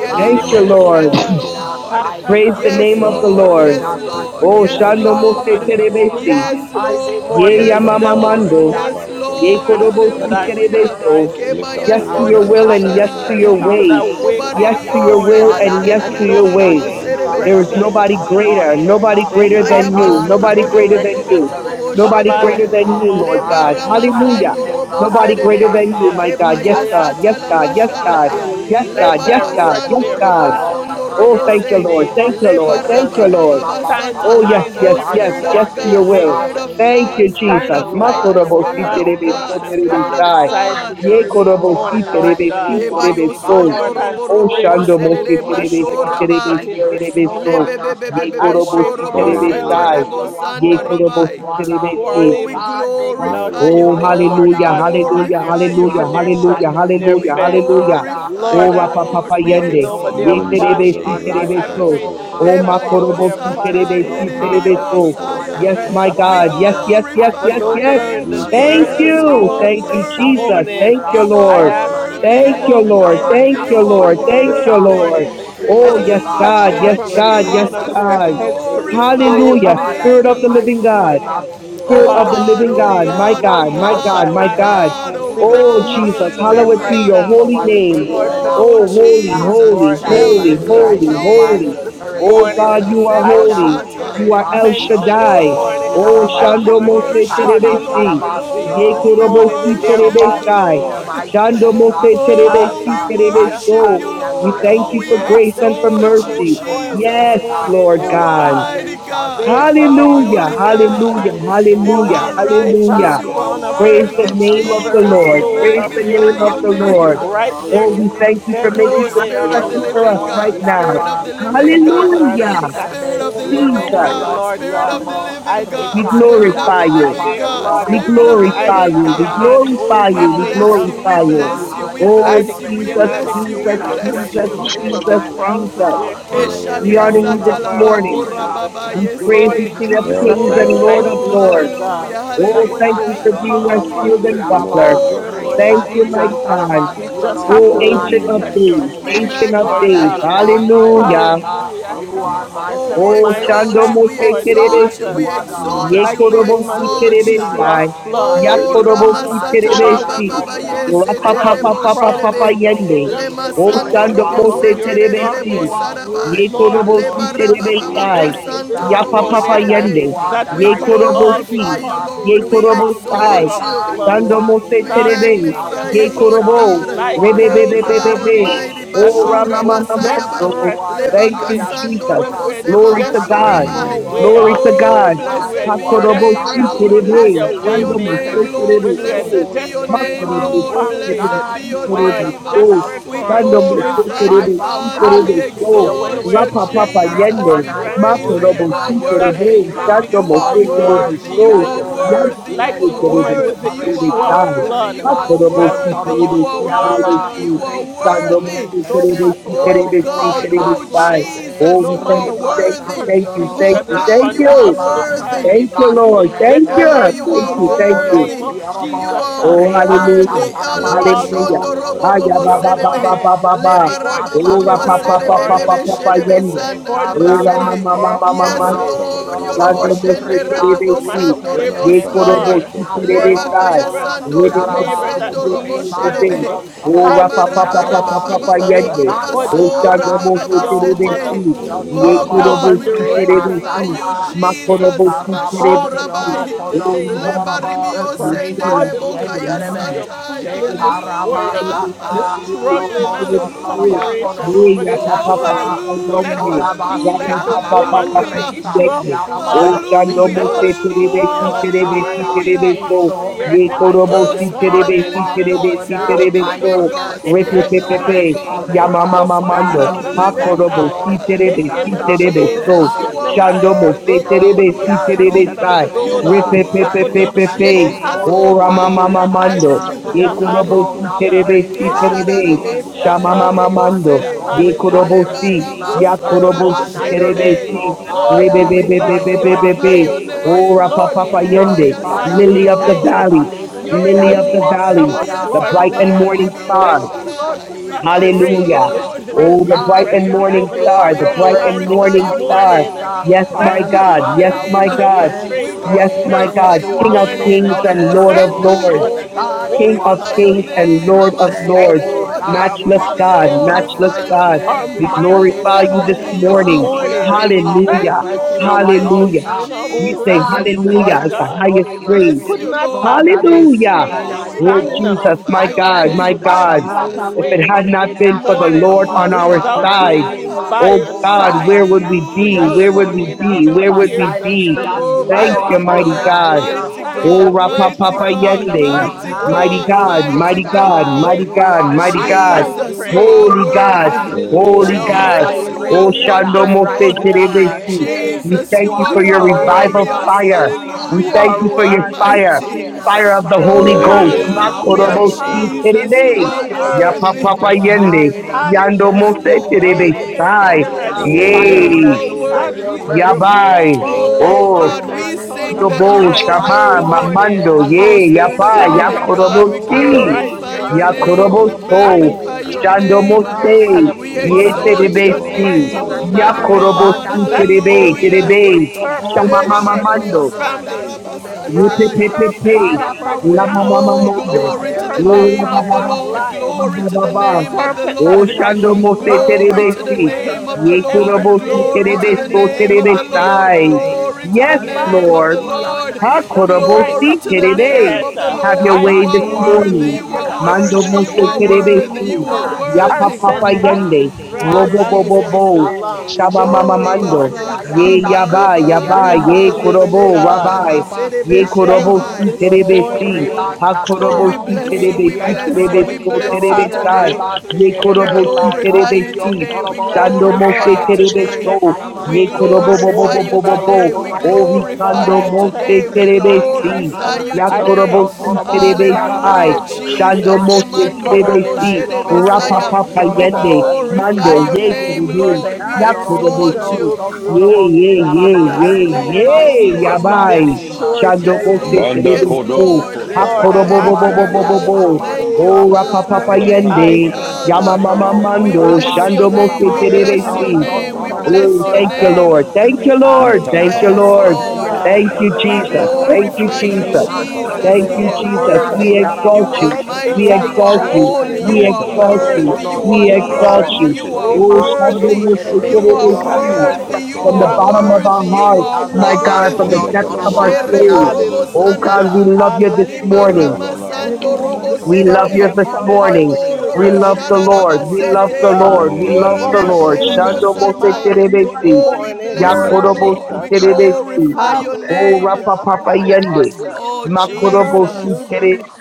Speaker 1: hallelujah. Lord. Yes, Thank
Speaker 2: Thank
Speaker 6: God,
Speaker 2: you,
Speaker 4: shekere
Speaker 6: this
Speaker 1: Lord. you, Yes,
Speaker 2: Lord.
Speaker 4: sadarai.
Speaker 3: Rimakokosho,
Speaker 6: morning uh,
Speaker 1: Lord.
Speaker 6: I
Speaker 1: Lord.
Speaker 4: Hakamba
Speaker 2: Praise the
Speaker 6: decree
Speaker 1: Yes,
Speaker 2: name
Speaker 6: this
Speaker 2: of the
Speaker 1: Lord.
Speaker 6: morning
Speaker 2: Lord.
Speaker 6: that
Speaker 1: Yes,
Speaker 4: dododododododo.
Speaker 6: my
Speaker 3: Makadabaseki,
Speaker 1: Lord.
Speaker 2: Oh,
Speaker 1: Yes,
Speaker 6: children
Speaker 4: I
Speaker 2: Shando
Speaker 6: shall
Speaker 2: Mose
Speaker 3: Manavasa
Speaker 4: come
Speaker 1: Lord.
Speaker 6: serve the
Speaker 3: Kalabo,
Speaker 4: against
Speaker 6: Lord.
Speaker 4: those
Speaker 2: Terebesi.
Speaker 6: uh,
Speaker 1: Yes,
Speaker 4: people
Speaker 6: I
Speaker 4: this
Speaker 1: Lord.
Speaker 6: decree
Speaker 4: morning,
Speaker 2: Ye
Speaker 4: the
Speaker 1: Yes,
Speaker 6: this
Speaker 2: Yamama
Speaker 4: devil
Speaker 3: Mikataya
Speaker 4: this
Speaker 6: morning
Speaker 1: Lord.
Speaker 6: that
Speaker 1: Yes,
Speaker 4: morning
Speaker 6: their feet
Speaker 2: Ye
Speaker 1: Lord.
Speaker 3: Makasamosho
Speaker 6: shall
Speaker 4: that
Speaker 2: Korobosi
Speaker 4: are
Speaker 6: swiftly
Speaker 3: Koravese,
Speaker 1: Hallelujah.
Speaker 6: spread the
Speaker 2: Terebeso.
Speaker 6: good
Speaker 4: terrorizing
Speaker 6: news
Speaker 1: Kebaya
Speaker 2: Yes
Speaker 4: people,
Speaker 2: to
Speaker 6: uh,
Speaker 4: Lord
Speaker 2: your
Speaker 1: sora
Speaker 3: Likabeenda
Speaker 2: will
Speaker 6: by
Speaker 2: and
Speaker 6: the
Speaker 4: Jesus.
Speaker 2: yes to
Speaker 3: Bahalavoko,
Speaker 2: your
Speaker 6: Spirit
Speaker 1: masharaya.
Speaker 6: of
Speaker 4: People
Speaker 6: the
Speaker 2: way.
Speaker 4: that
Speaker 6: living
Speaker 4: wake up
Speaker 2: Yes
Speaker 6: God.
Speaker 4: this
Speaker 2: to
Speaker 6: uh,
Speaker 1: Obaribio
Speaker 3: Likashata
Speaker 2: your will
Speaker 4: morning
Speaker 1: sana
Speaker 6: Father,
Speaker 1: na
Speaker 6: I
Speaker 2: and
Speaker 1: na
Speaker 2: yes
Speaker 1: na
Speaker 6: pray
Speaker 3: Daminakoto,
Speaker 4: and
Speaker 2: to
Speaker 1: na
Speaker 6: you
Speaker 1: na
Speaker 2: your
Speaker 4: don't
Speaker 1: na na
Speaker 4: know
Speaker 2: way.
Speaker 6: snatch
Speaker 4: which
Speaker 6: them from
Speaker 1: maserebe.
Speaker 2: There
Speaker 6: the
Speaker 2: is
Speaker 4: direction
Speaker 3: Ranchalavalaha
Speaker 4: to
Speaker 6: realms
Speaker 2: nobody
Speaker 6: of
Speaker 3: Kasudu,
Speaker 2: greater,
Speaker 4: turn.
Speaker 6: darkness.
Speaker 2: nobody
Speaker 6: uh,
Speaker 4: They
Speaker 2: greater
Speaker 6: oh
Speaker 4: have
Speaker 1: Kaya
Speaker 2: than you,
Speaker 4: no
Speaker 6: God,
Speaker 1: baso
Speaker 6: and
Speaker 2: nobody
Speaker 4: clear
Speaker 3: Ishivalamoko
Speaker 6: bring
Speaker 1: toro
Speaker 2: greater
Speaker 1: bo
Speaker 6: them
Speaker 1: bo
Speaker 2: than
Speaker 1: bo
Speaker 6: into
Speaker 2: you,
Speaker 3: Vitabe.
Speaker 4: direction,
Speaker 1: bo
Speaker 6: the
Speaker 1: bo bo
Speaker 6: realms
Speaker 4: but
Speaker 6: of
Speaker 2: nobody
Speaker 4: by the
Speaker 1: sherere.
Speaker 2: greater
Speaker 6: light.
Speaker 2: than
Speaker 6: uh,
Speaker 4: power
Speaker 2: you,
Speaker 4: of
Speaker 1: Le
Speaker 2: Lord
Speaker 4: the
Speaker 6: Father,
Speaker 2: God.
Speaker 6: in
Speaker 4: Most
Speaker 6: the
Speaker 1: barama
Speaker 6: mighty
Speaker 2: Hallelujah.
Speaker 4: High.
Speaker 1: sando
Speaker 6: name
Speaker 1: robo
Speaker 6: of
Speaker 2: Nobody
Speaker 6: Jesus,
Speaker 2: greater
Speaker 1: serere.
Speaker 2: than you,
Speaker 6: uh,
Speaker 4: Hallelujah.
Speaker 2: my
Speaker 6: we
Speaker 2: God. Yes,
Speaker 1: Kepaya
Speaker 4: I
Speaker 6: worship
Speaker 2: God.
Speaker 4: ask
Speaker 1: sata
Speaker 2: Yes,
Speaker 1: la
Speaker 6: you,
Speaker 2: God.
Speaker 6: oh
Speaker 2: Yes,
Speaker 4: Jesus that
Speaker 6: God,
Speaker 2: God.
Speaker 4: you
Speaker 6: and
Speaker 1: masharaya.
Speaker 2: Yes,
Speaker 6: we
Speaker 4: lead
Speaker 6: give
Speaker 2: God.
Speaker 4: and
Speaker 6: you
Speaker 1: Leba
Speaker 2: Yes,
Speaker 6: all the
Speaker 2: God.
Speaker 4: direct
Speaker 2: Yes,
Speaker 1: kasando
Speaker 4: their
Speaker 6: glory
Speaker 2: God.
Speaker 1: robo
Speaker 6: and
Speaker 4: path
Speaker 6: all the
Speaker 1: sondo
Speaker 2: Oh,
Speaker 1: robo
Speaker 4: in
Speaker 6: honor.
Speaker 2: thank
Speaker 4: the
Speaker 2: you,
Speaker 1: se.
Speaker 6: We
Speaker 2: Lord.
Speaker 4: name of
Speaker 2: Thank
Speaker 6: bless
Speaker 2: you, Lord.
Speaker 6: your
Speaker 1: Leba
Speaker 2: Thank
Speaker 4: Jesus.
Speaker 6: holy
Speaker 2: you,
Speaker 1: ba
Speaker 2: Lord.
Speaker 6: name,
Speaker 1: ba ba
Speaker 6: Abba
Speaker 4: Shine a
Speaker 2: Oh,
Speaker 1: sata.
Speaker 6: Father.
Speaker 2: yes,
Speaker 4: line on
Speaker 2: yes,
Speaker 1: Oh
Speaker 6: For
Speaker 4: every
Speaker 2: yes,
Speaker 1: Spirit
Speaker 6: you
Speaker 1: of
Speaker 4: step
Speaker 2: yes
Speaker 6: are
Speaker 2: to
Speaker 6: the
Speaker 4: they
Speaker 2: your
Speaker 1: God,
Speaker 2: will.
Speaker 4: make.
Speaker 1: Spirit of
Speaker 6: everlasting
Speaker 2: Thank
Speaker 1: God,
Speaker 2: you,
Speaker 6: King. uh,
Speaker 1: Spirit
Speaker 4: Shine
Speaker 2: Jesus.
Speaker 4: a
Speaker 1: of
Speaker 6: You
Speaker 4: light
Speaker 6: are
Speaker 1: God,
Speaker 4: on
Speaker 6: the
Speaker 2: Makorobo
Speaker 4: every
Speaker 6: one
Speaker 2: si
Speaker 1: Spirit
Speaker 6: and
Speaker 4: thought
Speaker 1: of
Speaker 2: terebe
Speaker 6: only
Speaker 2: so
Speaker 1: God,
Speaker 6: true
Speaker 4: process that
Speaker 1: Spirit
Speaker 4: they
Speaker 6: God.
Speaker 1: of
Speaker 6: uh,
Speaker 4: decide to
Speaker 6: And
Speaker 1: God.
Speaker 2: Ye
Speaker 6: there
Speaker 4: do
Speaker 6: is
Speaker 4: this
Speaker 6: no
Speaker 4: morning,
Speaker 2: korobosi
Speaker 6: other
Speaker 4: Lord
Speaker 6: like
Speaker 2: terebesi terebeso.
Speaker 6: you
Speaker 4: God.
Speaker 1: Eba
Speaker 6: are.
Speaker 1: yo
Speaker 6: Father,
Speaker 1: sondo
Speaker 4: Lord,
Speaker 6: there
Speaker 4: I
Speaker 6: is
Speaker 1: robo
Speaker 2: Oh,
Speaker 6: no
Speaker 1: robo
Speaker 4: pray
Speaker 1: bo
Speaker 4: for
Speaker 6: one
Speaker 2: shando mo
Speaker 4: those
Speaker 1: sedede
Speaker 4: who
Speaker 6: before
Speaker 4: are
Speaker 6: you
Speaker 4: sick
Speaker 2: terebesi
Speaker 4: and
Speaker 2: terebesi terebeso.
Speaker 1: mashora
Speaker 6: are,
Speaker 4: shut
Speaker 6: and
Speaker 4: in
Speaker 6: there
Speaker 1: bai.
Speaker 4: this
Speaker 6: is no
Speaker 4: morning.
Speaker 6: one after
Speaker 2: Ye
Speaker 4: I
Speaker 6: you
Speaker 4: pray
Speaker 6: are.
Speaker 2: korobosi
Speaker 4: for
Speaker 2: terebesai.
Speaker 4: our
Speaker 6: Abba, Father,
Speaker 4: elders
Speaker 6: you
Speaker 4: this
Speaker 6: have
Speaker 2: Ye
Speaker 6: no
Speaker 4: morning
Speaker 2: korobosi
Speaker 6: equal. uh,
Speaker 2: terebesi.
Speaker 4: who aren't
Speaker 1: Oh,
Speaker 6: Oh
Speaker 1: we
Speaker 4: able to
Speaker 6: God, you
Speaker 4: make it
Speaker 6: have
Speaker 4: out
Speaker 1: glorify
Speaker 6: no
Speaker 1: you,
Speaker 2: Oh,
Speaker 4: anymore,
Speaker 1: Lord.
Speaker 6: rival.
Speaker 4: Lord
Speaker 1: We
Speaker 2: hallelujah,
Speaker 6: uh,
Speaker 4: God, because
Speaker 2: hallelujah,
Speaker 6: Father,
Speaker 4: they're
Speaker 1: glorify
Speaker 6: we
Speaker 1: you,
Speaker 4: sick
Speaker 2: hallelujah,
Speaker 4: and they're
Speaker 6: magnify
Speaker 1: Lord.
Speaker 4: shut
Speaker 2: hallelujah,
Speaker 4: in
Speaker 6: your
Speaker 4: their
Speaker 6: name,
Speaker 1: We
Speaker 2: hallelujah,
Speaker 6: oh
Speaker 4: beds.
Speaker 2: hallelujah.
Speaker 6: God. Uh,
Speaker 1: glorify
Speaker 2: Oh,
Speaker 4: Lord,
Speaker 1: you,
Speaker 4: I
Speaker 6: Father,
Speaker 2: Rapa
Speaker 4: pray
Speaker 6: this
Speaker 1: Lord.
Speaker 2: Papa
Speaker 1: We
Speaker 4: healing
Speaker 6: morning,
Speaker 2: Yende.
Speaker 4: over
Speaker 6: oh
Speaker 4: their
Speaker 2: Ye
Speaker 1: exalt you,
Speaker 6: Father,
Speaker 2: terebe
Speaker 4: bodies.
Speaker 2: si
Speaker 6: as I
Speaker 2: terebe
Speaker 4: I
Speaker 1: Jesus.
Speaker 6: pray,
Speaker 2: so.
Speaker 4: pray
Speaker 6: oh God,
Speaker 2: Oh,
Speaker 6: for
Speaker 4: deliverance
Speaker 6: our
Speaker 4: over
Speaker 2: Makorobo
Speaker 4: their
Speaker 2: si
Speaker 4: bodies
Speaker 6: community,
Speaker 2: terebe
Speaker 4: in the
Speaker 6: oh
Speaker 2: si
Speaker 4: name
Speaker 2: terebe
Speaker 4: of
Speaker 6: Father.
Speaker 2: so.
Speaker 4: Jesus
Speaker 6: Father,
Speaker 2: Yes,
Speaker 6: this
Speaker 4: Christ
Speaker 2: my
Speaker 4: of
Speaker 1: We
Speaker 2: God.
Speaker 6: morning,
Speaker 2: Yes,
Speaker 4: Nazareth.
Speaker 6: uh,
Speaker 2: yes, yes,
Speaker 6: I
Speaker 4: For
Speaker 1: glorify
Speaker 2: yes,
Speaker 6: come
Speaker 1: your
Speaker 4: those that
Speaker 2: yes.
Speaker 4: are
Speaker 6: against
Speaker 1: name,
Speaker 4: in the
Speaker 6: the
Speaker 2: Thank
Speaker 1: Jesus.
Speaker 6: spirit
Speaker 4: nursing
Speaker 6: of
Speaker 1: You
Speaker 2: you.
Speaker 1: are
Speaker 6: the
Speaker 4: homes
Speaker 2: Thank you,
Speaker 6: Prince
Speaker 4: this
Speaker 6: of the
Speaker 1: worthy.
Speaker 2: Jesus.
Speaker 4: morning,
Speaker 2: Thank you,
Speaker 1: You
Speaker 6: Hero
Speaker 1: are
Speaker 4: I
Speaker 2: Lord.
Speaker 6: that's
Speaker 4: ask, Lord
Speaker 1: worthy. You
Speaker 4: God,
Speaker 2: Thank
Speaker 1: are
Speaker 4: that
Speaker 2: you,
Speaker 6: manipulating
Speaker 4: you
Speaker 6: the
Speaker 2: Lord.
Speaker 4: enter
Speaker 6: mind
Speaker 1: worthy.
Speaker 2: Thank
Speaker 6: of
Speaker 4: their
Speaker 1: You
Speaker 2: you,
Speaker 1: are
Speaker 8: Thank
Speaker 6: our
Speaker 2: Lord.
Speaker 4: rooms
Speaker 2: Thank
Speaker 6: youth.
Speaker 4: this
Speaker 2: you,
Speaker 6: uh.
Speaker 8: you,
Speaker 2: Lord.
Speaker 4: morning
Speaker 6: We
Speaker 1: worthy.
Speaker 6: pray,
Speaker 4: and
Speaker 2: Oh,
Speaker 8: Lord.
Speaker 4: you
Speaker 6: oh
Speaker 2: yes,
Speaker 6: God,
Speaker 4: touch
Speaker 2: God.
Speaker 6: for
Speaker 4: them
Speaker 6: our
Speaker 2: Yes,
Speaker 1: Hallelujah,
Speaker 8: You
Speaker 4: from the
Speaker 8: are worthy, Lord. You are
Speaker 2: God.
Speaker 6: children
Speaker 8: worthy
Speaker 2: Yes,
Speaker 4: crown
Speaker 6: in
Speaker 8: to
Speaker 4: of
Speaker 6: the
Speaker 1: Jesus.
Speaker 8: be
Speaker 1: We
Speaker 4: their
Speaker 2: God.
Speaker 8: praised.
Speaker 6: school
Speaker 4: heads
Speaker 8: You
Speaker 4: to
Speaker 8: are
Speaker 4: the
Speaker 8: worthy
Speaker 6: system.
Speaker 8: to
Speaker 6: uh,
Speaker 1: glorify
Speaker 8: be
Speaker 4: sole
Speaker 1: your
Speaker 2: Hallelujah.
Speaker 4: of their
Speaker 6: Father, in
Speaker 2: Spirit
Speaker 1: name.
Speaker 6: the
Speaker 2: of the
Speaker 4: feet
Speaker 2: living
Speaker 4: this
Speaker 6: mighty
Speaker 2: God.
Speaker 6: name
Speaker 4: morning.
Speaker 6: of
Speaker 8: praised.
Speaker 6: Jesus,
Speaker 2: Spirit
Speaker 8: Glory,
Speaker 1: Oh
Speaker 2: of
Speaker 6: uh,
Speaker 2: the
Speaker 4: Father, in the
Speaker 1: God,
Speaker 2: living
Speaker 8: glory,
Speaker 1: oh
Speaker 6: every
Speaker 2: God,
Speaker 4: name
Speaker 2: my
Speaker 4: of
Speaker 6: devil
Speaker 1: God,
Speaker 8: glory.
Speaker 1: oh
Speaker 6: that
Speaker 2: God,
Speaker 6: they
Speaker 2: my
Speaker 6: have
Speaker 4: Jesus,
Speaker 1: God,
Speaker 2: God,
Speaker 4: I
Speaker 2: my
Speaker 1: oh
Speaker 6: spent
Speaker 4: ask
Speaker 6: in
Speaker 4: that
Speaker 6: the
Speaker 2: God.
Speaker 4: you
Speaker 1: God,
Speaker 6: school
Speaker 1: oh
Speaker 4: deliver
Speaker 2: Oh,
Speaker 6: system
Speaker 1: God.
Speaker 6: uh,
Speaker 3: spirit
Speaker 4: healing
Speaker 2: Jesus,
Speaker 4: to
Speaker 6: to
Speaker 4: them
Speaker 2: hallowed be
Speaker 4: right
Speaker 1: Hallelujah.
Speaker 2: your
Speaker 6: infiltrate
Speaker 4: now.
Speaker 2: holy
Speaker 6: our
Speaker 2: name.
Speaker 4: Lord,
Speaker 8: Hallelujah.
Speaker 6: children,
Speaker 4: for the
Speaker 6: uh,
Speaker 1: Oh
Speaker 2: Oh,
Speaker 6: oh
Speaker 2: holy,
Speaker 4: confused,
Speaker 6: God,
Speaker 1: Jesus,
Speaker 6: we
Speaker 4: for
Speaker 2: holy,
Speaker 4: our
Speaker 6: cancel
Speaker 2: holy,
Speaker 4: elders
Speaker 6: him
Speaker 4: that
Speaker 1: Jesus,
Speaker 4: are
Speaker 6: right
Speaker 2: holy,
Speaker 6: now by the
Speaker 2: holy.
Speaker 4: confused
Speaker 1: Jesus,
Speaker 4: this
Speaker 6: Spirit of
Speaker 2: Oh,
Speaker 6: the
Speaker 4: morning,
Speaker 2: God, you
Speaker 6: living
Speaker 1: Jesus.
Speaker 2: are
Speaker 4: I
Speaker 1: Ebo
Speaker 6: God. uh,
Speaker 4: come
Speaker 2: holy.
Speaker 4: against
Speaker 2: You
Speaker 1: Shaddai.
Speaker 2: are El
Speaker 4: dementia
Speaker 6: Rebasion
Speaker 4: this
Speaker 2: Shaddai.
Speaker 4: morning.
Speaker 6: Torobosi
Speaker 2: Oh,
Speaker 4: I
Speaker 1: Oh,
Speaker 6: Araba,
Speaker 1: we
Speaker 2: Shando
Speaker 4: come
Speaker 2: Mose
Speaker 4: against
Speaker 1: worship you,
Speaker 6: Ricasa
Speaker 4: Parkinson's
Speaker 2: Terebesi.
Speaker 1: Lord.
Speaker 6: Tarabasi
Speaker 4: disease this
Speaker 1: Oh, we
Speaker 4: morning
Speaker 2: Yekurobosi
Speaker 4: in
Speaker 6: Oroponosi
Speaker 4: their
Speaker 1: worship
Speaker 6: Orobo.
Speaker 1: you,
Speaker 4: bodies,
Speaker 2: Terebesai.
Speaker 6: In the
Speaker 4: Lord
Speaker 1: Lord.
Speaker 6: mighty
Speaker 2: Shando
Speaker 4: Jesus.
Speaker 6: name of
Speaker 2: Mose
Speaker 6: Jesus,
Speaker 1: Oh,
Speaker 2: Terebesi
Speaker 1: we
Speaker 6: uh, as
Speaker 4: Hallelujah,
Speaker 6: for
Speaker 1: worship
Speaker 2: Terebeso.
Speaker 1: you,
Speaker 6: me and
Speaker 2: We
Speaker 1: Lord.
Speaker 6: my
Speaker 4: hallelujah.
Speaker 2: thank
Speaker 1: Oh,
Speaker 2: you
Speaker 1: we
Speaker 6: house,
Speaker 2: for
Speaker 6: uh,
Speaker 4: Wrap
Speaker 2: grace
Speaker 4: them
Speaker 2: and for
Speaker 4: in
Speaker 6: we
Speaker 4: your
Speaker 1: exalt
Speaker 6: shall
Speaker 1: you,
Speaker 2: mercy.
Speaker 4: holy
Speaker 6: serve
Speaker 4: oil
Speaker 6: the
Speaker 4: this
Speaker 1: Jesus.
Speaker 2: Yes,
Speaker 6: Lord. uh.
Speaker 4: morning,
Speaker 2: Lord
Speaker 1: You
Speaker 6: oh
Speaker 4: Lord
Speaker 1: are
Speaker 2: God.
Speaker 6: God,
Speaker 4: God.
Speaker 1: mighty
Speaker 6: we shall
Speaker 1: God. You
Speaker 6: serve
Speaker 4: Bathe
Speaker 6: the
Speaker 4: them
Speaker 1: are
Speaker 4: in
Speaker 6: Lord
Speaker 4: your
Speaker 6: in
Speaker 2: Hallelujah,
Speaker 1: holy
Speaker 4: holy
Speaker 6: spirit
Speaker 1: God.
Speaker 2: hallelujah,
Speaker 6: and
Speaker 4: oil
Speaker 6: in
Speaker 4: this
Speaker 6: truth.
Speaker 1: You
Speaker 6: uh.
Speaker 2: hallelujah,
Speaker 1: are
Speaker 4: morning,
Speaker 6: oh
Speaker 4: from
Speaker 8: Hallelujah.
Speaker 4: the
Speaker 2: hallelujah.
Speaker 1: righteous. You
Speaker 6: God,
Speaker 8: Glory
Speaker 1: are
Speaker 6: we
Speaker 8: to
Speaker 4: crown of
Speaker 6: shall
Speaker 8: your
Speaker 2: Praise
Speaker 4: their
Speaker 2: the
Speaker 1: worthy,
Speaker 6: serve
Speaker 4: heads
Speaker 8: name,
Speaker 6: the
Speaker 4: to
Speaker 2: name
Speaker 4: the
Speaker 8: Lord.
Speaker 2: of
Speaker 6: Lord.
Speaker 2: the
Speaker 4: very
Speaker 6: Uh,
Speaker 1: Jesus. We
Speaker 2: Lord.
Speaker 6: in
Speaker 4: sole
Speaker 8: I
Speaker 2: Praise
Speaker 6: the
Speaker 4: of
Speaker 2: the
Speaker 4: their
Speaker 8: I
Speaker 6: name
Speaker 1: magnify
Speaker 2: name of
Speaker 8: your
Speaker 6: of
Speaker 1: your
Speaker 4: feet,
Speaker 2: the
Speaker 8: name.
Speaker 6: Jesus
Speaker 8: We
Speaker 2: Lord.
Speaker 1: name.
Speaker 6: the
Speaker 4: right
Speaker 8: exalt
Speaker 4: there
Speaker 2: Oh,
Speaker 8: your
Speaker 2: we
Speaker 4: in
Speaker 6: Christ.
Speaker 4: their
Speaker 6: uh,
Speaker 8: name,
Speaker 2: thank
Speaker 8: Lord.
Speaker 2: you for
Speaker 4: beds
Speaker 2: making
Speaker 1: Oh,
Speaker 4: where they
Speaker 8: You
Speaker 1: Spirit
Speaker 4: are,
Speaker 8: are
Speaker 1: of the
Speaker 6: Rekasion
Speaker 2: intercession
Speaker 4: Lord
Speaker 2: for
Speaker 8: worthy,
Speaker 1: Living
Speaker 2: us
Speaker 4: God.
Speaker 8: Lord,
Speaker 2: right
Speaker 8: to be
Speaker 1: God,
Speaker 2: now.
Speaker 1: Spirit of
Speaker 6: Torobosiaraba,
Speaker 1: the
Speaker 8: praised. You
Speaker 1: Living
Speaker 8: are
Speaker 4: For those that
Speaker 1: God,
Speaker 4: are
Speaker 2: Hallelujah,
Speaker 6: Remasien
Speaker 4: sick at
Speaker 1: Spirit of the
Speaker 4: home this
Speaker 6: Terebesioro
Speaker 1: Living
Speaker 8: worthy You
Speaker 2: Jesus.
Speaker 8: are
Speaker 4: morning,
Speaker 8: worthy
Speaker 1: God,
Speaker 4: Lord
Speaker 8: to
Speaker 1: Spirit
Speaker 8: be
Speaker 4: God,
Speaker 1: of the
Speaker 6: Ponosiorobo,
Speaker 8: magnified.
Speaker 4: I
Speaker 1: Living
Speaker 2: We
Speaker 1: God,
Speaker 4: deliver
Speaker 1: Spirit of
Speaker 6: Rekasian
Speaker 2: glorify
Speaker 1: the
Speaker 4: healing
Speaker 2: you.
Speaker 4: to
Speaker 1: Living
Speaker 4: their
Speaker 8: Oh,
Speaker 1: God,
Speaker 8: we
Speaker 2: We
Speaker 6: Tarabasioro
Speaker 8: give
Speaker 4: bodies.
Speaker 8: you
Speaker 1: Spirit of
Speaker 8: glory.
Speaker 1: the
Speaker 4: I
Speaker 8: We
Speaker 2: glorify
Speaker 8: give
Speaker 1: Living
Speaker 8: You
Speaker 2: you.
Speaker 4: decree
Speaker 2: We
Speaker 4: and
Speaker 1: God.
Speaker 6: Ponasiaraba.
Speaker 4: I
Speaker 6: Oh
Speaker 2: glorify
Speaker 4: declare
Speaker 1: We
Speaker 4: that
Speaker 2: you. We
Speaker 6: God,
Speaker 4: they
Speaker 6: I
Speaker 1: bless
Speaker 4: shall
Speaker 1: you,
Speaker 4: be
Speaker 6: lift
Speaker 1: we
Speaker 2: glorify
Speaker 6: up
Speaker 2: you.
Speaker 6: my
Speaker 1: bless
Speaker 4: healed.
Speaker 1: you, we
Speaker 6: eyes
Speaker 2: Oh,
Speaker 4: I
Speaker 1: bless
Speaker 6: unto the
Speaker 1: you,
Speaker 4: decree
Speaker 1: we
Speaker 4: and
Speaker 8: you
Speaker 2: Jesus,
Speaker 6: hills
Speaker 4: I
Speaker 8: are
Speaker 1: bless
Speaker 6: uh,
Speaker 1: you,
Speaker 4: declare
Speaker 1: we
Speaker 2: Jesus,
Speaker 8: worthy,
Speaker 6: from
Speaker 4: that
Speaker 8: Lord.
Speaker 4: they'll
Speaker 6: whence
Speaker 8: You
Speaker 1: bless
Speaker 4: be
Speaker 2: Jesus,
Speaker 8: are
Speaker 1: you.
Speaker 4: healed
Speaker 6: cometh
Speaker 4: from
Speaker 8: worthy.
Speaker 4: the
Speaker 2: Jesus,
Speaker 6: my help.
Speaker 4: crowns of
Speaker 2: Jesus.
Speaker 6: uh,
Speaker 4: their
Speaker 8: You
Speaker 4: heads
Speaker 6: My
Speaker 4: to
Speaker 6: will
Speaker 4: the
Speaker 2: We
Speaker 1: Eshadia
Speaker 2: honor
Speaker 6: come
Speaker 4: soles
Speaker 2: you this
Speaker 4: of
Speaker 6: from
Speaker 3: Mm.
Speaker 6: the
Speaker 4: our
Speaker 2: morning.
Speaker 1: Satalabako
Speaker 6: Lord,
Speaker 8: are
Speaker 4: feet.
Speaker 8: worthy.
Speaker 6: uh,
Speaker 1: Rababa
Speaker 6: the
Speaker 2: We praise
Speaker 4: Lord
Speaker 2: you,
Speaker 1: Yesede.
Speaker 2: King
Speaker 6: creator
Speaker 2: of
Speaker 6: of the
Speaker 3: El
Speaker 4: Jesus,
Speaker 2: Kings
Speaker 4: I
Speaker 2: and
Speaker 6: heavens
Speaker 2: Lord
Speaker 4: thank
Speaker 2: of
Speaker 6: and
Speaker 3: Shaddai,
Speaker 6: the
Speaker 1: Oh,
Speaker 4: you,
Speaker 2: Lords.
Speaker 4: Lord
Speaker 6: earth. uh,
Speaker 4: God,
Speaker 1: hallelujah,
Speaker 2: Oh,
Speaker 4: that
Speaker 2: thank
Speaker 4: whenever
Speaker 1: hallelujah,
Speaker 2: you
Speaker 4: we
Speaker 2: for
Speaker 6: Rebasian
Speaker 2: being
Speaker 4: call
Speaker 2: our
Speaker 1: hallelujah.
Speaker 6: Tarabas
Speaker 4: upon
Speaker 2: shield
Speaker 4: you,
Speaker 8: Hallelujah.
Speaker 2: and
Speaker 3: the
Speaker 4: you
Speaker 2: buckler.
Speaker 6: Yaraba,
Speaker 8: Mighty
Speaker 1: Oh,
Speaker 4: answer,
Speaker 3: multi-breasted
Speaker 4: Lord
Speaker 8: God.
Speaker 3: one.
Speaker 2: Thank you,
Speaker 1: glory,
Speaker 4: Jesus.
Speaker 6: Rekasian
Speaker 2: mighty
Speaker 1: glory,
Speaker 2: God.
Speaker 6: Tarabas
Speaker 4: We just
Speaker 1: glory,
Speaker 4: have
Speaker 2: Oh,
Speaker 4: to
Speaker 8: Hallelujah.
Speaker 6: Yorokonas
Speaker 4: leave
Speaker 2: ancient
Speaker 4: it
Speaker 2: of
Speaker 4: at
Speaker 3: Elohim.
Speaker 4: your
Speaker 2: days,
Speaker 8: Thank
Speaker 1: glory. We
Speaker 6: Yenterebe.
Speaker 8: you.
Speaker 4: feet,
Speaker 2: ancient of
Speaker 4: Lord
Speaker 1: magnify
Speaker 6: Father,
Speaker 2: days.
Speaker 1: your
Speaker 6: you
Speaker 4: God.
Speaker 8: Lord.
Speaker 6: are
Speaker 1: name,
Speaker 6: my rock,
Speaker 2: Hallelujah.
Speaker 8: Hallelujah.
Speaker 1: Lord.
Speaker 6: uh,
Speaker 4: Hallelujah.
Speaker 8: Our Father,
Speaker 6: you
Speaker 4: Help
Speaker 6: are
Speaker 4: us
Speaker 6: my
Speaker 4: get the
Speaker 1: Oh,
Speaker 8: Lord,
Speaker 1: we
Speaker 8: the
Speaker 2: Oh,
Speaker 6: fortress.
Speaker 2: Shando
Speaker 1: exalt
Speaker 6: uh,
Speaker 4: mindset,
Speaker 1: you, we
Speaker 2: Mose
Speaker 6: Oh
Speaker 4: Lord
Speaker 8: King,
Speaker 1: exalt
Speaker 4: Jesus,
Speaker 6: God,
Speaker 1: you,
Speaker 6: you
Speaker 1: we
Speaker 2: Terebesi.
Speaker 6: are
Speaker 4: uh,
Speaker 6: the
Speaker 8: and the
Speaker 6: horn
Speaker 1: exalt
Speaker 6: of
Speaker 4: like
Speaker 1: you,
Speaker 4: the
Speaker 1: we
Speaker 6: my
Speaker 2: Yekorobo
Speaker 4: woman
Speaker 2: Si
Speaker 4: with the
Speaker 1: exalt you.
Speaker 4: issue
Speaker 6: salvation.
Speaker 8: Lord,
Speaker 4: of
Speaker 6: uh,
Speaker 2: Terebesi.
Speaker 4: blood
Speaker 6: Father,
Speaker 1: Oh,
Speaker 6: you
Speaker 2: Yakorobo
Speaker 6: are
Speaker 4: who
Speaker 2: Si
Speaker 6: my
Speaker 1: Ramasata
Speaker 8: and
Speaker 6: shield
Speaker 4: crawled on
Speaker 6: and
Speaker 2: Terebesi.
Speaker 4: her
Speaker 1: Rababa,
Speaker 6: buckler,
Speaker 8: forever.
Speaker 1: yes,
Speaker 4: knees
Speaker 2: Rapa
Speaker 6: and I
Speaker 4: throughout the
Speaker 2: Papa
Speaker 1: Terebo
Speaker 2: Papa
Speaker 4: crowd
Speaker 2: Papa
Speaker 1: Sherebe,
Speaker 4: uh,
Speaker 6: magnify your
Speaker 2: Yende.
Speaker 6: holy
Speaker 4: just
Speaker 1: Lema
Speaker 4: to
Speaker 6: name,
Speaker 2: Oh,
Speaker 6: for
Speaker 4: touch
Speaker 8: Hallelujah.
Speaker 1: Sando
Speaker 4: the
Speaker 6: you
Speaker 2: Shando
Speaker 6: are
Speaker 4: hem
Speaker 1: Robo
Speaker 4: of
Speaker 2: Mose
Speaker 4: your
Speaker 6: worthy.
Speaker 1: Seterebo
Speaker 6: You
Speaker 2: Terebesi.
Speaker 4: garment.
Speaker 6: are
Speaker 1: Sarabai,
Speaker 6: worthy
Speaker 4: Lord
Speaker 6: and
Speaker 2: Yekorobo Si
Speaker 1: Leba
Speaker 6: worthy
Speaker 4: Jesus,
Speaker 6: to
Speaker 4: we
Speaker 6: be
Speaker 1: Rababa
Speaker 2: Terebesi.
Speaker 4: thank you
Speaker 6: praised.
Speaker 4: this
Speaker 1: Casanto
Speaker 6: ah.
Speaker 2: Yapa
Speaker 1: Robo
Speaker 8: Hallelujah.
Speaker 2: Papa
Speaker 4: morning
Speaker 6: Father,
Speaker 4: uh,
Speaker 1: Sherebe.
Speaker 6: you
Speaker 2: Yende.
Speaker 6: are
Speaker 4: that
Speaker 6: the
Speaker 1: We
Speaker 4: we
Speaker 6: lion
Speaker 4: can
Speaker 6: of
Speaker 2: Yekorobo
Speaker 6: the
Speaker 4: all
Speaker 1: glorify
Speaker 2: Si.
Speaker 6: tribe
Speaker 1: you,
Speaker 4: become
Speaker 6: of
Speaker 4: the
Speaker 1: Lord, we
Speaker 4: woman with
Speaker 6: Judah.
Speaker 2: Yekorobo
Speaker 4: the
Speaker 8: Hallelujah. Lord, we
Speaker 1: exalt
Speaker 4: issue
Speaker 6: Oh
Speaker 2: Sai.
Speaker 8: lift
Speaker 4: of
Speaker 1: you.
Speaker 8: the
Speaker 6: God,
Speaker 4: blood.
Speaker 6: you
Speaker 8: name
Speaker 2: Shando
Speaker 8: of
Speaker 6: are
Speaker 2: Mose
Speaker 6: the
Speaker 1: We
Speaker 8: God.
Speaker 6: ancient
Speaker 2: Terebe.
Speaker 6: of
Speaker 4: Hallelujah.
Speaker 1: magnify you,
Speaker 4: Let
Speaker 6: days.
Speaker 4: us
Speaker 1: Lord
Speaker 6: ah.
Speaker 4: be
Speaker 2: Yekorobo.
Speaker 1: God.
Speaker 6: You
Speaker 4: like
Speaker 8: Lord,
Speaker 6: are the
Speaker 4: her
Speaker 1: Oh
Speaker 8: we lift
Speaker 4: this
Speaker 6: God
Speaker 1: God
Speaker 6: of
Speaker 2: Rebebebebebebe.
Speaker 4: morning,
Speaker 1: Almighty,
Speaker 6: Moses.
Speaker 4: that
Speaker 2: Oh,
Speaker 8: them up.
Speaker 4: when
Speaker 6: ah.
Speaker 1: Bashura
Speaker 4: we're
Speaker 2: Ramama
Speaker 6: Oh
Speaker 8: And
Speaker 1: Masayaba,
Speaker 6: God,
Speaker 2: Mamando.
Speaker 6: you
Speaker 4: desperate
Speaker 6: are
Speaker 4: for
Speaker 6: the
Speaker 2: Thank
Speaker 6: God
Speaker 2: you,
Speaker 4: healing,
Speaker 6: of
Speaker 1: Lebakasando
Speaker 2: Jesus.
Speaker 4: when
Speaker 6: Shadrach,
Speaker 4: we're
Speaker 1: Robose
Speaker 8: up.
Speaker 6: Meshach,
Speaker 2: Glory
Speaker 1: Mama
Speaker 2: to
Speaker 6: and
Speaker 4: desperate
Speaker 2: God.
Speaker 4: for a
Speaker 1: Shorabai.
Speaker 4: way
Speaker 6: Abednego.
Speaker 2: Glory
Speaker 6: ah.
Speaker 4: out,
Speaker 2: to
Speaker 1: Oh,
Speaker 6: Oh
Speaker 2: God.
Speaker 4: when
Speaker 6: God,
Speaker 4: we're
Speaker 1: blessed
Speaker 6: you
Speaker 1: be
Speaker 6: are
Speaker 1: your
Speaker 6: the
Speaker 2: Hakorobo
Speaker 6: God
Speaker 1: name,
Speaker 4: desperate
Speaker 2: si
Speaker 6: of
Speaker 1: Lord.
Speaker 4: for to
Speaker 8: Lord,
Speaker 4: be
Speaker 2: terebe,
Speaker 4: a
Speaker 1: Blessed be
Speaker 4: way
Speaker 6: Elijah,
Speaker 1: your
Speaker 2: shando mo
Speaker 6: and
Speaker 4: maker,
Speaker 2: se
Speaker 6: I
Speaker 1: name, Lord.
Speaker 2: terebe
Speaker 4: when
Speaker 6: bless
Speaker 4: we are
Speaker 2: so.
Speaker 6: your
Speaker 1: Blessed be
Speaker 6: holy
Speaker 1: your
Speaker 4: desperate
Speaker 6: name.
Speaker 1: name,
Speaker 4: for
Speaker 6: uh.
Speaker 4: our
Speaker 2: Makorobo
Speaker 1: Lord.
Speaker 2: si
Speaker 6: Oh
Speaker 2: terebe,
Speaker 4: families,
Speaker 1: Blessed
Speaker 6: God,
Speaker 1: be
Speaker 2: si
Speaker 6: you
Speaker 1: your
Speaker 4: when we
Speaker 6: are
Speaker 4: are
Speaker 2: terebe
Speaker 6: the
Speaker 1: name.
Speaker 6: God
Speaker 2: so.
Speaker 6: of
Speaker 4: desperate
Speaker 1: We
Speaker 4: for our
Speaker 2: Shando
Speaker 6: David.
Speaker 2: mo
Speaker 6: uh.
Speaker 2: se
Speaker 1: glorify you,
Speaker 4: children,
Speaker 6: I
Speaker 2: terebe,
Speaker 6: bow
Speaker 2: si
Speaker 1: Father. We
Speaker 2: terebe
Speaker 6: down to
Speaker 2: so.
Speaker 4: hallelujah,
Speaker 6: you
Speaker 4: when
Speaker 6: this
Speaker 1: exalt
Speaker 4: we are
Speaker 1: you,
Speaker 2: Rapa papa
Speaker 6: morning,
Speaker 4: desperate
Speaker 6: uh,
Speaker 1: Jesus.
Speaker 4: for our
Speaker 2: yende,
Speaker 6: and
Speaker 1: We
Speaker 6: I
Speaker 1: praise you. You
Speaker 2: makorobo
Speaker 4: grandchildren,
Speaker 6: glorify
Speaker 1: are
Speaker 2: si
Speaker 6: your
Speaker 4: that
Speaker 1: worthy.
Speaker 4: we
Speaker 2: terebe,
Speaker 6: name,
Speaker 4: can
Speaker 6: uh,
Speaker 1: You
Speaker 2: shando mo
Speaker 6: for
Speaker 1: are
Speaker 4: become,
Speaker 2: se
Speaker 6: you
Speaker 4: Lord
Speaker 6: are
Speaker 2: terebe
Speaker 1: worthy.
Speaker 6: good
Speaker 1: You
Speaker 2: so.
Speaker 6: and
Speaker 1: are
Speaker 4: Jesus,
Speaker 6: your
Speaker 4: uh,
Speaker 2: Yando
Speaker 1: worthy,
Speaker 6: mercy
Speaker 2: mo
Speaker 1: you
Speaker 4: like
Speaker 2: se
Speaker 4: the
Speaker 1: are
Speaker 2: terebe,
Speaker 4: woman
Speaker 6: endureth
Speaker 4: with
Speaker 2: si
Speaker 1: worthy,
Speaker 4: the
Speaker 1: you
Speaker 2: terebe
Speaker 4: issue
Speaker 1: are
Speaker 6: forever.
Speaker 4: of
Speaker 2: sai.
Speaker 1: worthy,
Speaker 4: blood,
Speaker 1: you
Speaker 4: uh,
Speaker 1: are
Speaker 6: Ribasi
Speaker 2: Makorobo
Speaker 4: that
Speaker 6: on
Speaker 2: si
Speaker 4: we
Speaker 1: worthy,
Speaker 4: will
Speaker 1: you
Speaker 6: Torobos
Speaker 2: terebe,
Speaker 1: are
Speaker 2: si
Speaker 4: crawl
Speaker 2: terebe
Speaker 4: on
Speaker 6: Yaraba,
Speaker 1: worthy,
Speaker 4: our
Speaker 1: you
Speaker 2: si.
Speaker 1: are
Speaker 4: knees. uh,
Speaker 2: Shando mo
Speaker 1: worthy.
Speaker 2: se
Speaker 6: siente de
Speaker 4: No
Speaker 2: terebe,
Speaker 4: matter
Speaker 2: si
Speaker 4: what
Speaker 1: Oh
Speaker 4: the
Speaker 6: besioro
Speaker 2: terebe so
Speaker 6: por
Speaker 1: God,
Speaker 4: crowd
Speaker 2: terebe
Speaker 6: riba
Speaker 1: oh
Speaker 4: looks
Speaker 2: sai.
Speaker 4: like,
Speaker 1: Jesus,
Speaker 6: siente
Speaker 2: Oh,
Speaker 4: no
Speaker 1: you
Speaker 2: we thank
Speaker 1: are
Speaker 4: matter
Speaker 2: you,
Speaker 4: what
Speaker 6: riba
Speaker 4: the
Speaker 2: thank you,
Speaker 1: worthy.
Speaker 2: thank you,
Speaker 6: satioro
Speaker 2: thank
Speaker 4: confusion
Speaker 1: Oh
Speaker 6: por
Speaker 2: you,
Speaker 4: in
Speaker 6: la
Speaker 1: God,
Speaker 2: thank
Speaker 4: front
Speaker 1: you
Speaker 4: of
Speaker 1: are
Speaker 2: you.
Speaker 4: us
Speaker 6: siaraba
Speaker 4: looks like,
Speaker 1: worthy.
Speaker 2: Thank you,
Speaker 6: riba
Speaker 4: we will
Speaker 2: Lord.
Speaker 6: siente
Speaker 4: get
Speaker 2: Thank you.
Speaker 4: on
Speaker 1: Oh,
Speaker 4: our
Speaker 1: you
Speaker 2: Thank
Speaker 1: are
Speaker 4: knees
Speaker 2: you,
Speaker 6: besioro
Speaker 4: in the
Speaker 2: thank
Speaker 6: con los
Speaker 2: you.
Speaker 4: name
Speaker 1: worthy.
Speaker 4: of
Speaker 1: You
Speaker 6: siorobo
Speaker 4: Jesus
Speaker 1: are
Speaker 4: uh,
Speaker 2: Oh,
Speaker 4: and
Speaker 6: riba
Speaker 4: we
Speaker 2: hallelujah.
Speaker 4: will
Speaker 1: worthy.
Speaker 6: sataraba
Speaker 4: crawl to
Speaker 2: Hallelujah.
Speaker 6: sioro
Speaker 4: touch
Speaker 1: Alabashondo
Speaker 4: the
Speaker 6: con
Speaker 1: robo
Speaker 4: hem
Speaker 6: los
Speaker 4: of
Speaker 2: Haya
Speaker 1: bobo
Speaker 2: ba
Speaker 4: your
Speaker 2: ba ba ba
Speaker 1: serebe.
Speaker 2: ba
Speaker 4: garment
Speaker 6: siorobo
Speaker 2: ba
Speaker 4: uh,
Speaker 2: ba.
Speaker 1: Leba
Speaker 4: for
Speaker 6: rica
Speaker 1: raba
Speaker 2: Oh,
Speaker 1: baba
Speaker 2: ra
Speaker 1: ba
Speaker 2: pa pa
Speaker 4: deliverance
Speaker 6: sataraba
Speaker 2: pa
Speaker 4: for
Speaker 1: serebe
Speaker 2: pa
Speaker 4: our
Speaker 2: pa
Speaker 1: bebe
Speaker 2: pa pa
Speaker 6: siente
Speaker 4: children,
Speaker 1: serebe
Speaker 2: yende.
Speaker 1: sanda
Speaker 4: for
Speaker 1: raba
Speaker 2: Oh, ra
Speaker 6: chetaraba
Speaker 2: ma
Speaker 1: serebe.
Speaker 4: deliverance
Speaker 2: ma
Speaker 4: for
Speaker 2: ma
Speaker 4: our
Speaker 2: ma ma
Speaker 6: sioro
Speaker 1: Yes,
Speaker 6: con
Speaker 2: ma.
Speaker 6: los
Speaker 4: families,
Speaker 1: Lord. Yolobo
Speaker 4: for
Speaker 6: siorobo
Speaker 2: Dando Mose
Speaker 1: shende
Speaker 6: riba
Speaker 4: deliverance
Speaker 1: rebo
Speaker 4: no
Speaker 1: bo
Speaker 4: matter
Speaker 2: Terebesi,
Speaker 1: sando
Speaker 6: siente
Speaker 4: where
Speaker 1: rio
Speaker 2: Ye
Speaker 4: people
Speaker 1: saya.
Speaker 2: Korobo
Speaker 4: are, for
Speaker 1: Leba
Speaker 6: Recacioro
Speaker 2: Terebesai,
Speaker 1: kaya
Speaker 4: deliverance
Speaker 6: cona
Speaker 4: of
Speaker 1: sando
Speaker 4: the
Speaker 1: robo
Speaker 4: neighbor
Speaker 6: siaraba,
Speaker 4: that
Speaker 1: sendo lobo
Speaker 4: needs help.
Speaker 2: Rebebebebebebebe,
Speaker 1: serebe.
Speaker 6: rebasion
Speaker 2: O
Speaker 6: torabo
Speaker 1: Leba
Speaker 2: Rapa Papa
Speaker 1: raba
Speaker 4: Hallelujah,
Speaker 1: raba
Speaker 2: Papa
Speaker 6: siaraba,
Speaker 1: baba
Speaker 2: Papa
Speaker 4: Jesus.
Speaker 1: baba
Speaker 4: uh,
Speaker 1: baba
Speaker 2: Yende,
Speaker 1: baba
Speaker 4: For
Speaker 6: recasa
Speaker 2: O
Speaker 1: so
Speaker 2: Dando
Speaker 4: deliverance
Speaker 6: taraba
Speaker 1: raba
Speaker 4: for that
Speaker 2: Mose
Speaker 1: baba
Speaker 6: sioro
Speaker 4: young mother
Speaker 6: cono
Speaker 1: sete.
Speaker 2: Terebesi,
Speaker 4: who
Speaker 6: sion
Speaker 1: Oh
Speaker 2: Ye
Speaker 4: needs
Speaker 1: Oh
Speaker 6: torabo,
Speaker 4: help
Speaker 1: God,
Speaker 2: Korobo
Speaker 4: and
Speaker 1: we
Speaker 4: direction
Speaker 1: glorify
Speaker 4: for
Speaker 2: Terebesi,
Speaker 4: her
Speaker 1: you,
Speaker 4: children
Speaker 6: rebasata,
Speaker 2: Makorobo
Speaker 1: Jesus.
Speaker 6: shekaraba
Speaker 4: Father
Speaker 2: Terebesi,
Speaker 1: Mashorabai.
Speaker 6: sioro
Speaker 4: God, in the
Speaker 6: cono
Speaker 4: name of
Speaker 6: siorobo,
Speaker 4: Jesus,
Speaker 1: Lebaribio
Speaker 4: uh,
Speaker 1: sende
Speaker 4: for
Speaker 1: reboka
Speaker 6: rebasien
Speaker 1: ya
Speaker 4: deliverance of your
Speaker 6: terebe,
Speaker 1: satai.
Speaker 4: people in this
Speaker 6: shekaraba
Speaker 4: world,
Speaker 1: Hallelujah.
Speaker 4: the
Speaker 6: sata,
Speaker 1: Hallelujah.
Speaker 4: struggling
Speaker 6: loco
Speaker 4: and the
Speaker 6: sotorobo
Speaker 1: Hallelujah.
Speaker 4: suffering
Speaker 2: Yea,
Speaker 6: cono
Speaker 4: over
Speaker 2: ya
Speaker 4: this
Speaker 2: pa pa
Speaker 1: Oh,
Speaker 2: pa pa
Speaker 4: world.
Speaker 6: sianta,
Speaker 2: pa
Speaker 4: Let
Speaker 1: hallelujah.
Speaker 6: loco
Speaker 2: yende.
Speaker 4: us
Speaker 6: raba
Speaker 4: be
Speaker 2: Ya
Speaker 4: like
Speaker 2: pa
Speaker 1: Hallelujah.
Speaker 4: the
Speaker 2: pa pa
Speaker 6: siaraba,
Speaker 2: pa
Speaker 4: woman
Speaker 2: pa
Speaker 4: with
Speaker 2: pa
Speaker 4: the
Speaker 1: Hallelujah.
Speaker 2: pa
Speaker 4: issue of
Speaker 2: yende. O
Speaker 4: blood.
Speaker 6: recasiaraba,
Speaker 2: chando
Speaker 6: we
Speaker 1: Hallelujah.
Speaker 2: mo
Speaker 4: Let
Speaker 2: se
Speaker 4: us
Speaker 6: worship
Speaker 2: terebe
Speaker 6: you,
Speaker 2: si
Speaker 4: crawl
Speaker 1: Hallelujah.
Speaker 6: oh
Speaker 4: until
Speaker 2: terebe
Speaker 4: we're
Speaker 6: God.
Speaker 2: si
Speaker 4: able
Speaker 6: uh,
Speaker 4: to
Speaker 2: terebe
Speaker 6: We
Speaker 2: so.
Speaker 4: touch the
Speaker 1: Hallelujah.
Speaker 4: your
Speaker 2: Ye
Speaker 4: hem
Speaker 6: glorify
Speaker 4: of
Speaker 2: korobo
Speaker 6: your
Speaker 4: your
Speaker 2: si
Speaker 1: Oh,
Speaker 6: name
Speaker 1: Spirit
Speaker 6: for
Speaker 1: of
Speaker 2: terebe
Speaker 1: the
Speaker 6: you
Speaker 2: si
Speaker 4: garment.
Speaker 6: are
Speaker 1: Living
Speaker 4: Uh,
Speaker 2: terebe
Speaker 1: God,
Speaker 6: good.
Speaker 2: si
Speaker 1: Spirit
Speaker 6: uh,
Speaker 1: of the
Speaker 2: terebe
Speaker 6: by
Speaker 2: so.
Speaker 1: Living
Speaker 6: your
Speaker 1: God,
Speaker 6: mercy
Speaker 2: Repe
Speaker 1: Spirit of
Speaker 2: pe
Speaker 1: the
Speaker 2: pe
Speaker 9: Thank
Speaker 2: pe.
Speaker 9: you,
Speaker 1: Living
Speaker 6: endures
Speaker 4: Rokodobodoshekideshadai,
Speaker 1: God,
Speaker 2: Ya
Speaker 9: Jesus.
Speaker 2: ma ma
Speaker 6: forever.
Speaker 2: ma
Speaker 1: Spirit
Speaker 2: mando.
Speaker 6: Father,
Speaker 1: of
Speaker 9: Thank
Speaker 1: the
Speaker 9: you,
Speaker 6: we
Speaker 2: Ha
Speaker 1: Living
Speaker 9: Lord.
Speaker 6: thank you,
Speaker 2: korobo
Speaker 4: Rokobakarabadasendai,
Speaker 2: si
Speaker 1: God,
Speaker 6: Lord
Speaker 9: Thank
Speaker 2: terebe
Speaker 9: you,
Speaker 2: si
Speaker 6: Jesus.
Speaker 1: Hallelujah.
Speaker 6: uh,
Speaker 9: Jesus.
Speaker 2: terebe
Speaker 6: Oh
Speaker 2: so.
Speaker 9: Thank
Speaker 1: Jesus, you
Speaker 9: you,
Speaker 6: God,
Speaker 1: are
Speaker 8: you
Speaker 6: this
Speaker 8: are
Speaker 9: Lord.
Speaker 2: Shando
Speaker 4: Dekebedokododoshekinabai.
Speaker 2: mo
Speaker 1: worthy,
Speaker 2: se
Speaker 6: morning
Speaker 1: you
Speaker 4: Roro
Speaker 6: uh,
Speaker 1: are
Speaker 2: terebe
Speaker 9: Thank
Speaker 6: we
Speaker 9: you,
Speaker 4: Kodabara
Speaker 2: si
Speaker 6: are
Speaker 4: Sanda
Speaker 2: terebe
Speaker 6: so
Speaker 1: worthy,
Speaker 9: Jesus.
Speaker 2: sai.
Speaker 1: you
Speaker 6: privileged
Speaker 9: Thank
Speaker 4: Kadabodora.
Speaker 9: you,
Speaker 1: are
Speaker 6: uh,
Speaker 2: Ripe pe
Speaker 9: Lord.
Speaker 2: pe
Speaker 6: that
Speaker 2: pe
Speaker 1: worthy,
Speaker 6: we
Speaker 4: Rokododa
Speaker 2: pe
Speaker 9: Thank
Speaker 6: can
Speaker 9: you,
Speaker 4: City.
Speaker 6: come
Speaker 9: Lord.
Speaker 1: Jesus,
Speaker 9: Thank
Speaker 6: boldly
Speaker 1: oh
Speaker 2: O
Speaker 9: you,
Speaker 6: one
Speaker 2: rama
Speaker 6: more
Speaker 1: God,
Speaker 9: Jesus.
Speaker 2: mama
Speaker 4: Hallelujah.
Speaker 1: we
Speaker 6: time.
Speaker 2: mando.
Speaker 1: bless
Speaker 6: uh,
Speaker 1: you.
Speaker 2: Ye
Speaker 9: Father,
Speaker 6: to
Speaker 4: Hallelujah.
Speaker 9: we
Speaker 6: the
Speaker 2: kurobo
Speaker 9: thank you
Speaker 2: si
Speaker 6: throne
Speaker 9: this
Speaker 6: of
Speaker 4: Hallelujah.
Speaker 2: terebe
Speaker 9: morning.
Speaker 6: grace,
Speaker 2: si
Speaker 9: We
Speaker 6: uh,
Speaker 9: thank
Speaker 2: terebe.
Speaker 9: you,
Speaker 6: to
Speaker 9: Lord.
Speaker 6: lift
Speaker 9: We
Speaker 6: up
Speaker 4: Hallelujah.
Speaker 1: Keshadarabasula
Speaker 2: Shama
Speaker 6: your
Speaker 9: thank
Speaker 2: mama
Speaker 6: name
Speaker 9: you.
Speaker 6: and
Speaker 2: mando.
Speaker 6: to
Speaker 4: Hallelujah.
Speaker 1: borobosere,
Speaker 2: Ye
Speaker 9: We
Speaker 6: glorify
Speaker 2: kurobo
Speaker 9: thank
Speaker 6: your
Speaker 9: you,
Speaker 4: Hallelujah.
Speaker 2: si.
Speaker 6: name uh,
Speaker 2: Ya
Speaker 9: Jesus,
Speaker 6: and
Speaker 9: Lord.
Speaker 6: to
Speaker 1: lebaramasora
Speaker 2: kurobo
Speaker 4: Gorokodobara
Speaker 9: Hallelujah.
Speaker 2: si
Speaker 6: honor
Speaker 9: We
Speaker 6: your
Speaker 2: terebe
Speaker 9: Thank
Speaker 6: name,
Speaker 4: Shekine.
Speaker 2: si.
Speaker 9: you,
Speaker 1: baserebe,
Speaker 6: oh
Speaker 9: Lord.
Speaker 4: Lord,
Speaker 2: Rebe
Speaker 4: we
Speaker 6: Father.
Speaker 1: Oh,
Speaker 2: be
Speaker 1: we
Speaker 9: Thank
Speaker 2: be
Speaker 9: you,
Speaker 2: be
Speaker 6: For
Speaker 4: bless
Speaker 2: be
Speaker 9: Lord.
Speaker 6: you
Speaker 2: be
Speaker 4: your
Speaker 2: be
Speaker 9: Thank
Speaker 6: are
Speaker 9: you for
Speaker 6: the
Speaker 1: glorify
Speaker 2: be.
Speaker 9: your
Speaker 1: your
Speaker 6: most
Speaker 4: name.
Speaker 2: O
Speaker 9: glory.
Speaker 1: name,
Speaker 6: righteous
Speaker 2: rapa
Speaker 4: Lord, we
Speaker 1: Lord.
Speaker 2: papa
Speaker 6: King.
Speaker 9: Thank
Speaker 6: uh.
Speaker 9: you
Speaker 2: yende.
Speaker 1: Rebaya
Speaker 9: for your
Speaker 4: glorify
Speaker 6: Father,
Speaker 4: your
Speaker 2: Lily
Speaker 6: we
Speaker 2: of the
Speaker 9: glory,
Speaker 6: thank you
Speaker 4: name.
Speaker 1: Sando.
Speaker 9: Father.
Speaker 6: for
Speaker 2: valley.
Speaker 9: We
Speaker 6: this
Speaker 9: praise
Speaker 4: You're
Speaker 6: day
Speaker 4: in
Speaker 9: your
Speaker 2: Lily
Speaker 4: the
Speaker 6: that
Speaker 2: of
Speaker 6: you
Speaker 2: the
Speaker 9: name.
Speaker 1: Oh,
Speaker 6: have
Speaker 4: midst of
Speaker 2: valley.
Speaker 6: made,
Speaker 4: us,
Speaker 1: Rebaya
Speaker 6: uh,
Speaker 2: The
Speaker 9: Glorify
Speaker 4: Lord
Speaker 2: bright
Speaker 6: and
Speaker 9: you.
Speaker 6: we
Speaker 2: and
Speaker 6: are
Speaker 4: God.
Speaker 1: Sande,
Speaker 2: morning
Speaker 6: gonna
Speaker 1: Libio
Speaker 2: star.
Speaker 4: Thank
Speaker 9: Lord,
Speaker 4: you,
Speaker 6: rejoice
Speaker 9: we
Speaker 4: Lord,
Speaker 6: and
Speaker 4: for
Speaker 9: thank
Speaker 1: Shaddai.
Speaker 6: be
Speaker 1: We
Speaker 9: you,
Speaker 6: glad
Speaker 1: bless
Speaker 6: in
Speaker 9: Jesus.
Speaker 1: you,
Speaker 9: We
Speaker 6: it.
Speaker 4: saturating
Speaker 2: Hallelujah.
Speaker 6: uh.
Speaker 9: thank
Speaker 4: this
Speaker 9: you
Speaker 1: Lord
Speaker 9: for your
Speaker 4: pre-
Speaker 2: Oh,
Speaker 6: Oh
Speaker 2: the
Speaker 4: your
Speaker 2: bright
Speaker 1: morning,
Speaker 6: God,
Speaker 1: the
Speaker 9: glory.
Speaker 2: and
Speaker 1: bright
Speaker 6: we
Speaker 4: presence
Speaker 1: and
Speaker 9: Hallelujah.
Speaker 2: morning
Speaker 6: thank
Speaker 4: over
Speaker 1: morning
Speaker 6: you
Speaker 4: this
Speaker 1: Oh,
Speaker 6: for
Speaker 2: star, the
Speaker 6: your
Speaker 4: prayer
Speaker 2: bright
Speaker 6: fresh
Speaker 9: Thank
Speaker 1: we
Speaker 2: and
Speaker 4: line
Speaker 9: you for
Speaker 6: dose
Speaker 4: this
Speaker 1: star, the bright
Speaker 9: your
Speaker 1: and glorify your
Speaker 2: morning
Speaker 6: of
Speaker 1: morning
Speaker 9: glory.
Speaker 2: star.
Speaker 6: grace.
Speaker 4: morning.
Speaker 1: name. star. We
Speaker 6: uh.
Speaker 2: Yes,
Speaker 1: star.
Speaker 2: my
Speaker 1: Yes,
Speaker 4: Thank
Speaker 6: Father,
Speaker 1: glorify
Speaker 9: Thank
Speaker 1: my
Speaker 6: the
Speaker 4: you,
Speaker 9: you,
Speaker 2: God.
Speaker 1: your
Speaker 6: fact
Speaker 1: God. Yes,
Speaker 4: Lord,
Speaker 2: Yes,
Speaker 4: as
Speaker 6: that
Speaker 4: you
Speaker 6: we
Speaker 1: name.
Speaker 2: my
Speaker 1: my
Speaker 9: Jesus.
Speaker 6: are
Speaker 2: God.
Speaker 6: here
Speaker 9: Thank
Speaker 1: God.
Speaker 6: this
Speaker 1: We Yes,
Speaker 4: infiltrate
Speaker 9: you,
Speaker 1: my
Speaker 4: our
Speaker 2: Yes,
Speaker 9: Lord.
Speaker 6: morning.
Speaker 2: my
Speaker 6: uh,
Speaker 4: space
Speaker 9: Thank
Speaker 1: glorify
Speaker 2: God.
Speaker 4: this
Speaker 9: you,
Speaker 6: you
Speaker 1: your God. King of
Speaker 2: King
Speaker 6: have
Speaker 2: of
Speaker 6: shown
Speaker 1: name,
Speaker 4: morning.
Speaker 1: kings and
Speaker 9: Jesus.
Speaker 2: kings
Speaker 1: Lord
Speaker 6: us
Speaker 1: of
Speaker 2: and
Speaker 9: Thank
Speaker 2: Lord
Speaker 9: you,
Speaker 2: of
Speaker 4: Thank
Speaker 9: Lord.
Speaker 6: mercy.
Speaker 9: We
Speaker 4: you,
Speaker 1: Adabosandaya.
Speaker 9: give
Speaker 1: We
Speaker 2: lords.
Speaker 4: Lord,
Speaker 9: you
Speaker 6: Oh
Speaker 4: that
Speaker 1: lords. King
Speaker 4: you
Speaker 6: God,
Speaker 9: glory this
Speaker 4: woke
Speaker 6: you
Speaker 2: King
Speaker 4: us
Speaker 2: of
Speaker 6: have
Speaker 1: glorify of
Speaker 4: out
Speaker 6: shown
Speaker 1: your
Speaker 2: kings
Speaker 1: kings
Speaker 9: morning.
Speaker 6: us
Speaker 2: and
Speaker 1: name,
Speaker 2: Lord
Speaker 1: and Lord
Speaker 2: of
Speaker 1: of lords.
Speaker 6: mercy.
Speaker 9: Thank
Speaker 4: Thank
Speaker 2: lords.
Speaker 9: you,
Speaker 4: you,
Speaker 6: Oh
Speaker 9: Lord,
Speaker 4: Lord,
Speaker 9: for
Speaker 4: that
Speaker 9: your
Speaker 6: God,
Speaker 4: our
Speaker 1: Amasore.
Speaker 6: you
Speaker 1: We
Speaker 2: Matchless
Speaker 9: goodness.
Speaker 1: Matchless
Speaker 6: have
Speaker 1: God.
Speaker 4: mouths
Speaker 2: God.
Speaker 9: Thank
Speaker 6: shown
Speaker 4: can
Speaker 9: you,
Speaker 6: us
Speaker 1: glorify
Speaker 2: Matchless
Speaker 4: move,
Speaker 1: Matchless
Speaker 9: Lord.
Speaker 1: your God.
Speaker 2: God.
Speaker 6: mercy.
Speaker 4: our
Speaker 9: Thank
Speaker 1: name.
Speaker 9: you,
Speaker 2: We
Speaker 1: You We
Speaker 6: Father,
Speaker 1: are
Speaker 4: minds
Speaker 6: this
Speaker 9: Jesus.
Speaker 2: glorify
Speaker 4: can
Speaker 2: you
Speaker 1: glorify you worthy.
Speaker 2: this
Speaker 1: this
Speaker 4: move
Speaker 9: Thank
Speaker 6: morning
Speaker 1: You this are
Speaker 4: this
Speaker 9: you,
Speaker 6: uh,
Speaker 2: morning.
Speaker 1: morning.
Speaker 9: Lord.
Speaker 6: we
Speaker 4: morning.
Speaker 6: wake
Speaker 1: worthy.
Speaker 6: up
Speaker 1: You are
Speaker 4: Thank
Speaker 6: with
Speaker 2: Hallelujah.
Speaker 9: Hallelujah.
Speaker 1: Hallelujah.
Speaker 4: you,
Speaker 6: breath in
Speaker 1: worthy.
Speaker 6: our
Speaker 4: Jesus,
Speaker 9: Hallelujah,
Speaker 4: for
Speaker 2: Hallelujah.
Speaker 6: lungs.
Speaker 4: being
Speaker 1: Hallelujah.
Speaker 6: uh.
Speaker 4: in our
Speaker 2: We
Speaker 6: oh
Speaker 1: Jesus,
Speaker 2: say
Speaker 1: Nothing,
Speaker 6: God,
Speaker 1: we
Speaker 4: presence,
Speaker 1: Blessed,
Speaker 9: Jesus.
Speaker 6: you have
Speaker 2: hallelujah
Speaker 4: Lord
Speaker 2: as the
Speaker 1: bless,
Speaker 6: shown
Speaker 9: Hallelujah
Speaker 4: God.
Speaker 6: us
Speaker 2: highest
Speaker 4: We
Speaker 1: bless
Speaker 2: praise.
Speaker 1: praise.
Speaker 4: could
Speaker 6: mercy.
Speaker 9: this
Speaker 1: you,
Speaker 4: not
Speaker 1: Lord.
Speaker 4: have
Speaker 9: morning.
Speaker 6: Father, this
Speaker 2: Hallelujah.
Speaker 1: Hallelujah.
Speaker 4: maintained
Speaker 6: morning
Speaker 4: the
Speaker 1: Oh,
Speaker 6: I
Speaker 1: we
Speaker 2: Oh,
Speaker 6: thank
Speaker 9: Hallelujah,
Speaker 1: Oh,
Speaker 4: stamina
Speaker 6: you.
Speaker 2: Jesus,
Speaker 1: glorify
Speaker 2: my
Speaker 6: I
Speaker 1: your
Speaker 4: for
Speaker 2: God,
Speaker 6: thank
Speaker 4: this
Speaker 1: name,
Speaker 2: my
Speaker 6: you
Speaker 9: Jesus.
Speaker 6: that
Speaker 4: five
Speaker 6: the
Speaker 2: God.
Speaker 4: o'clock
Speaker 6: plot of
Speaker 2: If
Speaker 6: the
Speaker 1: Jesus.
Speaker 2: it
Speaker 4: wake
Speaker 9: Hallelujah.
Speaker 1: If
Speaker 2: had
Speaker 4: up
Speaker 6: enemy
Speaker 2: not
Speaker 6: did
Speaker 4: this
Speaker 2: been
Speaker 6: not
Speaker 2: for the
Speaker 6: come to
Speaker 4: morning
Speaker 2: Lord on
Speaker 6: pass
Speaker 2: our
Speaker 9: Jesus.
Speaker 1: Hallelujah.
Speaker 6: towards
Speaker 4: without
Speaker 6: our
Speaker 4: you
Speaker 2: side,
Speaker 6: life.
Speaker 4: being
Speaker 6: Uh,
Speaker 4: by
Speaker 2: oh
Speaker 4: your
Speaker 6: Oh,
Speaker 9: Hallelujah,
Speaker 2: God,
Speaker 6: God,
Speaker 9: Lord.
Speaker 2: where
Speaker 4: side,
Speaker 6: I
Speaker 2: would we
Speaker 6: thank
Speaker 1: oh
Speaker 6: you
Speaker 1: Hallelujah,
Speaker 2: be?
Speaker 6: this
Speaker 4: without
Speaker 2: Where
Speaker 4: you
Speaker 2: would
Speaker 9: Hallelujah.
Speaker 2: we
Speaker 6: morning
Speaker 4: being
Speaker 1: hallelujah,
Speaker 6: uh,
Speaker 2: be?
Speaker 4: in our
Speaker 2: Where
Speaker 1: hallelujah.
Speaker 6: for
Speaker 2: would
Speaker 4: ears
Speaker 2: we
Speaker 4: and
Speaker 6: silence
Speaker 2: be?
Speaker 6: the
Speaker 4: said, It's
Speaker 1: Oh,
Speaker 6: accuser
Speaker 2: Thank
Speaker 4: five
Speaker 9: Revive us,
Speaker 2: you,
Speaker 1: mighty
Speaker 6: of the
Speaker 4: o'clock.
Speaker 9: Lord.
Speaker 2: mighty
Speaker 1: God,
Speaker 2: God.
Speaker 6: brethren uh,
Speaker 4: It's
Speaker 1: mighty
Speaker 9: Hallelujah,
Speaker 4: time
Speaker 6: with
Speaker 2: Oh,
Speaker 1: God,
Speaker 4: to
Speaker 6: the
Speaker 1: Oh,
Speaker 2: Rapa
Speaker 1: mighty
Speaker 4: wake
Speaker 6: finished
Speaker 4: up
Speaker 2: Papa
Speaker 6: work
Speaker 4: and
Speaker 6: of
Speaker 1: God,
Speaker 4: give
Speaker 6: the
Speaker 2: Yende.
Speaker 4: God
Speaker 9: Jesus.
Speaker 1: mighty
Speaker 6: cross.
Speaker 1: God, Mighty
Speaker 6: uh.
Speaker 2: Mighty
Speaker 1: God,
Speaker 4: glory.
Speaker 9: Hallelujah,
Speaker 6: Oh
Speaker 2: God,
Speaker 4: It's
Speaker 6: God,
Speaker 2: mighty
Speaker 6: I
Speaker 4: time
Speaker 2: God,
Speaker 4: to
Speaker 6: thank
Speaker 2: mighty
Speaker 9: God.
Speaker 4: wake
Speaker 6: you.
Speaker 4: up
Speaker 2: God,
Speaker 6: uh,
Speaker 4: and
Speaker 2: mighty
Speaker 6: I
Speaker 4: give
Speaker 2: God.
Speaker 4: God
Speaker 6: thank
Speaker 4: the
Speaker 9: Hallelujah,
Speaker 1: Jesus,
Speaker 6: you,
Speaker 1: you are
Speaker 6: mighty
Speaker 4: praise.
Speaker 2: Holy
Speaker 1: worthy.
Speaker 6: God.
Speaker 2: God,
Speaker 6: uh, Oh
Speaker 9: Jesus.
Speaker 2: holy
Speaker 4: Hallelujah.
Speaker 6: God,
Speaker 2: God.
Speaker 6: for
Speaker 1: Jesus,
Speaker 4: Holy
Speaker 1: you are
Speaker 2: Oh,
Speaker 6: erasing
Speaker 9: Hallelujah,
Speaker 6: the
Speaker 4: Spirit,
Speaker 2: Shando Mose
Speaker 1: wonderful.
Speaker 6: unrighting of
Speaker 4: Holy
Speaker 6: the
Speaker 9: God.
Speaker 2: Terebesi.
Speaker 6: enemy
Speaker 9: Thank
Speaker 4: Spirit,
Speaker 2: We
Speaker 9: you,
Speaker 1: Jesus,
Speaker 6: to
Speaker 2: thank
Speaker 1: you
Speaker 2: you
Speaker 1: are
Speaker 6: us,
Speaker 4: you
Speaker 2: for
Speaker 9: Jesus.
Speaker 2: your
Speaker 4: are
Speaker 6: our life.
Speaker 2: revival
Speaker 6: uh.
Speaker 1: glorious.
Speaker 9: Hallelujah
Speaker 4: righteous.
Speaker 9: this
Speaker 2: fire.
Speaker 6: Oh
Speaker 2: We
Speaker 6: God,
Speaker 4: You
Speaker 6: I
Speaker 9: morning.
Speaker 1: Hallelujah.
Speaker 2: thank
Speaker 4: are
Speaker 1: You
Speaker 2: you
Speaker 6: thank
Speaker 2: for
Speaker 1: are
Speaker 6: you
Speaker 2: your
Speaker 6: this
Speaker 2: fire.
Speaker 4: righteous,
Speaker 1: mighty.
Speaker 6: morning
Speaker 9: Hallelujah,
Speaker 6: uh,
Speaker 4: Jesus.
Speaker 2: Fire of the
Speaker 6: for a
Speaker 2: Holy
Speaker 6: fresh
Speaker 1: Oh,
Speaker 2: Ghost.
Speaker 6: dose of
Speaker 1: hallelujah.
Speaker 4: Hallelujah.
Speaker 2: Makorobo
Speaker 6: grace.
Speaker 2: Si
Speaker 6: uh.
Speaker 1: Jesus,
Speaker 6: Oh
Speaker 1: you
Speaker 2: Terebe.
Speaker 4: Hallelujah.
Speaker 1: are
Speaker 6: God, I
Speaker 2: Yapa
Speaker 6: thank you
Speaker 1: worthy.
Speaker 2: Papa
Speaker 9: Jesus.
Speaker 6: this
Speaker 4: Hallelujah.
Speaker 2: Yende.
Speaker 6: morning uh,
Speaker 2: Yando
Speaker 6: for
Speaker 9: Hallelujah
Speaker 1: Yes,
Speaker 6: a
Speaker 9: this
Speaker 2: Mose
Speaker 4: Hallelujah.
Speaker 6: new
Speaker 9: morning.
Speaker 4: God,
Speaker 6: day
Speaker 1: Lord.
Speaker 4: I
Speaker 6: this
Speaker 4: declare,
Speaker 2: Terebesi.
Speaker 4: and
Speaker 6: morning,
Speaker 4: I
Speaker 1: Angels
Speaker 6: uh,
Speaker 1: sing,
Speaker 6: for your
Speaker 4: declare
Speaker 9: Glory,
Speaker 1: you
Speaker 2: Yay.
Speaker 1: are
Speaker 6: grace
Speaker 4: that
Speaker 6: and
Speaker 9: hallelujah,
Speaker 6: your
Speaker 4: we
Speaker 1: worthy.
Speaker 4: will
Speaker 9: Jesus.
Speaker 6: mercy.
Speaker 2: Yabai.
Speaker 4: remove all
Speaker 6: We
Speaker 4: the
Speaker 1: Oh
Speaker 6: thank
Speaker 2: Oh.
Speaker 6: you
Speaker 9: Glory,
Speaker 1: God,
Speaker 6: this
Speaker 1: we
Speaker 4: serpents out
Speaker 1: sing
Speaker 4: of
Speaker 6: morning,
Speaker 1: that
Speaker 4: our
Speaker 6: uh,
Speaker 2: Yobo,
Speaker 1: you
Speaker 3: Mm.
Speaker 1: are
Speaker 9: hallelujah.
Speaker 4: lives
Speaker 6: by
Speaker 4: this
Speaker 2: Shama,
Speaker 6: you are
Speaker 1: worthy.
Speaker 6: the
Speaker 4: morning.
Speaker 2: Mamando,
Speaker 1: Oh
Speaker 2: Ye,
Speaker 4: The
Speaker 9: Hallelujah,
Speaker 6: everlasting
Speaker 1: Spirit of the
Speaker 2: Yapa,
Speaker 6: King.
Speaker 1: living
Speaker 6: uh,
Speaker 4: serpents
Speaker 9: Jesus,
Speaker 4: that
Speaker 1: God,
Speaker 4: have
Speaker 1: we
Speaker 6: Oh God,
Speaker 3: So,
Speaker 2: Yakorobosi,
Speaker 6: this
Speaker 4: terrorized
Speaker 9: glory,
Speaker 1: glorify
Speaker 4: your
Speaker 1: your
Speaker 6: morning, uh,
Speaker 1: name,
Speaker 4: people.
Speaker 1: we
Speaker 6: we
Speaker 3: Sakarabo
Speaker 9: hallelujah,
Speaker 4: I
Speaker 2: Yakoroboso,
Speaker 9: Jesus,
Speaker 1: magnify
Speaker 4: decree
Speaker 3: Sakabakate,
Speaker 1: your
Speaker 6: glorify
Speaker 4: and I
Speaker 6: you,
Speaker 1: name,
Speaker 6: oh
Speaker 4: declare
Speaker 6: God.
Speaker 4: by
Speaker 2: Shandomose,
Speaker 4: the
Speaker 6: uh,
Speaker 1: we
Speaker 6: We
Speaker 4: blood
Speaker 2: Ye
Speaker 4: of
Speaker 3: Sinorodo
Speaker 6: honor
Speaker 1: exalt
Speaker 9: hallelujah,
Speaker 1: your
Speaker 6: you
Speaker 4: Jesus
Speaker 3: Sakabaha
Speaker 6: this
Speaker 2: Terebesi,
Speaker 4: Christ of
Speaker 1: name,
Speaker 3: Sabare
Speaker 9: Jesus,
Speaker 6: morning,
Speaker 1: Almighty
Speaker 6: uh,
Speaker 4: Nazareth
Speaker 3: Sarabosa,
Speaker 4: uh,
Speaker 1: God.
Speaker 6: Father.
Speaker 2: Yakorobosi
Speaker 6: This
Speaker 9: hallelujah,
Speaker 4: that you
Speaker 2: Terebe,
Speaker 6: morning,
Speaker 1: Hallelujah.
Speaker 9: Jesus,
Speaker 6: we
Speaker 4: remove the
Speaker 2: Terebe,
Speaker 6: lift up our
Speaker 2: Shama
Speaker 4: serpents from
Speaker 2: Mama
Speaker 4: our
Speaker 6: eyes, oh
Speaker 2: Mando,
Speaker 9: hallelujah,
Speaker 6: God,
Speaker 4: families,
Speaker 6: unto the
Speaker 9: Jesus,
Speaker 4: the
Speaker 2: Ripe
Speaker 6: hills. uh,
Speaker 2: Pepe
Speaker 4: serpents
Speaker 2: Pe,
Speaker 4: of
Speaker 6: Father,
Speaker 9: hallelujah,
Speaker 4: our
Speaker 6: for
Speaker 2: La
Speaker 9: Lord,
Speaker 6: whence
Speaker 2: Mama
Speaker 4: jobs,
Speaker 1: Oh,
Speaker 6: cometh
Speaker 4: the
Speaker 2: Mando,
Speaker 6: our
Speaker 1: glory to
Speaker 6: help?
Speaker 1: the
Speaker 2: Yo
Speaker 9: hallelujah,
Speaker 6: uh,
Speaker 4: serpents
Speaker 2: La
Speaker 1: name
Speaker 4: of
Speaker 1: of
Speaker 9: Lord,
Speaker 1: the
Speaker 4: our
Speaker 6: Our
Speaker 2: Baba
Speaker 1: Lord.
Speaker 6: help
Speaker 4: lives
Speaker 2: Baba
Speaker 6: comes
Speaker 1: Glory
Speaker 9: hallelujah,
Speaker 2: Baba
Speaker 1: to
Speaker 6: from the
Speaker 1: the
Speaker 2: Baba,
Speaker 9: Lord.
Speaker 1: name
Speaker 6: Lord.
Speaker 1: of
Speaker 6: uh,
Speaker 1: the
Speaker 4: serpent that
Speaker 2: O
Speaker 6: the
Speaker 1: Lord.
Speaker 4: try to
Speaker 2: Shandomose
Speaker 6: creator
Speaker 4: block
Speaker 6: of
Speaker 9: Hallelujah,
Speaker 1: Glory
Speaker 4: our
Speaker 9: we
Speaker 1: to the
Speaker 6: heavens
Speaker 9: lift
Speaker 2: Terebesi,
Speaker 6: and the
Speaker 9: our
Speaker 1: name
Speaker 4: way
Speaker 1: of the
Speaker 9: mouth
Speaker 2: Ye
Speaker 6: earth.
Speaker 9: to
Speaker 6: uh,
Speaker 9: heaven
Speaker 4: every
Speaker 1: Lord.
Speaker 9: and we
Speaker 2: Korobosi
Speaker 4: day,
Speaker 6: Oh
Speaker 1: Glory
Speaker 9: decree,
Speaker 1: to
Speaker 4: Lord,
Speaker 2: Terebe,
Speaker 1: the
Speaker 4: in
Speaker 6: God,
Speaker 4: the
Speaker 2: So
Speaker 6: we
Speaker 1: name
Speaker 6: shall
Speaker 9: hallelujah,
Speaker 4: name
Speaker 1: of
Speaker 4: of
Speaker 2: Terebe
Speaker 1: the
Speaker 6: back
Speaker 4: Jesus.
Speaker 9: Jesus.
Speaker 6: your
Speaker 1: Lord.
Speaker 2: Sai.
Speaker 6: name
Speaker 1: Glory
Speaker 6: this
Speaker 1: to
Speaker 2: Yes,
Speaker 1: the
Speaker 6: morning.
Speaker 4: By
Speaker 6: uh,
Speaker 4: the
Speaker 1: name of
Speaker 2: Lord.
Speaker 9: Hallelujah,
Speaker 1: the
Speaker 4: blood
Speaker 6: we
Speaker 4: of
Speaker 1: Lord.
Speaker 6: honor your
Speaker 4: Jesus
Speaker 6: name
Speaker 4: Christ
Speaker 2: Hakorobosi
Speaker 1: Glory
Speaker 4: of
Speaker 6: this
Speaker 1: to the
Speaker 6: morning,
Speaker 9: Yes,
Speaker 6: uh,
Speaker 1: name
Speaker 2: terebe.
Speaker 4: Nazareth,
Speaker 1: of the
Speaker 4: uh,
Speaker 2: Have your
Speaker 6: Father,
Speaker 1: Lord.
Speaker 4: I
Speaker 9: Jesus.
Speaker 1: You
Speaker 6: for
Speaker 2: way
Speaker 1: are
Speaker 2: this
Speaker 4: decree
Speaker 6: you
Speaker 4: and I
Speaker 6: are
Speaker 1: worthy.
Speaker 6: the
Speaker 2: morning.
Speaker 1: You
Speaker 4: declare
Speaker 1: are
Speaker 9: Hallelujah.
Speaker 4: that the
Speaker 2: Mando
Speaker 6: everlasting
Speaker 1: worthy. You
Speaker 2: mose
Speaker 4: serpent
Speaker 1: are
Speaker 6: King.
Speaker 4: is
Speaker 6: uh,
Speaker 2: terebe
Speaker 1: worthy.
Speaker 6: Oh
Speaker 1: You
Speaker 2: si.
Speaker 1: are
Speaker 4: removed
Speaker 9: Hallelujah.
Speaker 6: God, this
Speaker 2: Yapa
Speaker 4: and
Speaker 1: worthy.
Speaker 2: papa
Speaker 4: sent
Speaker 6: morning,
Speaker 9: Hallelujah,
Speaker 4: back
Speaker 6: uh,
Speaker 4: to
Speaker 2: yende.
Speaker 6: you
Speaker 4: dry
Speaker 6: are
Speaker 1: Oh,
Speaker 2: Robo
Speaker 6: the
Speaker 2: bo
Speaker 4: land
Speaker 2: bo
Speaker 4: where
Speaker 1: Jesus.
Speaker 6: ancient
Speaker 4: it
Speaker 2: bo.
Speaker 6: of
Speaker 4: belongs
Speaker 6: days.
Speaker 2: Shaba
Speaker 4: in
Speaker 6: uh,
Speaker 4: the
Speaker 2: mama
Speaker 1: Oh,
Speaker 6: You
Speaker 4: name of
Speaker 1: Abba
Speaker 6: are
Speaker 2: mando.
Speaker 6: the I
Speaker 1: Father,
Speaker 6: am
Speaker 2: Ye
Speaker 4: Jesus.
Speaker 1: Abba,
Speaker 6: that you
Speaker 9: Jesus.
Speaker 2: yaba
Speaker 6: say I
Speaker 1: Abba,
Speaker 2: yaba
Speaker 4: Spirit of
Speaker 6: am.
Speaker 2: ye
Speaker 4: the
Speaker 6: uh,
Speaker 1: Abba
Speaker 4: living
Speaker 2: korobo
Speaker 1: Father,
Speaker 9: Hallelujah.
Speaker 4: God,
Speaker 2: rabai. Ye
Speaker 4: we
Speaker 6: Shikarabasian
Speaker 4: thank
Speaker 2: korobo
Speaker 9: Jesus.
Speaker 4: you
Speaker 2: si
Speaker 4: this
Speaker 1: si
Speaker 6: Karabasioro
Speaker 2: terebe si.
Speaker 1: si.
Speaker 4: morning.
Speaker 9: Glory,
Speaker 1: Oh,
Speaker 2: Hakorobo
Speaker 1: we
Speaker 6: Korebasata.
Speaker 1: si
Speaker 2: si
Speaker 1: bless you,
Speaker 4: We
Speaker 2: terebe
Speaker 1: we si
Speaker 2: si
Speaker 4: thank
Speaker 9: hallelujah,
Speaker 6: Messian
Speaker 1: bless
Speaker 4: you
Speaker 1: you,
Speaker 4: for
Speaker 2: terebe
Speaker 4: the
Speaker 1: we
Speaker 6: Terebes
Speaker 1: si
Speaker 2: so
Speaker 4: clear
Speaker 1: bless you
Speaker 6: Yoro
Speaker 2: terebe
Speaker 4: path
Speaker 9: hallelujah,
Speaker 4: that
Speaker 2: sai.
Speaker 4: you
Speaker 1: today.
Speaker 4: will
Speaker 6: Korebas
Speaker 2: Ye
Speaker 4: create in
Speaker 1: We
Speaker 9: hallelujah,
Speaker 1: si
Speaker 4: our
Speaker 2: korobo
Speaker 6: Yerebe,
Speaker 2: si
Speaker 4: lives.
Speaker 6: no
Speaker 1: glorify
Speaker 2: terebe
Speaker 1: you
Speaker 6: sion
Speaker 2: si.
Speaker 1: today, si. we
Speaker 4: We
Speaker 6: torobo
Speaker 9: hallelujah,
Speaker 4: thank
Speaker 2: Shando
Speaker 4: you,
Speaker 1: glorify you
Speaker 4: Lord,
Speaker 2: mose
Speaker 4: that
Speaker 6: siaraba,
Speaker 4: every
Speaker 2: terebe
Speaker 1: today.
Speaker 9: hallelujah,
Speaker 4: step
Speaker 2: so.
Speaker 4: we
Speaker 1: so. We
Speaker 6: ricarama
Speaker 2: Ye
Speaker 4: make
Speaker 9: Jesus,
Speaker 4: will
Speaker 6: sien
Speaker 2: korobo
Speaker 4: be
Speaker 2: bo bo
Speaker 1: glorify
Speaker 6: kerebe
Speaker 2: bo
Speaker 1: you
Speaker 4: ordered
Speaker 2: bo bo
Speaker 4: by
Speaker 1: today,
Speaker 2: bo.
Speaker 6: sioro
Speaker 9: hallelujah,
Speaker 1: we
Speaker 4: you.
Speaker 6: bono
Speaker 2: O
Speaker 9: Lord.
Speaker 6: sion
Speaker 1: glorify
Speaker 4: Lord,
Speaker 2: ricando
Speaker 1: you
Speaker 4: I
Speaker 6: torobo,
Speaker 4: thank
Speaker 2: monte
Speaker 1: today, we
Speaker 4: you,
Speaker 9: Hallelujah, Lord. Fill us
Speaker 2: terebesi.
Speaker 4: Jesus.
Speaker 9: with the
Speaker 4: Uh,
Speaker 1: glorify si.
Speaker 6: ricasata,
Speaker 1: you
Speaker 2: Ya
Speaker 9: light of
Speaker 4: I
Speaker 6: no
Speaker 9: your
Speaker 1: today.
Speaker 2: korobo
Speaker 9: love
Speaker 6: so
Speaker 4: thank
Speaker 1: si
Speaker 4: you
Speaker 9: this
Speaker 2: si
Speaker 4: that
Speaker 6: torobo
Speaker 4: the
Speaker 9: morning.
Speaker 2: terebesi.
Speaker 4: darkness
Speaker 1: Hallelujah,
Speaker 4: will
Speaker 6: siaraba,
Speaker 4: be
Speaker 1: Jesus.
Speaker 2: Shando
Speaker 9: Hallelujah,
Speaker 6: riba
Speaker 4: removed
Speaker 2: monte
Speaker 6: sien
Speaker 4: from
Speaker 1: Semando
Speaker 4: our
Speaker 1: robo terebe
Speaker 6: kerebe
Speaker 9: Jesus.
Speaker 1: si.
Speaker 2: terebesi.
Speaker 4: lives this
Speaker 6: sioro
Speaker 2: Rapa
Speaker 6: bono
Speaker 4: morning,
Speaker 2: papa
Speaker 1: We
Speaker 9: Hallelujah,
Speaker 4: Jesus.
Speaker 2: yende.
Speaker 6: siorobo,
Speaker 4: Uh,
Speaker 1: glorify
Speaker 2: Mando
Speaker 9: Jesus.
Speaker 4: I
Speaker 6: riba
Speaker 1: your
Speaker 2: ye
Speaker 4: thank
Speaker 6: sien
Speaker 1: name,
Speaker 4: you,
Speaker 1: si
Speaker 4: Lord,
Speaker 2: terebe.
Speaker 1: Lord.
Speaker 6: kerebe
Speaker 4: that
Speaker 1: We
Speaker 2: Ya
Speaker 6: sioro
Speaker 1: exalt
Speaker 9: Hallelujah,
Speaker 4: confusion
Speaker 6: bono
Speaker 2: terebesi.
Speaker 1: you.
Speaker 4: will
Speaker 6: so
Speaker 4: be
Speaker 2: Ye
Speaker 9: Jesus.
Speaker 6: torobo
Speaker 2: ye
Speaker 4: removed.
Speaker 9: Fill us with the
Speaker 2: ye
Speaker 6: siaraba,
Speaker 1: Yes,
Speaker 4: I
Speaker 2: ye
Speaker 9: light
Speaker 6: in
Speaker 9: of
Speaker 6: the
Speaker 4: thank
Speaker 1: Lord.
Speaker 9: your
Speaker 4: you,
Speaker 1: Yes,
Speaker 9: love
Speaker 2: ye.
Speaker 6: mighty
Speaker 9: this
Speaker 4: Jesus,
Speaker 1: Lord.
Speaker 6: name
Speaker 4: that
Speaker 1: Yes,
Speaker 6: of
Speaker 4: the
Speaker 2: Yabai.
Speaker 6: Jesus.
Speaker 9: morning.
Speaker 1: Lord.
Speaker 4: unsurety
Speaker 2: Shando
Speaker 1: Yes,
Speaker 4: will be
Speaker 9: Thank
Speaker 2: monte
Speaker 9: you,
Speaker 1: Lord.
Speaker 3: Banda
Speaker 1: Yes,
Speaker 2: terebesi.
Speaker 4: removed.
Speaker 3: Kodovo
Speaker 9: Jesus.
Speaker 1: Lord.
Speaker 2: Ha
Speaker 9: Thank
Speaker 4: Lord,
Speaker 9: you,
Speaker 4: I
Speaker 2: korobo
Speaker 1: Thank
Speaker 2: bo
Speaker 3: Kosakabete,
Speaker 4: ask
Speaker 9: Lord.
Speaker 2: bo
Speaker 6: Shikaraba
Speaker 1: you,
Speaker 4: that
Speaker 2: bo
Speaker 4: you
Speaker 2: bo
Speaker 3: Himana
Speaker 2: bo
Speaker 6: sian
Speaker 4: lift
Speaker 1: Father.
Speaker 4: the
Speaker 2: bo.
Speaker 9: Hallelujah,
Speaker 3: Halavosa.
Speaker 1: Thank
Speaker 4: veil
Speaker 1: you,
Speaker 4: off
Speaker 2: O
Speaker 9: Jesus.
Speaker 4: your
Speaker 2: rapa
Speaker 1: Father.
Speaker 2: papa
Speaker 4: people's
Speaker 1: Thank
Speaker 3: Shandakaya
Speaker 1: you,
Speaker 4: eyes
Speaker 2: yende.
Speaker 9: Hallelujah.
Speaker 4: this
Speaker 3: manaha
Speaker 1: Father.
Speaker 2: Yama
Speaker 4: morning.
Speaker 2: mama
Speaker 6: bono
Speaker 3: vedehiza
Speaker 1: We
Speaker 2: mando.
Speaker 3: mahato.
Speaker 1: bless
Speaker 9: Hallelujah,
Speaker 1: your
Speaker 4: Remove
Speaker 2: Shando
Speaker 4: the
Speaker 1: name.
Speaker 2: monte
Speaker 1: We
Speaker 9: Jesus.
Speaker 3: Vaya
Speaker 4: veil
Speaker 1: bless
Speaker 4: of
Speaker 1: your
Speaker 2: terebesi.
Speaker 6: so
Speaker 1: name. We
Speaker 3: mabahalavondo
Speaker 9: Hallelujah.
Speaker 6: torobo
Speaker 1: bless
Speaker 4: confusion,
Speaker 2: Oh,
Speaker 1: your Oh,
Speaker 4: Lord
Speaker 2: thank you,
Speaker 1: name.
Speaker 3: kosavakate.
Speaker 6: siaraba.
Speaker 4: God.
Speaker 2: Lord. Thank
Speaker 9: Hallelujah,
Speaker 2: you,
Speaker 1: Thank you,
Speaker 2: Lord.
Speaker 1: Lord.
Speaker 3: Zika
Speaker 9: Jesus.
Speaker 2: Thank you,
Speaker 4: Hallelujah,
Speaker 1: Yes,
Speaker 4: Lord
Speaker 2: Lord.
Speaker 3: tabahalavo
Speaker 1: Lord.
Speaker 9: Hallelujah.
Speaker 4: God.
Speaker 3: koto
Speaker 6: Asioro
Speaker 2: Thank
Speaker 4: Let
Speaker 2: you,
Speaker 4: the
Speaker 1: We
Speaker 4: light
Speaker 3: makatara.
Speaker 2: Jesus. Thank
Speaker 4: shine
Speaker 2: you,
Speaker 9: Hallelujah.
Speaker 1: glorify
Speaker 4: on
Speaker 1: you,
Speaker 3: Esha
Speaker 4: them
Speaker 1: Jesus.
Speaker 2: Jesus.
Speaker 9: Thank
Speaker 4: this
Speaker 9: you,
Speaker 3: vahakala
Speaker 8: good.
Speaker 4: morning
Speaker 2: Thank
Speaker 1: You
Speaker 2: you,
Speaker 9: Jesus.
Speaker 4: again,
Speaker 1: are
Speaker 3: rodohose
Speaker 2: Jesus.
Speaker 3: koto
Speaker 6: Conas
Speaker 1: worthy.
Speaker 2: We
Speaker 4: Jesus. Uh,
Speaker 1: You
Speaker 2: exalt
Speaker 9: Hallelujah.
Speaker 3: makabeshi.
Speaker 6: Yaraba,
Speaker 1: are
Speaker 2: you.
Speaker 4: Let your
Speaker 2: We
Speaker 1: mighty.
Speaker 4: light
Speaker 1: You
Speaker 6: Rica
Speaker 1: are
Speaker 2: exalt
Speaker 6: Sien
Speaker 2: you.
Speaker 4: shine on
Speaker 9: Hallelujah,
Speaker 1: holy. you.
Speaker 6: Terebero
Speaker 4: your
Speaker 3: Me
Speaker 2: We
Speaker 1: are
Speaker 4: people
Speaker 2: exalt
Speaker 9: Jesus.
Speaker 4: again
Speaker 3: kalaboroko
Speaker 2: you.
Speaker 1: worthy.
Speaker 4: this
Speaker 1: you.
Speaker 6: Conos
Speaker 1: are
Speaker 2: We
Speaker 4: morning,
Speaker 3: shabalaka
Speaker 9: Hallelujah.
Speaker 1: worthy.
Speaker 2: exalt
Speaker 4: Lord.
Speaker 6: Yorobo,
Speaker 3: sivile
Speaker 2: you.
Speaker 1: You are
Speaker 3: kese.
Speaker 1: Oh,
Speaker 2: Oh,
Speaker 9: Hallelujah,
Speaker 6: Ribas
Speaker 2: Shanda
Speaker 6: Yen
Speaker 9: Jesus.
Speaker 1: worthy.
Speaker 2: Musti
Speaker 6: Terebes
Speaker 3: Renda
Speaker 1: You
Speaker 2: Kiri
Speaker 1: are
Speaker 2: Dei
Speaker 6: Yoro
Speaker 3: babahalavo
Speaker 2: Su.
Speaker 4: Rokobokorobreshekereshandai,
Speaker 1: worthy. You
Speaker 2: From the
Speaker 1: are
Speaker 9: Hallelujah.
Speaker 3: kosavalaka
Speaker 6: Soto,
Speaker 2: bottom of
Speaker 3: beshi.
Speaker 1: worthy.
Speaker 2: our
Speaker 1: You
Speaker 9: Glory.
Speaker 2: heart,
Speaker 1: are
Speaker 2: my
Speaker 9: Thank you,
Speaker 2: God, from the
Speaker 1: worthy.
Speaker 3: Randa
Speaker 6: Shikarabasion
Speaker 2: depths
Speaker 9: Jesus.
Speaker 2: of
Speaker 4: rakambagorodoroshorodorokorodo.
Speaker 2: our
Speaker 6: Torobo
Speaker 3: kalabereke kesi
Speaker 1: Sherebo
Speaker 3: la
Speaker 2: soul.
Speaker 6: Sierra.
Speaker 1: robo
Speaker 2: Oh
Speaker 3: borokosu.
Speaker 9: Hallelujah.
Speaker 2: God, we
Speaker 4: Hallelujah,
Speaker 1: sanana.
Speaker 2: love you this morning.
Speaker 3: Randa
Speaker 4: hallelujah.
Speaker 1: Libarama
Speaker 9: Hallelujah
Speaker 3: valaha
Speaker 9: this
Speaker 1: sando
Speaker 4: Remove
Speaker 9: morning,
Speaker 1: robo
Speaker 4: the
Speaker 3: kolabosha
Speaker 2: We
Speaker 9: Lord.
Speaker 2: love you
Speaker 1: serebe.
Speaker 3: kabete.
Speaker 4: serpent
Speaker 2: this
Speaker 4: from our
Speaker 2: morning.
Speaker 1: Lebo
Speaker 9: Hallelujah,
Speaker 2: We
Speaker 1: robo
Speaker 4: children
Speaker 2: love
Speaker 4: this
Speaker 9: Lord.
Speaker 2: the Lord.
Speaker 1: shararaba
Speaker 4: morning,
Speaker 2: We love
Speaker 4: Lord
Speaker 2: the
Speaker 9: Hallelujah,
Speaker 4: God
Speaker 2: Lord. We love
Speaker 4: from
Speaker 2: the
Speaker 3: Ye
Speaker 1: Orama
Speaker 4: our
Speaker 2: Lord.
Speaker 1: sherebo
Speaker 3: kasana
Speaker 9: Jesus.
Speaker 4: children's
Speaker 2: Shando
Speaker 9: We
Speaker 3: kosu.
Speaker 2: Mose
Speaker 9: look to
Speaker 4: minds
Speaker 1: sataya.
Speaker 9: you,
Speaker 4: this
Speaker 2: Terebesi.
Speaker 1: Oh, we
Speaker 9: Almighty
Speaker 4: morning,
Speaker 1: bless
Speaker 9: God.
Speaker 3: Banda
Speaker 4: Lord
Speaker 1: you,
Speaker 2: Yakorobo
Speaker 1: Lord.
Speaker 3: kabese.
Speaker 2: Si
Speaker 1: We
Speaker 4: Jesus. Uh,
Speaker 9: Hallelujah,
Speaker 2: Terebesi.
Speaker 1: glorify
Speaker 9: Jesus.
Speaker 1: your
Speaker 2: O
Speaker 9: Thank
Speaker 1: name.
Speaker 9: you,
Speaker 2: Rapa
Speaker 4: hallelujah,
Speaker 9: Lord.
Speaker 2: Papa
Speaker 9: Thank
Speaker 2: Yende.
Speaker 9: you,
Speaker 4: hallelujah.
Speaker 1: Oh,
Speaker 9: Lord.
Speaker 4: Let our
Speaker 9: Thank
Speaker 2: Makorobo
Speaker 9: you,
Speaker 2: Si
Speaker 1: Jesus.
Speaker 4: children.
Speaker 9: Lord.
Speaker 2: Terebesi.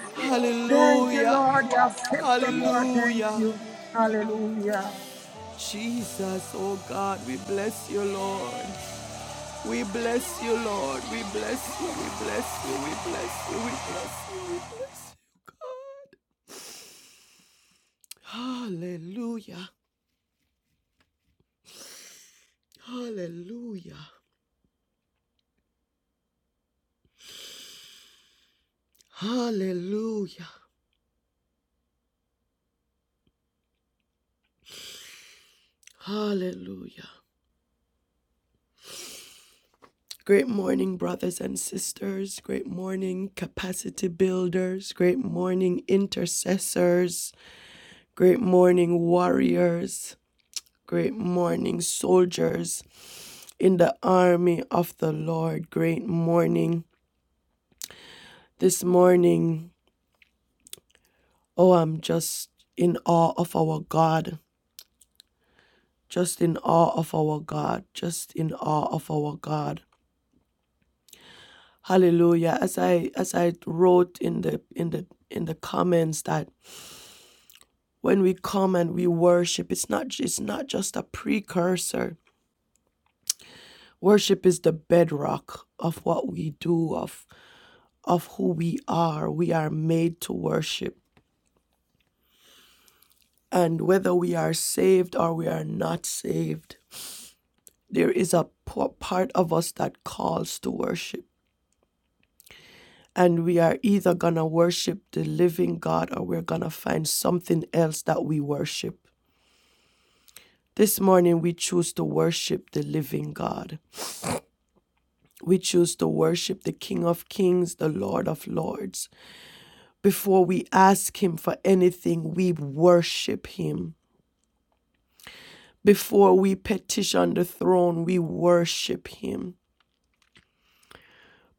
Speaker 9: Thank you,
Speaker 1: Hallelujah.
Speaker 9: Lord. You have kept us, Lord. Thank
Speaker 1: Hallelujah.
Speaker 9: you. Hallelujah.
Speaker 1: Jesus, oh God, we bless you, Lord. We bless you, Lord. We bless you, we bless you, we bless you, we bless you, we bless you, God. Hallelujah, hallelujah, hallelujah, hallelujah. Great morning, brothers and sisters. Great morning, capacity builders. Great morning, intercessors. Great morning, warriors. Great morning, soldiers. in the army of the Lord. Great morning. This morning, oh, I'm just in awe of our God. Just in awe of our God. Just in awe of our God. Hallelujah. As I as I wrote in the in the in the comments that when we come and we worship, it's not it's not just a precursor. Worship is the bedrock of what we do, of of who we are. We are made to worship. And whether we are saved or we are not saved, there is a part of us that calls to worship. And we are either going to worship the living God or we're going to find something else that we worship. This morning, we choose to worship the living God. We choose to worship the King of Kings, the Lord of Lords. Before we ask Him for anything, we worship Him. Before we petition the throne, we worship Him.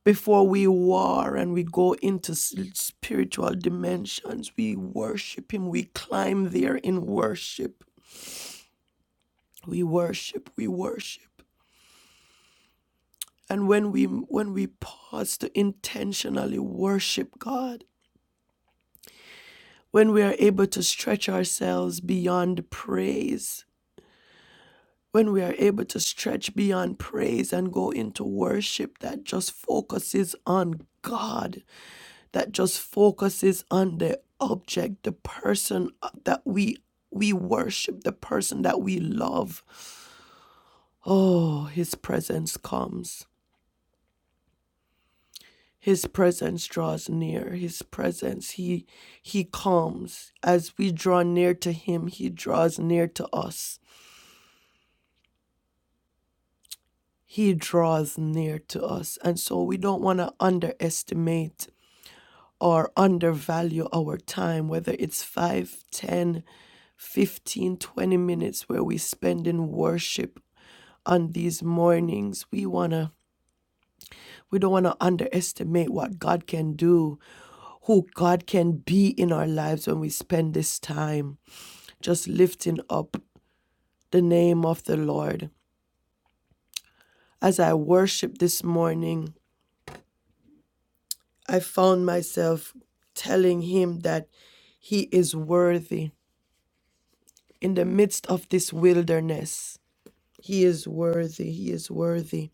Speaker 1: before we war and we go into spiritual dimensions. We worship Him. We climb there in worship. We worship. We worship. And when we when we pause to intentionally worship God, when we are able to stretch ourselves beyond praise, when we are able to stretch beyond praise and go into worship that just focuses on God, that just focuses on the object, the person uh, that we we worship, the person that we love. Oh, his presence comes. His presence draws near. His presence he he comes. As we draw near to him, he draws near to us. He draws near to us. And so we don't want to underestimate or undervalue our time, whether it's 5, 10, 15, twenty minutes where we spend in worship on these mornings. We wanna we don't wanna underestimate what God can do, who God can be in our lives when we spend this time just lifting up the name of the Lord. As I worship this morning, I found myself telling him that he is worthy in the midst of this wilderness. He is worthy. He is worthy.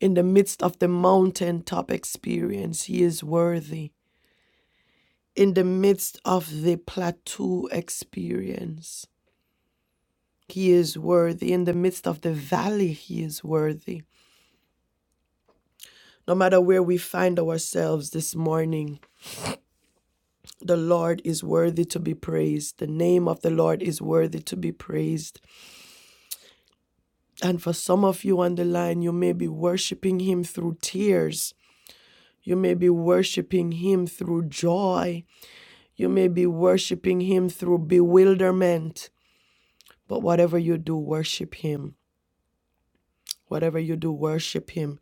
Speaker 1: In the midst of the mountaintop experience, He is worthy. In the midst of the plateau experience, He is worthy. In the midst of the valley, He is worthy. No matter where we find ourselves this morning, the Lord is worthy to be praised. The name of the Lord is worthy to be praised. And for some of you on the line, you may be worshiping Him through tears You may be worshiping Him through joy. You may be worshiping Him through bewilderment. But whatever you do, worship Him. Whatever you do, worship Him.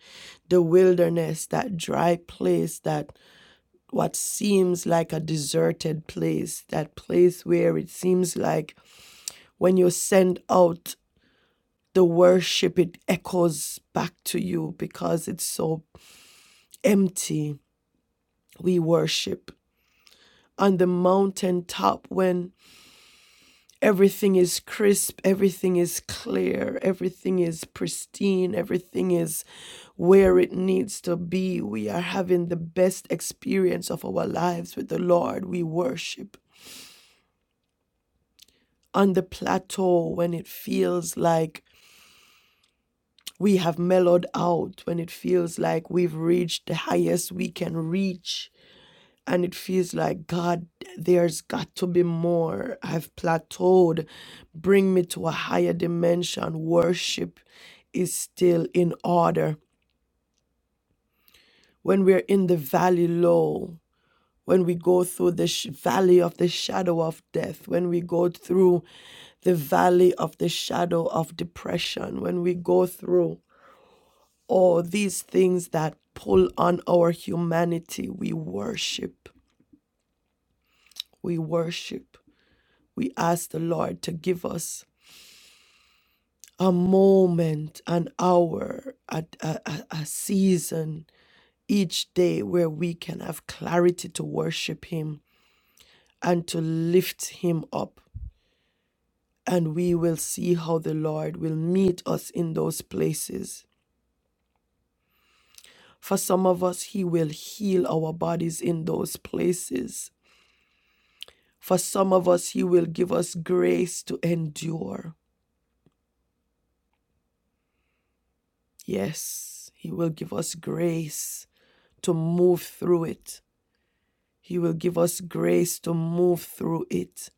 Speaker 1: The wilderness, that dry place, that what seems like a deserted place, that place where it seems like when you send out the worship, it echoes back to you because it's so empty. We worship on the mountaintop when everything is crisp, everything is clear, everything is pristine, everything is where it needs to be. We are having the best experience of our lives with the Lord. We worship on the plateau when it feels like we have mellowed out, when it feels like we've reached the highest we can reach and it feels like god there's got to be more i've plateaued bring me to a higher dimension worship is still in order when we're in the valley low when we go through the sh- valley of the shadow of death when we go through the valley of the shadow of depression when we go through all these things that pull on our humanity we worship we worship we ask the Lord to give us a moment, an hour, a, a, a a season each day where we can have clarity to worship Him and to lift Him up. And we will see how the Lord will meet us in those places. For some of us, He will heal our bodies in those places. For some of us, He will give us grace to endure. Yes, He will give us grace to move through it. He will give us grace to move through it.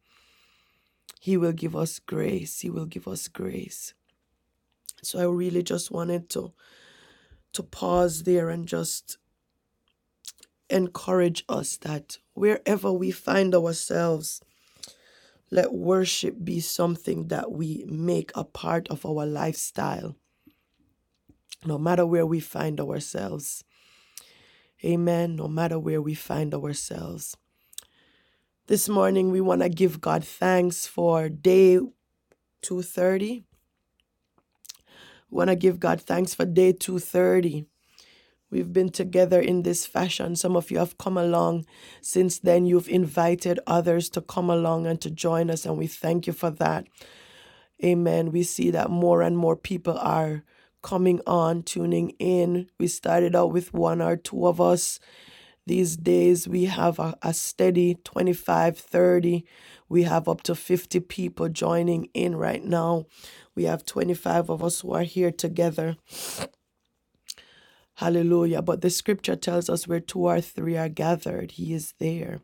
Speaker 1: He will give us grace. He will give us grace. So I really just wanted to to pause there and just encourage us that wherever we find ourselves, let worship be something that we make a part of our lifestyle, no matter where we find ourselves. Amen. No matter where we find ourselves. This morning, we want to give God thanks for day 230. Want to give God thanks for day 230. We've been together in this fashion. Some of you have come along. Since then, you've invited others to come along and to join us, and we thank you for that. Amen. We see that more and more people are coming on, tuning in. We started out with one or two of us These days we have a, a steady 25, 30. We have up to 50 people joining in right now. We have 25 of us who are here together. Hallelujah. But the scripture tells us where two or three are gathered, he is there.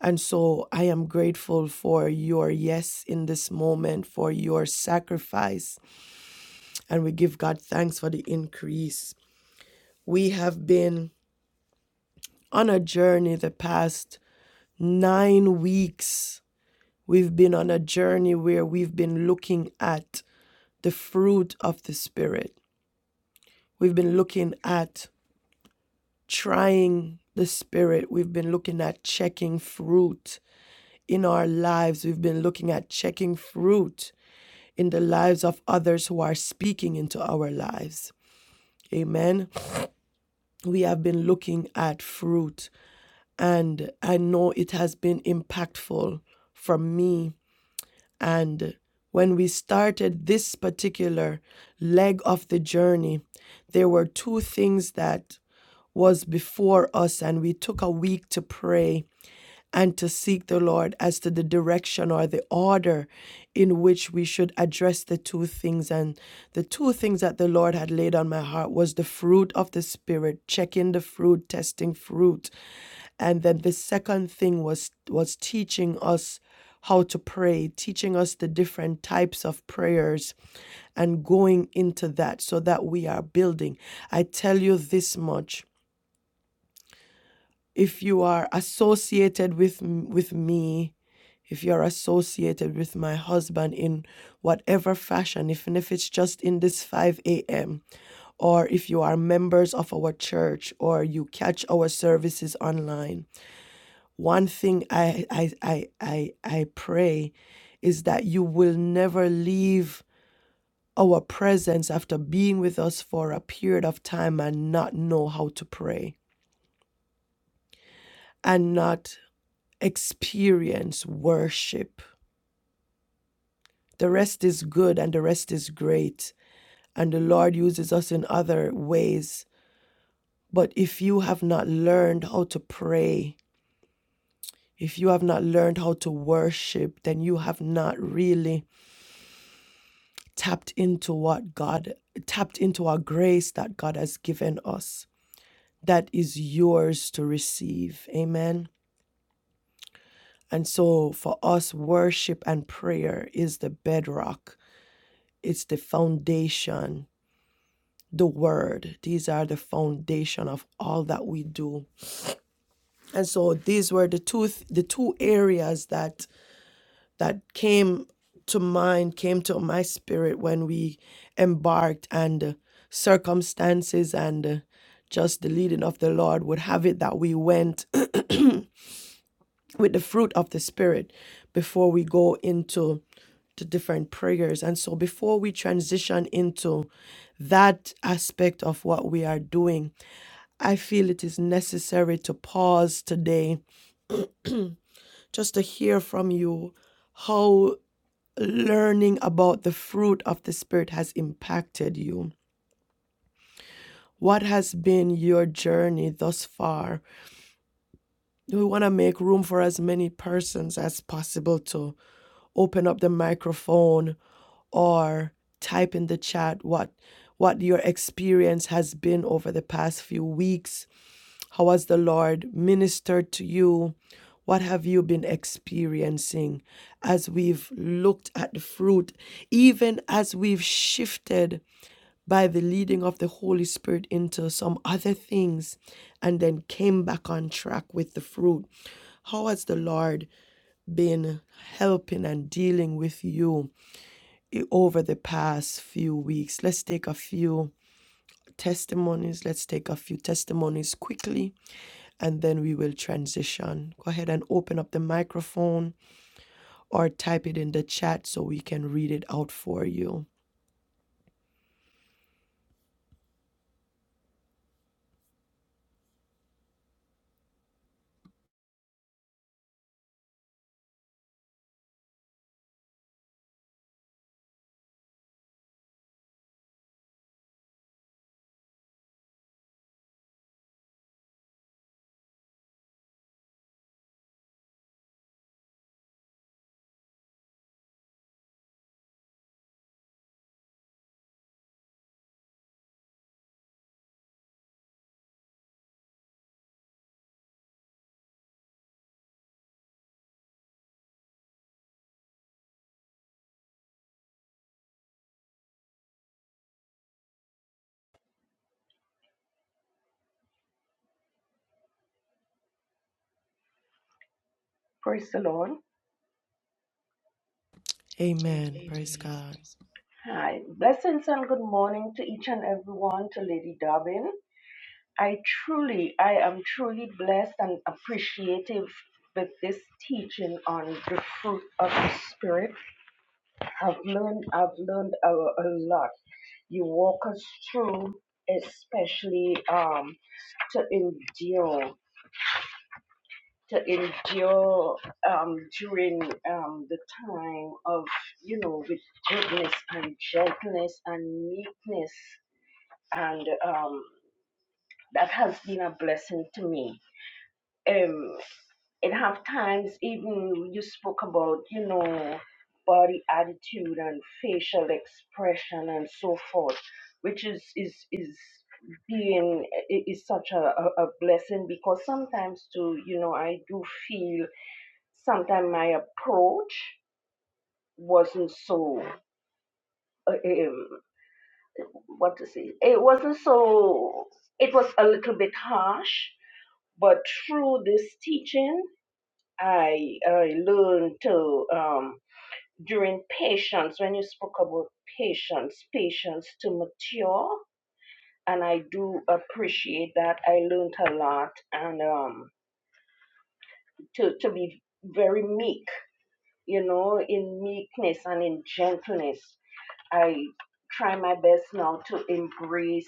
Speaker 1: And so I am grateful for your yes in this moment, for your sacrifice. And we give God thanks for the increase. We have been on a journey the past nine weeks We've been on a journey where we've been looking at the fruit of the Spirit. We've been looking at trying the Spirit. We've been looking at checking fruit in our lives. We've been looking at checking fruit in the lives of others who are speaking into our lives. Amen. We have been looking at fruit, and I know it has been impactful for me And when we started this particular leg of the journey, there were two things that was before us and we took a week to pray and to seek the Lord as to the direction or the order in which we should address the two things. And the two things that the Lord had laid on my heart was the fruit of the Spirit, checking the fruit, testing fruit. And then the second thing was was teaching us how to pray, teaching us the different types of prayers and going into that so that we are building. I tell you this much if you are associated with with me if you're associated with my husband in whatever fashion even if it's just in this 5 a.m or if you are members of our church or you catch our services online one thing i i i i, I pray is that you will never leave our presence after being with us for a period of time and not know how to pray and not experience worship. The rest is good and the rest is great, and the Lord uses us in other ways. But if you have not learned how to pray, if you have not learned how to worship, then you have not really tapped into what God tapped into our grace that God has given us. That is yours to receive. Amen. And so for us, worship and prayer is the bedrock, it's the foundation the word these are the foundation of all that we do and so these were the two th- the two areas that that came to mind came to my spirit when we embarked and uh, circumstances and uh, just the leading of the lord would have it that we went [clears throat] with the fruit of the spirit before we go into to different prayers. And so before we transition into that aspect of what we are doing, I feel it is necessary to pause today just to hear from you how learning about the fruit of the Spirit has impacted you. What has been your journey thus far? We want to make room for as many persons as possible to open up the microphone or type in the chat what what your experience has been over the past few weeks How has the Lord ministered to you? What have you been experiencing as we've looked at the fruit, even as we've shifted by the leading of the Holy Spirit into some other things and then came back on track with the fruit? How has the Lord been helping and dealing with you over the past few weeks? Let's take a few testimonies. Let's take a few testimonies quickly and then we will transition. Go ahead and open up the microphone or type it in the chat so we can read it out for you.
Speaker 10: Praise the Lord. Amen.
Speaker 1: Amen. Amen. Praise God.
Speaker 10: Hi. Blessings and good morning to each and everyone, to Lady Dobbin. I truly, I am truly blessed and appreciative with this teaching on the fruit of the Spirit. I've learned, I've learned a, a lot. You walk us through, especially um, to endure. to endure um, during um, the time of, you know, with goodness and gentleness and meekness. And um, that has been a blessing to me. Um, and have times, even you spoke about, you know, body attitude and facial expression and so forth, which is, is, is being i- is such a, a, a blessing because sometimes too, you know, I do feel sometimes my approach wasn't so uh, um, what to say it wasn't so it was a little bit harsh but through this teaching i i learned to um during patience when you spoke about patience patience to mature and i do appreciate that i learned a lot and um to to be very meek you know in meekness and in gentleness I try my best now to embrace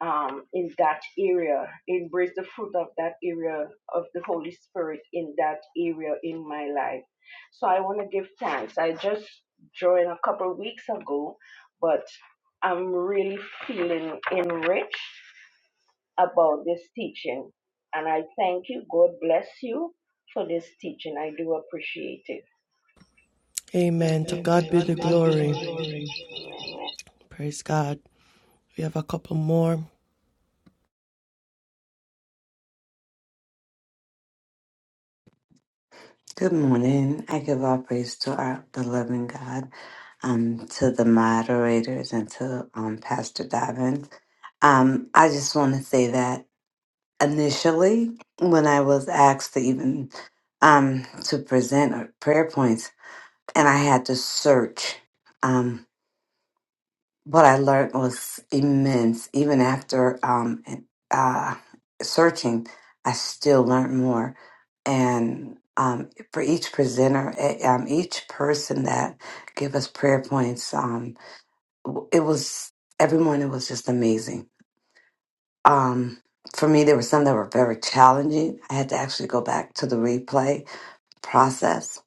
Speaker 10: um, in that area, embrace the fruit of that area of the Holy Spirit in that area in my life. So I want to give thanks. I just joined a couple weeks ago, but I'm really feeling enriched about this teaching. And I thank you. God bless you for this teaching. I do appreciate it.
Speaker 1: Amen. To
Speaker 10: Amen. To
Speaker 1: God be
Speaker 10: God
Speaker 1: the
Speaker 10: be the
Speaker 1: glory.
Speaker 10: glory.
Speaker 1: Praise God. We have a couple more.
Speaker 11: Good morning. I give all praise to our beloved God, um, to the moderators, and to um, Pastor Davin. Um, I just want to say that initially, when I was asked to even um, to present uh, prayer points, and I had to search. um, what I learned was immense. Even after um, uh, searching, I still learned more. And um, for each presenter, eh, um, each person that gave us prayer points, um, w- it was everyone. It was just amazing. Um, for me, there were some that were very challenging. I had to actually go back to the replay process,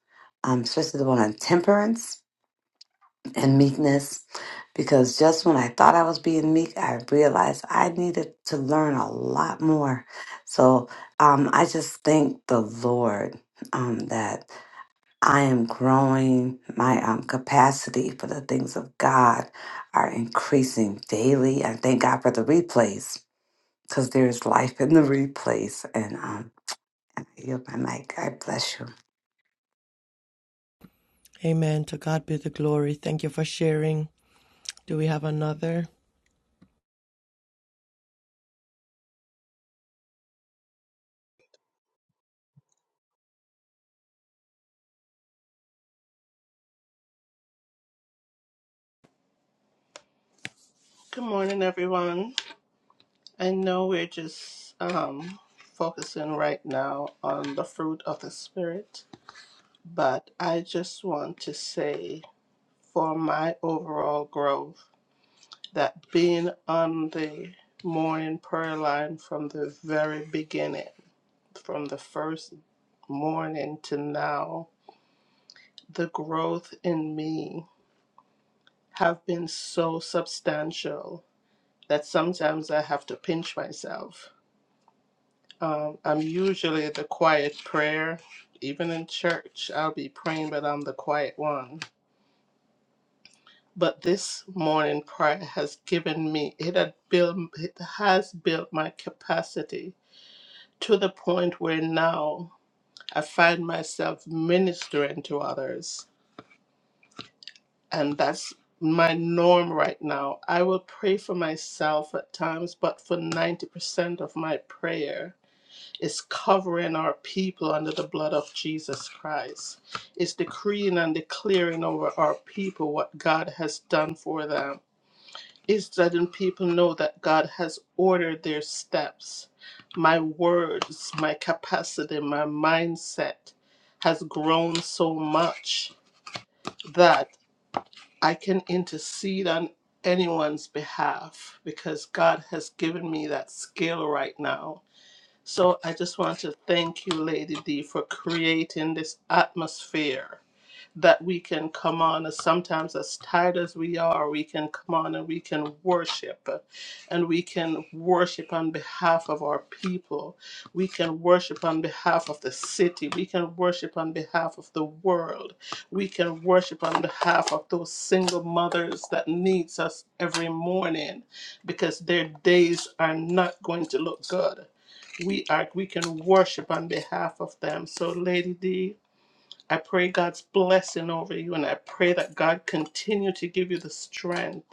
Speaker 11: um, especially the one on temperance and meekness because just when I thought I was being meek, I realized I needed to learn a lot more. So um, I just thank the Lord um, that I am growing. My um, capacity for the things of God are increasing daily. I thank God for the replays because there is life in the replays. And um, and I yield my mic. I bless you.
Speaker 1: Amen. To God be the glory. Thank you for sharing. Do we have another?
Speaker 4: Good morning, everyone. I know we're just um, focusing right now on the fruit of the Spirit, but I just want to say for my overall growth that being on the morning prayer line from the very beginning, from the first morning to now, the growth in me have been so substantial that sometimes I have to pinch myself. Um, I'm usually the quiet prayer, even in church. I'll be praying, but I'm the quiet one. But this morning prayer has given me it had built it has built my capacity to the point where now I find myself ministering to others and that's my norm right now. I will pray for myself at times, but for 90% of my prayer is covering our people under the blood of Jesus Christ. It's decreeing and declaring over our people what God has done for them. It's letting people know that God has ordered their steps. My words, my capacity, my mindset has grown so much that. I can intercede on anyone's behalf because God has given me that skill right now. So I just want to thank you, Lady D, for creating this atmosphere that we can come on as sometimes as tired as we are we can come on and we can worship uh, and we can worship on behalf of our people we can worship on behalf of the city we can worship on behalf of the world we can worship on behalf of those single mothers that needs us every morning because their days are not going to look good we are we can worship on behalf of them so lady d I pray God's blessing over you, and I pray that God continue to give you the strength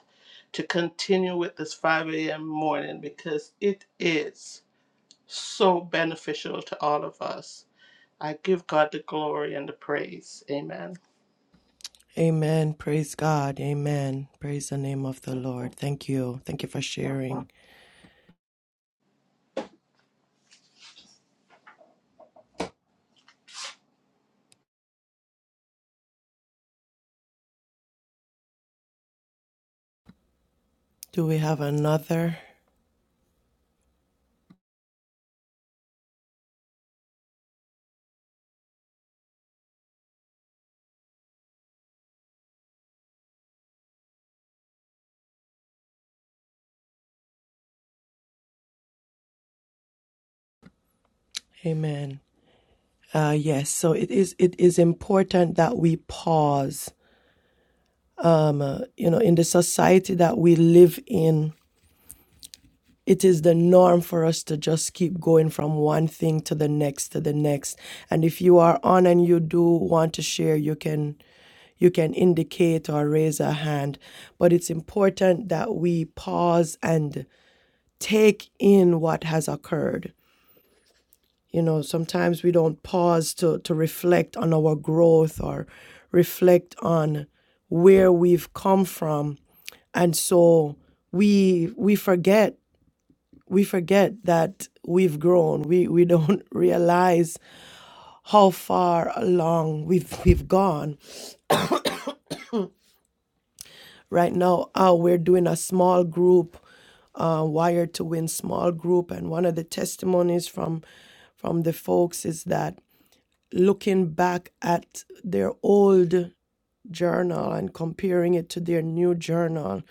Speaker 4: to continue with this 5 a.m. morning because it is so beneficial to all of us. I give God the glory and the praise. Amen.
Speaker 1: Amen. Praise God. Amen. Praise the name of the Lord. Thank you. Thank you for sharing. Do we have another? Amen. Uh, yes, so it is. It is important that we pause. Um, uh, you know, in the society that we live in, it is the norm for us to just keep going from one thing to the next to the next. And if you are on and you do want to share, you can you can indicate or raise a hand. But it's important that we pause and take in what has occurred you know sometimes we don't pause to to reflect on our growth or reflect on where we've come from and so we we forget we forget that we've grown we we don't [laughs] realize how far along we've we've gone right now uh, we're doing a small group uh, wired to win small group and one of the testimonies from from the folks is that looking back at their old journal and comparing it to their new journal,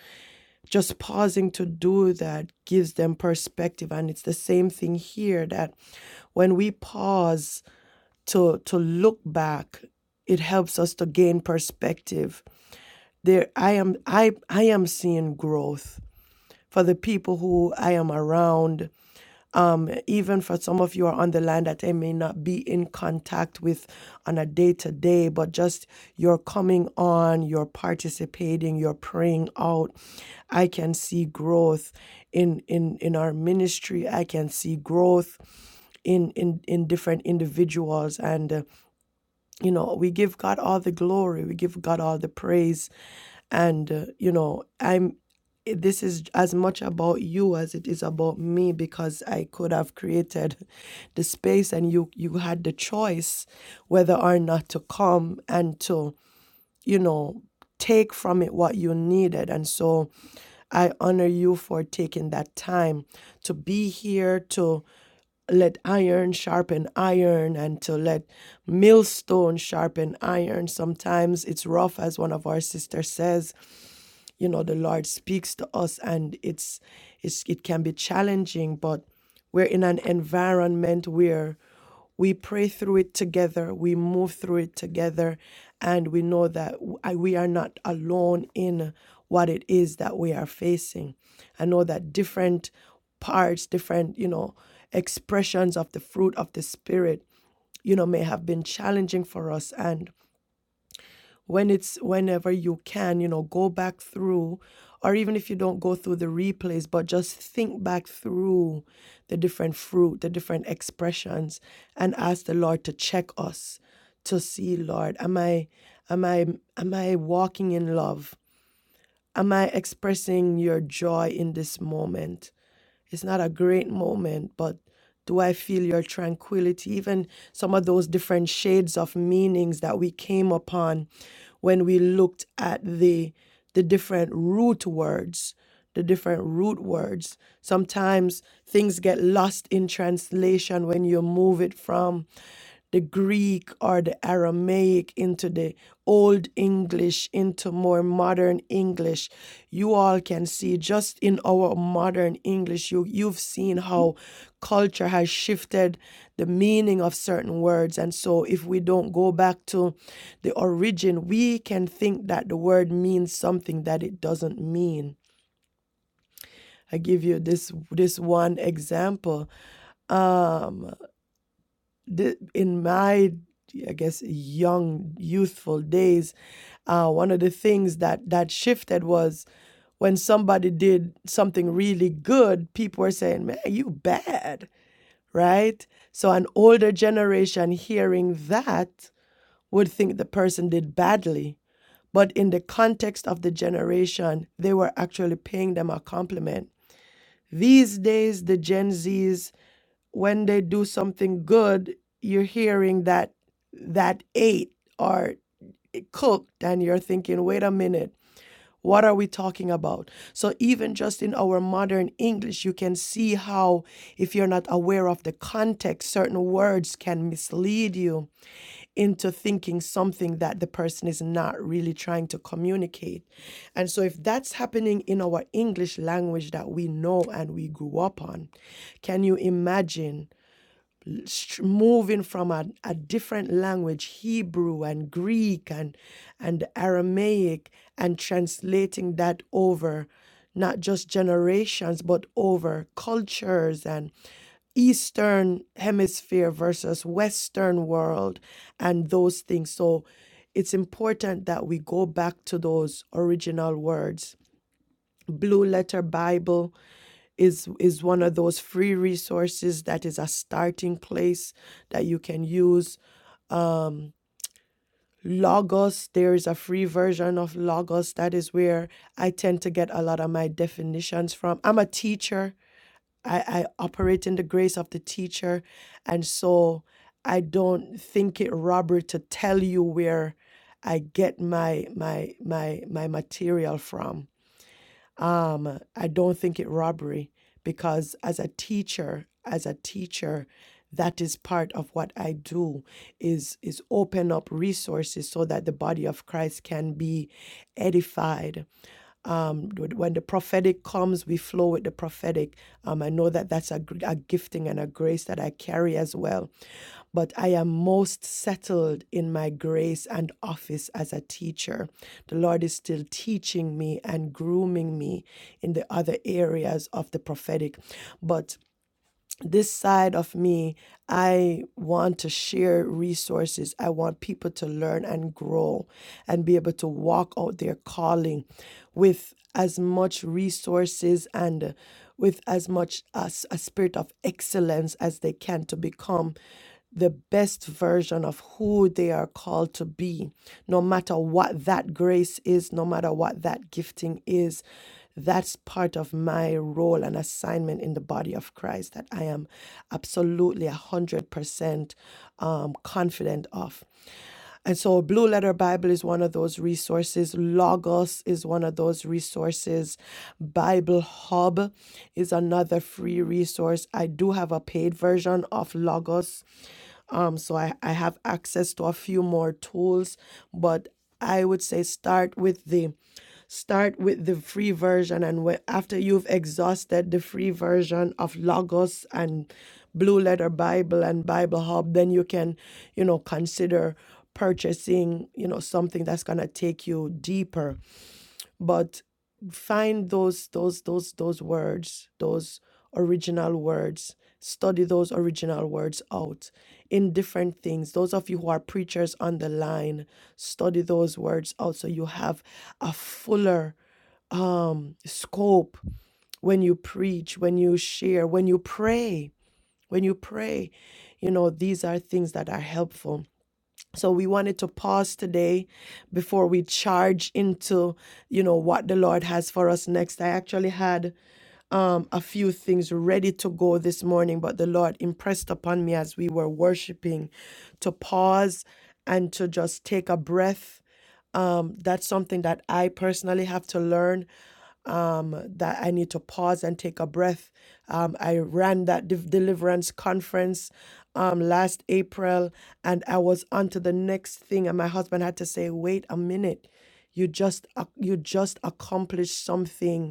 Speaker 1: just pausing to do that gives them perspective. And it's the same thing here that when we pause to, to look back, it helps us to gain perspective. There I am I I am seeing growth for the people who I am around even for some of you are on the line that I may not be in contact with on a day to day, but just you're coming on, you're participating, you're praying out. I can see growth in in in our ministry. I can see growth in in in different individuals and. uh, you know we give god all the glory we give god all the praise and uh, you know i'm this is as much about you as it is about me because i could have created [laughs] the space and you you had the choice whether or not to come and to you know take from it what you needed and so i honor you for taking that time to be here to let iron sharpen iron and to let millstone sharpen iron. Sometimes it's rough, as one of our sisters says, you know the lord speaks to us and it's, it's it can be challenging but we're in an environment where we pray through it together we move through it together and we know that w- I- we are not alone in what it is that we are facing i know that different parts different you know expressions of the fruit of the spirit you know may have been challenging for us and when it's whenever you can, you know, go back through, or even if you don't go through the replays, but just think back through the different fruit, the different expressions, and ask the Lord to check us to see, Lord, am I am I am I walking in love? Am I expressing your joy in this moment? It's not a great moment, but do I feel your tranquility? Even some of those different shades of meanings that we came upon when we looked at the the different root words, the different root words. Sometimes things get lost in translation when you move it from the Greek or the Aramaic into the Old English into more modern English. You all can see just in our modern English, you, you've seen how culture has shifted the meaning of certain words. And so, if we don't go back to the origin, we can think that the word means something that it doesn't mean. I give you this this one example. Um, the, in my i guess young youthful days uh, one of the things that that shifted was when somebody did something really good people were saying man you bad right so an older generation hearing that would think the person did badly but in the context of the generation they were actually paying them a compliment these days the gen z's when they do something good, you're hearing that that ate or cooked, and you're thinking, wait a minute, what are we talking about? So, even just in our modern English, you can see how, if you're not aware of the context, certain words can mislead you into thinking something that the person is not really trying to communicate. And so, if that's happening in our English language that we know and we grew up on, can you imagine? str- moving from a, a different language, Hebrew and Greek and and Aramaic, and translating that over not just generations but over cultures and Eastern hemisphere versus Western world and those things. So it's important that we go back to those original words. Blue letter Bible, is is one of those free resources that is a starting place that you can use logos there is a free version of logos that is where i tend to get a lot of my definitions from i'm a teacher i, I operate in the grace of the teacher and so i don't think it robbery to tell you where i get my my my my material from I don't think it robbery because as a teacher, as a teacher, that is part of what I do is is open up resources so that the body of Christ can be edified um, when the prophetic comes, we flow with the prophetic. Um, I know that that's a, a gifting and a grace that I carry as well. But I am most settled in my grace and office as a teacher. The Lord is still teaching me and grooming me in the other areas of the prophetic. But this side of me, I want to share resources. I want people to learn and grow and be able to walk out their calling with as much resources and uh, with as much as a spirit of excellence as they can to become the best version of who they are called to be, no matter what that grace is, no matter what that gifting is. That's part of my role and assignment in the body of Christ that I am absolutely 100% um, confident of. And so, Blue Letter Bible is one of those resources. Logos is one of those resources. Bible Hub is another free resource. I do have a paid version of Logos. Um, so, I, I have access to a few more tools, but I would say start with the Start with the free version, and wh- after you've exhausted the free version of Logos and Blue Letter Bible and Bible Hub, then you can, you know, consider purchasing, you know, something that's gonna take you deeper but find those those those those words those original words study those original words out in different things those of you who are preachers on the line study those words out so you have a fuller um scope when you preach when you share when you pray when you pray you know these are things that are helpful so we wanted to pause today before we charge into, you know, what the Lord has for us next. I actually had um, a few things ready to go this morning, but the Lord impressed upon me as we were worshiping to pause and to just take a breath um, that's something that I personally have to learn um, that I need to pause and take a breath. Um, I ran that de- deliverance conference um, last April and I was on to the next thing. And my husband had to say, wait a minute. You just, ac- you just accomplished something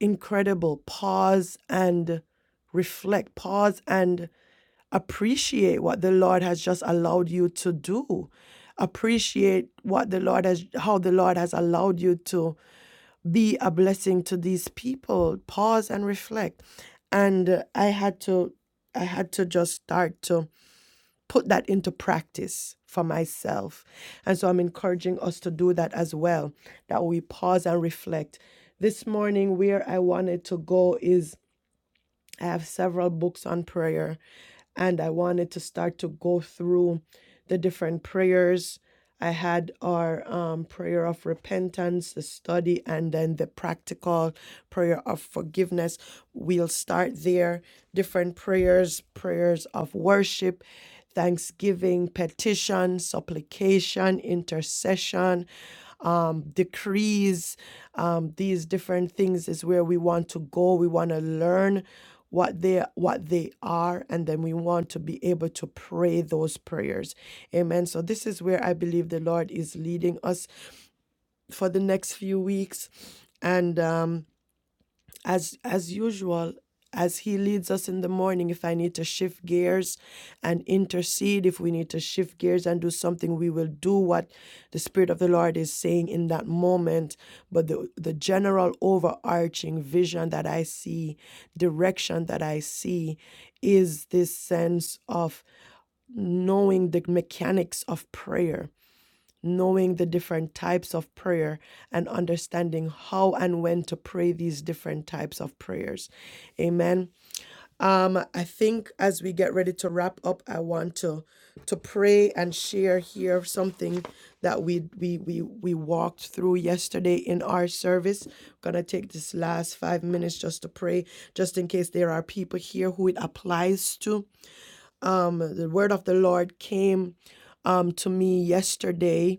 Speaker 1: incredible. Pause and reflect, pause and appreciate what the Lord has just allowed you to do. Appreciate what the Lord has, how the Lord has allowed you to be a blessing to these people pause and reflect and uh, i had to i had to just start to put that into practice for myself and so i'm encouraging us to do that as well that we pause and reflect this morning where i wanted to go is I have several books on prayer, and I wanted to start to go through the different prayers. I had our um, prayer of repentance, the study, and then the practical prayer of forgiveness. We'll start there. Different prayers, prayers of worship, thanksgiving, petition, supplication, intercession, um, decrees, um, these different things is where we want to go. We want to learn what they what they are and then we want to be able to pray those prayers amen so this is where i believe the lord is leading us for the next few weeks and um as as usual as he leads us in the morning if i need to shift gears and intercede if we need to shift gears and do something we will do what the spirit of the lord is saying in that moment but the the general overarching vision that i see direction that i see is this sense of knowing the mechanics of prayer knowing the different types of prayer and understanding how and when to pray these different types of prayers. Amen. I think as we get ready to wrap up, I want to to pray and share here something that we we we we walked through yesterday in our service. I'm gonna take this last five minutes just to pray, just in case there are people here who it applies to. The word of the Lord came um, to me yesterday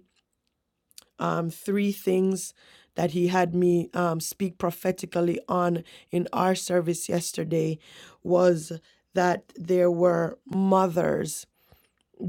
Speaker 1: um, three things that he had me um, speak prophetically on in our service yesterday was that there were mothers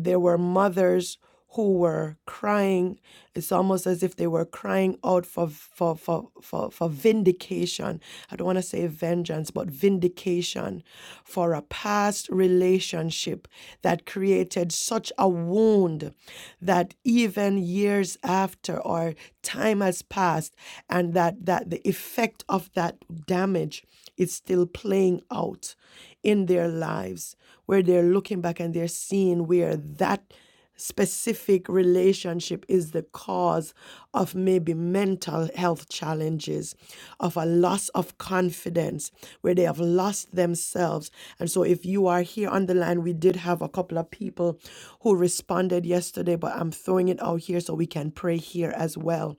Speaker 1: there were mothers who were crying. It's almost as if they were crying out for for for for, for vindication. I don't want to say vengeance, but vindication for a past relationship that created such a wound that even years after or time has passed and that that the effect of that damage it's still playing out in their lives where they're looking back and they're seeing where that specific relationship is the cause of maybe mental health challenges of a loss of confidence where they have lost themselves and so if you are here on the line we did have a couple of people who responded yesterday but I'm throwing it out here so we can pray here as well